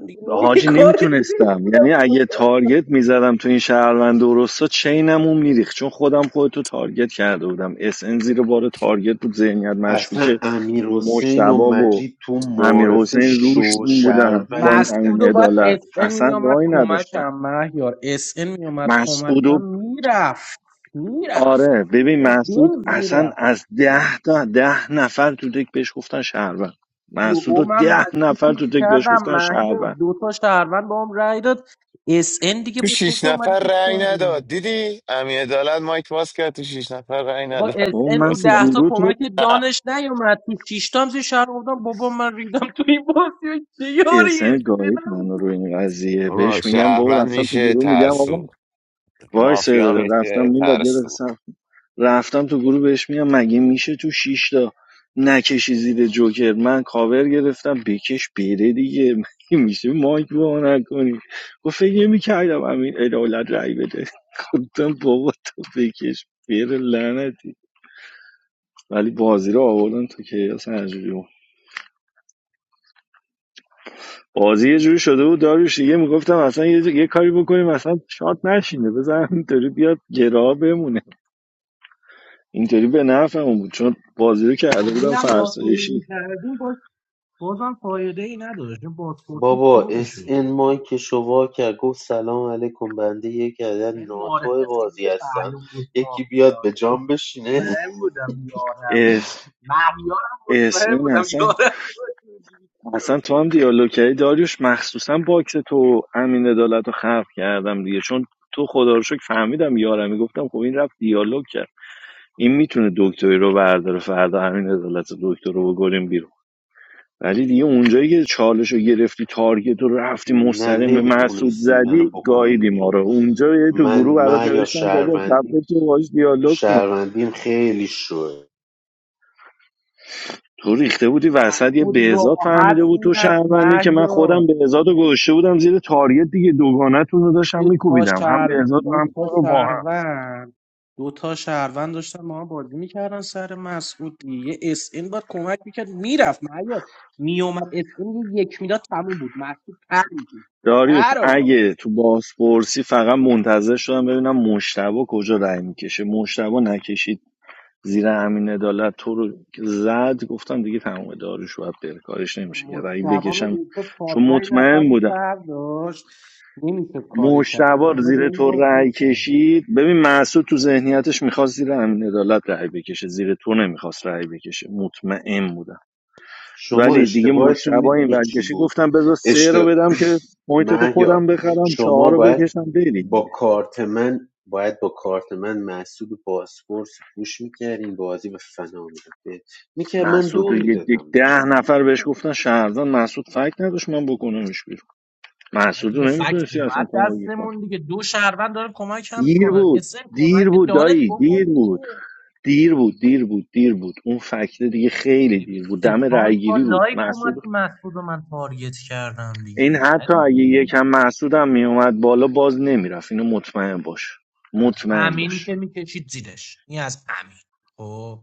Speaker 11: من دیگه نمی
Speaker 17: حاجی
Speaker 11: کاری
Speaker 17: نمیتونستم یعنی
Speaker 11: (laughs)
Speaker 17: اگه تارگت میزدم تو این شهروند درستا چینم اون میریخت چون خودم خودتو تارگت کرده بودم اس ان زیر بار تارگت بود ذهنیت مشکوک
Speaker 15: اصلا امیر حسین و
Speaker 17: مشتبا و
Speaker 15: مجید تو
Speaker 17: امیر
Speaker 15: معارفه
Speaker 17: حسین روش
Speaker 15: شو
Speaker 17: اون بودن با این
Speaker 15: شهروند بودن
Speaker 11: مسعود
Speaker 17: امین
Speaker 11: و بعد اس
Speaker 17: عدالت
Speaker 11: ان
Speaker 17: اصلا
Speaker 11: میومد
Speaker 17: وای نداشتن
Speaker 11: کمکم مهیار اس ان میومد
Speaker 17: مسعود و
Speaker 11: کمکم میرفت میرفت
Speaker 17: آره ببین
Speaker 11: تو
Speaker 17: مسعود
Speaker 11: بنز
Speaker 17: اصلا
Speaker 11: میرفت
Speaker 17: از ده تا ده نفر تو دک بهش گفتن شهروند مسعود
Speaker 11: یهو
Speaker 17: و
Speaker 11: من
Speaker 17: ده نفر تو
Speaker 11: مشکوکش
Speaker 17: دک بهش
Speaker 11: کردم
Speaker 17: گفتن
Speaker 11: مهیار
Speaker 17: شهروند
Speaker 11: دو تا شهروند با هم رای داد اس ان دیگه
Speaker 9: تو
Speaker 11: با تو
Speaker 9: شیش
Speaker 11: که اومدی
Speaker 9: نفر
Speaker 11: تو
Speaker 9: رأی
Speaker 11: ساید من
Speaker 9: نداد دیدی؟ امی عدالت مایک باز کرد تو شیش نفر رأی
Speaker 11: با
Speaker 9: نداد
Speaker 11: اس
Speaker 17: بابا
Speaker 11: ان
Speaker 17: من
Speaker 11: تو
Speaker 17: تو
Speaker 9: گسخل
Speaker 11: ده تا
Speaker 17: گروه تو
Speaker 11: کمک
Speaker 9: (laughs)
Speaker 11: دانش نیومد تو شیش تا هم زیر شهر بودم بابا من ریدم تو این بازی چه یاریه
Speaker 17: احسن گاهید من رو این قضیه
Speaker 9: بابا
Speaker 17: بهش میگم بابا
Speaker 9: شهروند
Speaker 17: رفتم تو
Speaker 9: میشه
Speaker 17: گروه میگم
Speaker 9: ترسو
Speaker 17: آقا وای سه
Speaker 9: مافیا
Speaker 17: داره رفتم
Speaker 9: میشه
Speaker 17: میلاد یه دقیقه
Speaker 9: ترسو
Speaker 17: صبر کن. رفتم تو گروه بهش میگم مگه میشه تو شیشتا نکشی زیر جوکر من کاور گرفتم بکش بره دیگه (laughs) مگه میشه مایک با نکنی گفت فکر میکردم همین ادالت رای بده (laughs) گفتم بابا تو بکش بره لعنتی ولی بازی رو آوردن تو که اصلا بازی یه جوری شده بود داروش دیگه میگفتم اصلا یه, یه کاری بکنیم اصلا شاد نشینه بزن اینطوری بیاد گراه بمونه اینطوری به نفعمون بود چون بازی رو کرده بودم فرسایشی
Speaker 15: بابا اس ان مایکش رو وا کرد گفت سلام علیکم بنده یک عدد ناتو بازی هستم یکی بیاد به جام بشینه (laughs)
Speaker 17: اس اس این اصلا اصلا تو هم دیالوگ کردی داریوش مخصوصا باکس تو امین عدالت رو خلق کردم دیگه چون تو خدا رو شکر فهمیدم یارمی گفتم خب این رفت دیالوگ کرد این میتونه دکتری رو برداره فردا همین عدالت دکتر رو بگوریم بیرون. ولی دیگه اونجایی که چالش رو گرفتی تارگت رو رفتی
Speaker 15: نه
Speaker 17: مستقیم به مسعود
Speaker 15: نمیتونستین منو
Speaker 17: زدی
Speaker 15: بکنین
Speaker 17: گاییدی ما
Speaker 15: بیرون
Speaker 17: رو اونجا یه تو
Speaker 15: من
Speaker 17: گروه برات
Speaker 15: من یا
Speaker 17: نوشتم بابا خفه
Speaker 15: شهروندیم
Speaker 17: تو باش دیالوگ کن
Speaker 15: شهروندیم خیلی شوه
Speaker 17: تو ریخته بودی وسط یه
Speaker 11: مسعود
Speaker 17: بهزاد
Speaker 11: راحت
Speaker 17: فهمیده بود تو
Speaker 11: میرفت
Speaker 17: شهروندی که من
Speaker 11: مهیار
Speaker 17: خودم بهزاد رو گذاشته بودم زیر تارگت دیگه دوگانتون رو داشتم
Speaker 11: دو تا
Speaker 17: میکوبیدم هم
Speaker 11: شهر
Speaker 17: بهزاد و
Speaker 11: دو
Speaker 17: هم
Speaker 11: تا
Speaker 17: تو رو با هم
Speaker 11: شهروند دو تا شهروند داشتن ما بازی میکردن سر مسعودی یه اس این باید کمک میکرد میرفت معیار میومد اس این یه یک میداد تموم بود مسعود پر میکرد
Speaker 17: داریوش
Speaker 11: پرو
Speaker 17: اگه تو بازپرسی فقط منتظر شدم ببینم مشتبه کجا رای میکشه مشتبه نکشید زیر همین عدالت تو رو زد گفتم دیگه تمام داروش باید بره کارش نمیشه کرد اگه
Speaker 11: مجتبا
Speaker 17: بکشم
Speaker 11: میدید که چهار
Speaker 17: چون
Speaker 11: پنج نفر
Speaker 17: مطمئن
Speaker 11: رو
Speaker 17: بودم
Speaker 11: شهر داشت نمیشد کاری کرد اون
Speaker 17: مشتبار
Speaker 11: همه به
Speaker 17: زیر
Speaker 11: اون
Speaker 17: تو
Speaker 11: بازی
Speaker 17: رأی
Speaker 11: میکردن
Speaker 17: کشید ببین محسود تو ذهنیتش میخواست زیر امین عدالت رأی بکشه زیر تو نمیخواست رأی بکشه مطمئن بودم
Speaker 15: شما
Speaker 17: ولی دیگه
Speaker 15: اشتباهتون
Speaker 17: مشتبا این
Speaker 15: میدونی
Speaker 17: ور
Speaker 15: چی
Speaker 17: کشید
Speaker 15: بود
Speaker 17: گفتم بذار سه
Speaker 15: اشت...
Speaker 17: رو
Speaker 15: (clears throat)
Speaker 17: بدم که محیط تو خودم
Speaker 15: مهیار
Speaker 17: بخرم
Speaker 15: شما
Speaker 17: چهار رو
Speaker 15: باید
Speaker 17: بکشم بری
Speaker 15: با
Speaker 17: دیگه
Speaker 15: کارت من باید با کارت من محسود بازپرس پوش میکردین بازی به فنا میرفت میکرد من
Speaker 17: محسود رو
Speaker 15: دو
Speaker 17: یه ده
Speaker 15: میدادم بهش
Speaker 17: ده نفر بهش گفتن شهرزان محسود فکر نداشت من بکنمش بیرون محسود نمیتونستی اصلا کمکی کنی دیر بود دیر بود دایی دیر بود دیر بود دیر بود دیر بود اون فکت دیگه خیلی دیر بود دم رأیگیری بود محسود این حتی اگه یکم محسود میومد بالا باز نمیرفت اینو مطمئن باش مطمئن
Speaker 11: امین
Speaker 17: باش
Speaker 11: که میکشید زیرش این از امین خب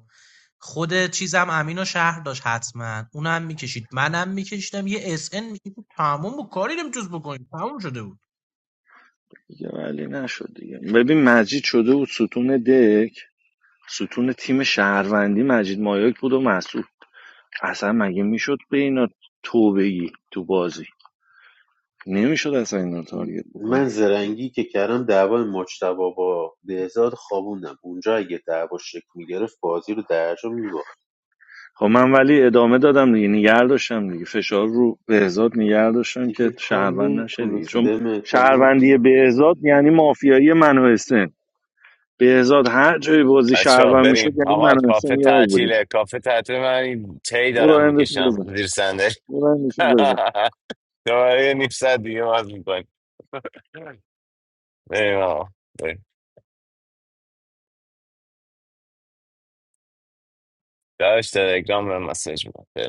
Speaker 11: خود چیزم امین و شهر داشت حتما اونم میکشید منم میکشیدم یه اس ان میکشید تمام و کاری نمیتونست بکنید تمام شده بود
Speaker 17: دیگه ولی نشد دیگه ببین مجید شده بود ستون دک ستون تیم شهروندی مجید مایاک بود و مسعود. اصلا مگه میشد به اینا توبگی تو بازی نمیشد اصلا اینا رو تارگت بکنی
Speaker 15: من زرنگی که کردم دعوای مجتبا با بهزاد خوابوندم اونجا اگه دعوا شکل میگرفت بازی رو درجا میباخت
Speaker 17: خب من ولی ادامه دادم دیگه نگر داشتم دیگه فشار رو بهزاد نگر داشتم که
Speaker 15: دیگه کار
Speaker 17: شهروند نشه دیگه
Speaker 15: نمیتونست
Speaker 17: چون
Speaker 15: به
Speaker 17: شهروندی بهزاد یعنی مافیایی من و حسین بهزاد هر جای بازی
Speaker 9: بچه ها
Speaker 17: شهروند میشد
Speaker 9: بریم
Speaker 17: یعنی
Speaker 9: آقا
Speaker 17: من و
Speaker 9: کافه
Speaker 17: حسین یار بودیم
Speaker 9: تعطیله کافه تعطیل من این تی
Speaker 17: برو
Speaker 9: دارم
Speaker 17: اندشو بزن
Speaker 9: میکشم زیر صندلی
Speaker 17: برو اندشو بزن
Speaker 9: (laughs) آره نیم ساعت دیگه باز میکنی نه درش (laughs) تلگرام به مسیج میکنم